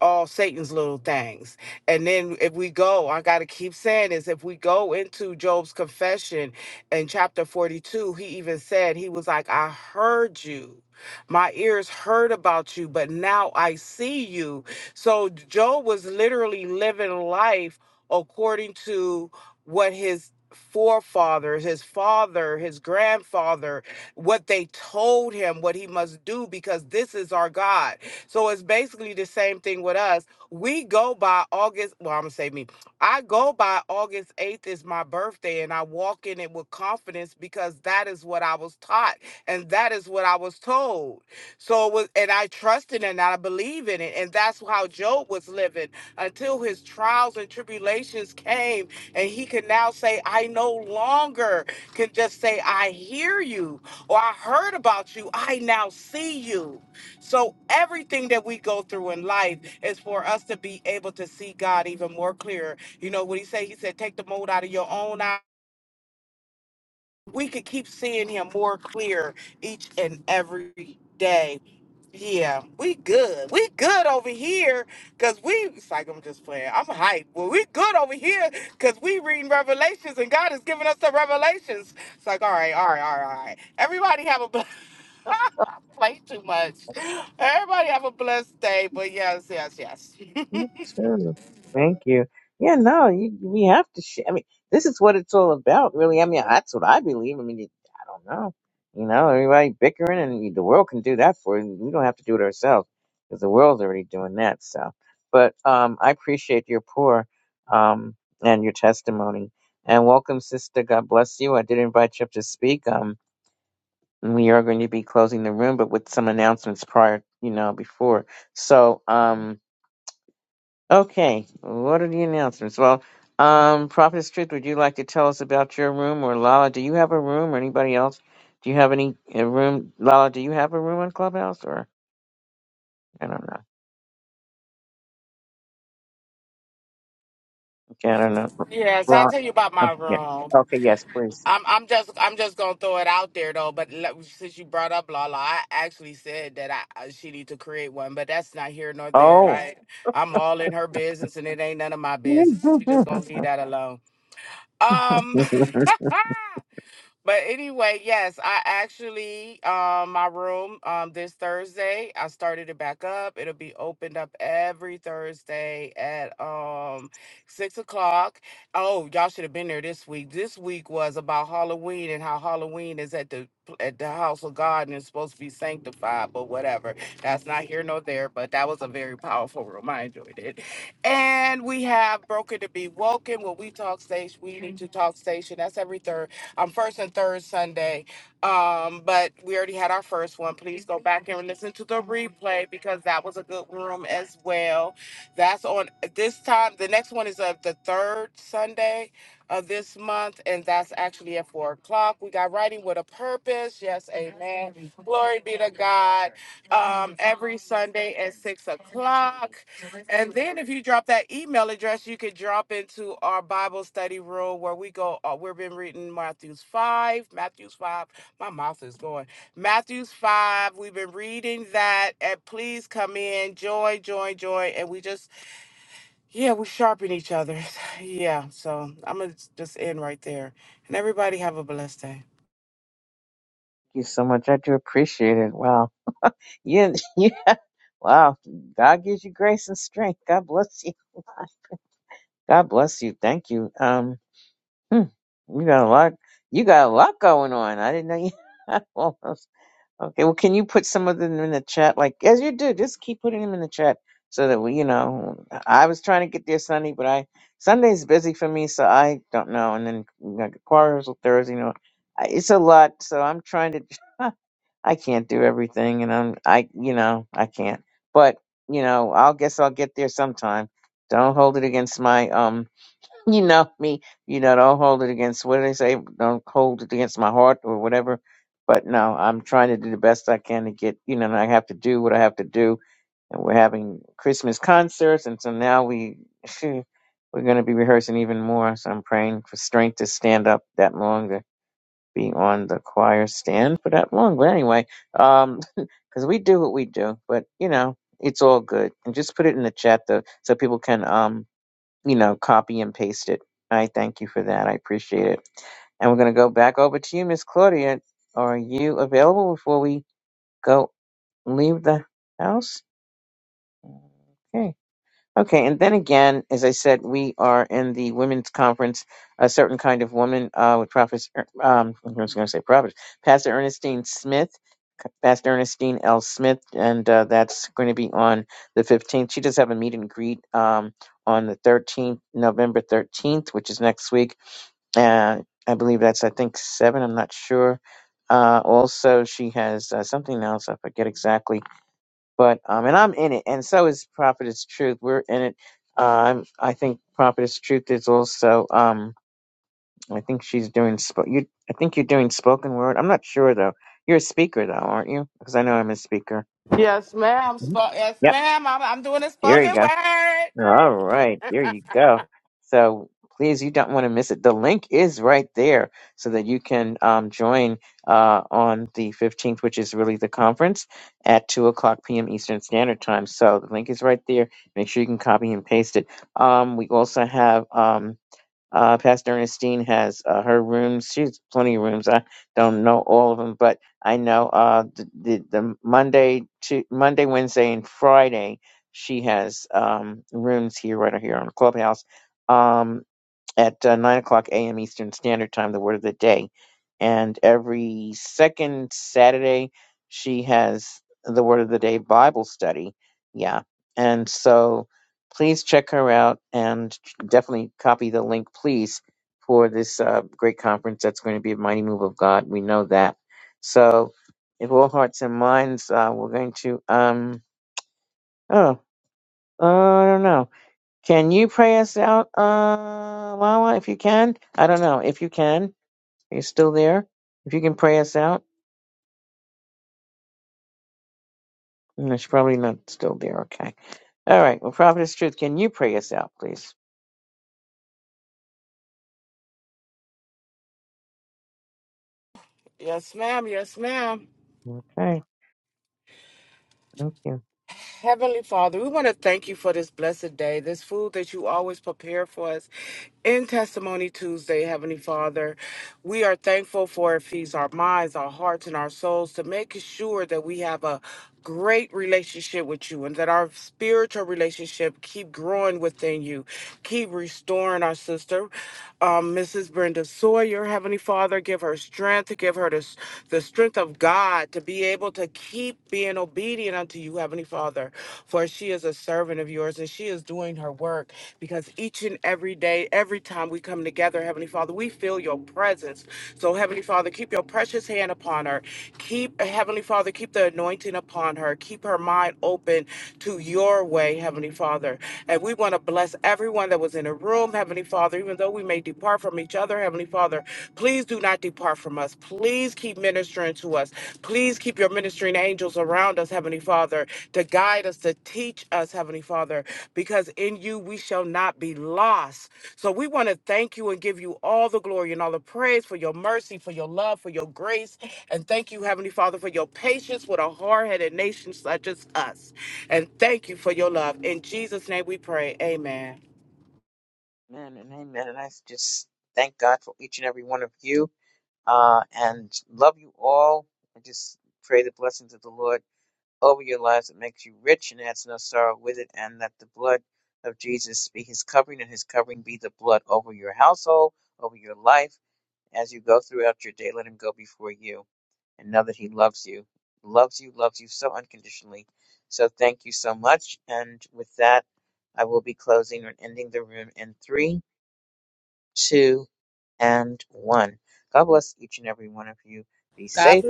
all Satan's little things. And then if we go, I got to keep saying this, if we go into Job's confession in chapter 42, he even said he was like I heard you. My ears heard about you, but now I see you so Job was literally living life according to what his forefathers, his father, his grandfather, what they told him what he must do because this is our God. So it's basically the same thing with us. We go by August, well, I'm gonna say me. I go by August 8th is my birthday and I walk in it with confidence because that is what I was taught and that is what I was told. So it was, and I trusted and I believe in it. And that's how Job was living until his trials and tribulations came. And he could now say, I no longer can just say, I hear you or I heard about you. I now see you. So everything that we go through in life is for us to be able to see God even more clear. You know what he said? He said, take the mold out of your own eye we could keep seeing him more clear each and every day. Yeah, we good. We good over here because we, it's like I'm just playing. I'm hyped. Well, we good over here because we reading Revelations and God is giving us the Revelations. It's like, all right, all right, all right, all right. Everybody have a, bl- [LAUGHS] I play too much. Everybody have a blessed day. But yes, yes, yes. [LAUGHS] Me too. Thank you. Yeah, no, you, we have to. Sh- I mean, this is what it's all about, really. I mean, that's what I believe. I mean, you, I don't know. You know, everybody bickering, and you, the world can do that for you. We don't have to do it ourselves because the world's already doing that. So, but um, I appreciate your pour um, and your testimony. And welcome, sister. God bless you. I did invite you up to speak. Um, we are going to be closing the room, but with some announcements prior, you know, before. So, um, Okay, what are the announcements? Well, um, Prophetess Truth, would you like to tell us about your room, or Lala? Do you have a room, or anybody else? Do you have any a room, Lala? Do you have a room on Clubhouse, or I don't know. Okay, I don't know. Yes, I'll Well, tell you about my okay, yeah. room. okay, yes, please. I'm I'm just I'm just gonna throw it out there though. But le- since you brought up Lala, I actually said that I I- she need to create one, but that's not here nor there. Oh, Right? I'm all in her business, and it ain't none of my [LAUGHS] thank business. So we just gonna leave that alone. Um, [LAUGHS] But anyway, yes, I actually um my room um this Thursday, I started it back up. It'll be opened up every Thursday at um six o'clock. Oh, y'all should have been there this week. This week was about Halloween and how Halloween is at the at the house of God and it's supposed to be sanctified, but whatever. That's not here nor there, but that was a very powerful room. I enjoyed it. And we have Broken to Be Woken, what we talk station, we need to talk station. That's every third um, first and third Sunday. Um, but we already had our first one. Please go back and listen to the replay because that was a good room as well. That's on this time. The next one is of the third Sunday of this month, and that's actually at four o'clock. We got writing with a purpose. Yes, at six o'clock. if you drop that email address, you could drop into our Bible study room where we go. Uh, we've been reading Matthew's 5. Matthew's 5. My mouth is going. Matthew's 5. We've been reading that. And please come in. Join, join, join. And we just, yeah, we sharpen each other. [LAUGHS] [SIGHS] Yeah. So I'm going to just end right there. And everybody have a blessed day. you so much. I do appreciate it. Wow, yeah, [LAUGHS] yeah. Wow, God gives you grace and strength. God bless you. [LAUGHS] God bless you. Thank you. Um. Hmm, you got a lot. You got a lot going on. I didn't know you. [LAUGHS] Almost. Okay. Well, can you put some of them in the chat? Like as you do, just keep putting them in the chat so that we, you know, I was trying to get there Sunday, but I Sunday's busy for me, so I don't know. And then you know, quarters or Thursday, you know, I- it's a lot. So I'm trying to. [LAUGHS] I can't do everything, and I'm I, you know, I can't. But you know, I'll guess I'll get there sometime. Don't hold it against my um. You know me. You know, don't hold it against what do they say? Don't hold it against my heart or whatever. But no, I'm trying to do the best I can to get, you know, and I have to do what I have to do. And we're having Christmas concerts. And so now we, [LAUGHS] we're going to be rehearsing even more. So I'm praying for strength to stand up that long, to be on the choir stand for that long. But anyway, um, [LAUGHS] cause we do what we do, but you know, it's all good. And just put it in the chat though, so people can, um you know, copy and paste it. I thank you for that. I appreciate it. And we're going to go back over to you, Miss Claudia. Are you available before we go leave the house? Okay. Okay, and then again, as I said, we are in the women's conference, a certain kind of woman uh, with Prophet, um, I was going to say Prophet, Pastor Ernestine Smith, Pastor Ernestine L. Smith, and uh, that's going to be on the 15th. She does have a meet and greet um, on the 13th, November 13th, which is next week. Uh, I believe that's, I think, seven, I'm not sure. Uh, also, she has uh, something else, I forget exactly but um and i'm in it and so is prophetess truth we're in it um i think prophetess truth is also um i think she's doing sp- you i think you're doing spoken word i'm not sure though you're a speaker though aren't you because i know i'm a speaker Yes, ma'am. Mhm. Spo- yes, yep ma'am. I'm, I'm doing a there you spoken go word. All right, there you go. So please, you don't want to miss it. The link is right there so that you can um, join uh, on the 15th, which is really the conference at 2 o'clock p.m. Eastern Standard Time. So the link is right there. Make sure you can copy and paste it. Um, we also have. Um, uh, Pastor Ernestine has uh, her rooms. She has plenty of rooms. I don't know all of them, but I know uh, the, the the Monday, to, Monday, Wednesday, and Friday she has um, rooms here right here on Clubhouse. Um, at uh, 9 o'clock a.m. Eastern Standard Time, the word of the day. And every second Saturday, she has the word of the day Bible study. Yeah. And so please check her out and definitely copy the link, please, for this uh, great conference that's going to be a mighty move of God. We know that. So, if all hearts and minds, uh, we're going to, um, oh, uh, I don't know. Can you pray us out, uh, Lala, if you can? I don't know. If you can, are you still there? If you can pray us out? No, she's probably not still there. Okay. All right. Well, Prophetess Truth, can you pray us out, please? Yes, ma'am. Yes, ma'am. Okay. Thank you. Heavenly Father, we want to thank you for this blessed day, this food that you always prepare for us in Testimony Tuesday, Heavenly Father. We are thankful for it feeds our minds, our hearts, and our souls to make sure that we have a great relationship with you and that our spiritual relationship keep growing within you. Keep restoring our sister, um, Mrs. Brenda Sawyer, Heavenly Father. Give her strength, give her the, the strength of God. God to be able to keep being obedient unto you, Heavenly Father, for she is a servant of yours and she is doing her work because each and every day, every time we come together, Heavenly Father, we feel your presence. So, Heavenly Father, keep your precious hand upon her. Keep, Heavenly Father, keep the anointing upon her. Keep her mind open to your way, Heavenly Father. And we want to bless everyone that was in the room, Heavenly Father, even though we may depart from each other, Heavenly Father, please do not depart from us. Please keep ministering to us. Please keep your ministering angels around us, Heavenly Father, to guide us, to teach us, Heavenly Father, because in you we shall not be lost. So we want to thank you and give you all the glory and all the praise for your mercy, for your love, for your grace. And thank you, Heavenly Father, for your patience with a hard headed nation such as us. And thank you for your love. In Jesus' name we pray. Amen. Amen and amen. And I just thank God for each and every one of you uh, and love you all. I just pray the blessings of the Lord. over your lives that makes you rich and adds no sorrow with it, and that the blood of Jesus be his covering, and his covering be the blood over your household, over your life. As you go throughout your day, let him go before you and know that he loves you, loves you, loves you so unconditionally. So thank you so much. And with that, I will be closing and ending the room in three, two, and one. God bless each and every one of you. Be safe.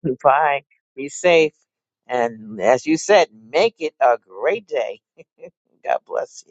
[LAUGHS] Be fine. Be safe. And as you said, make it a great day. [LAUGHS] God bless you.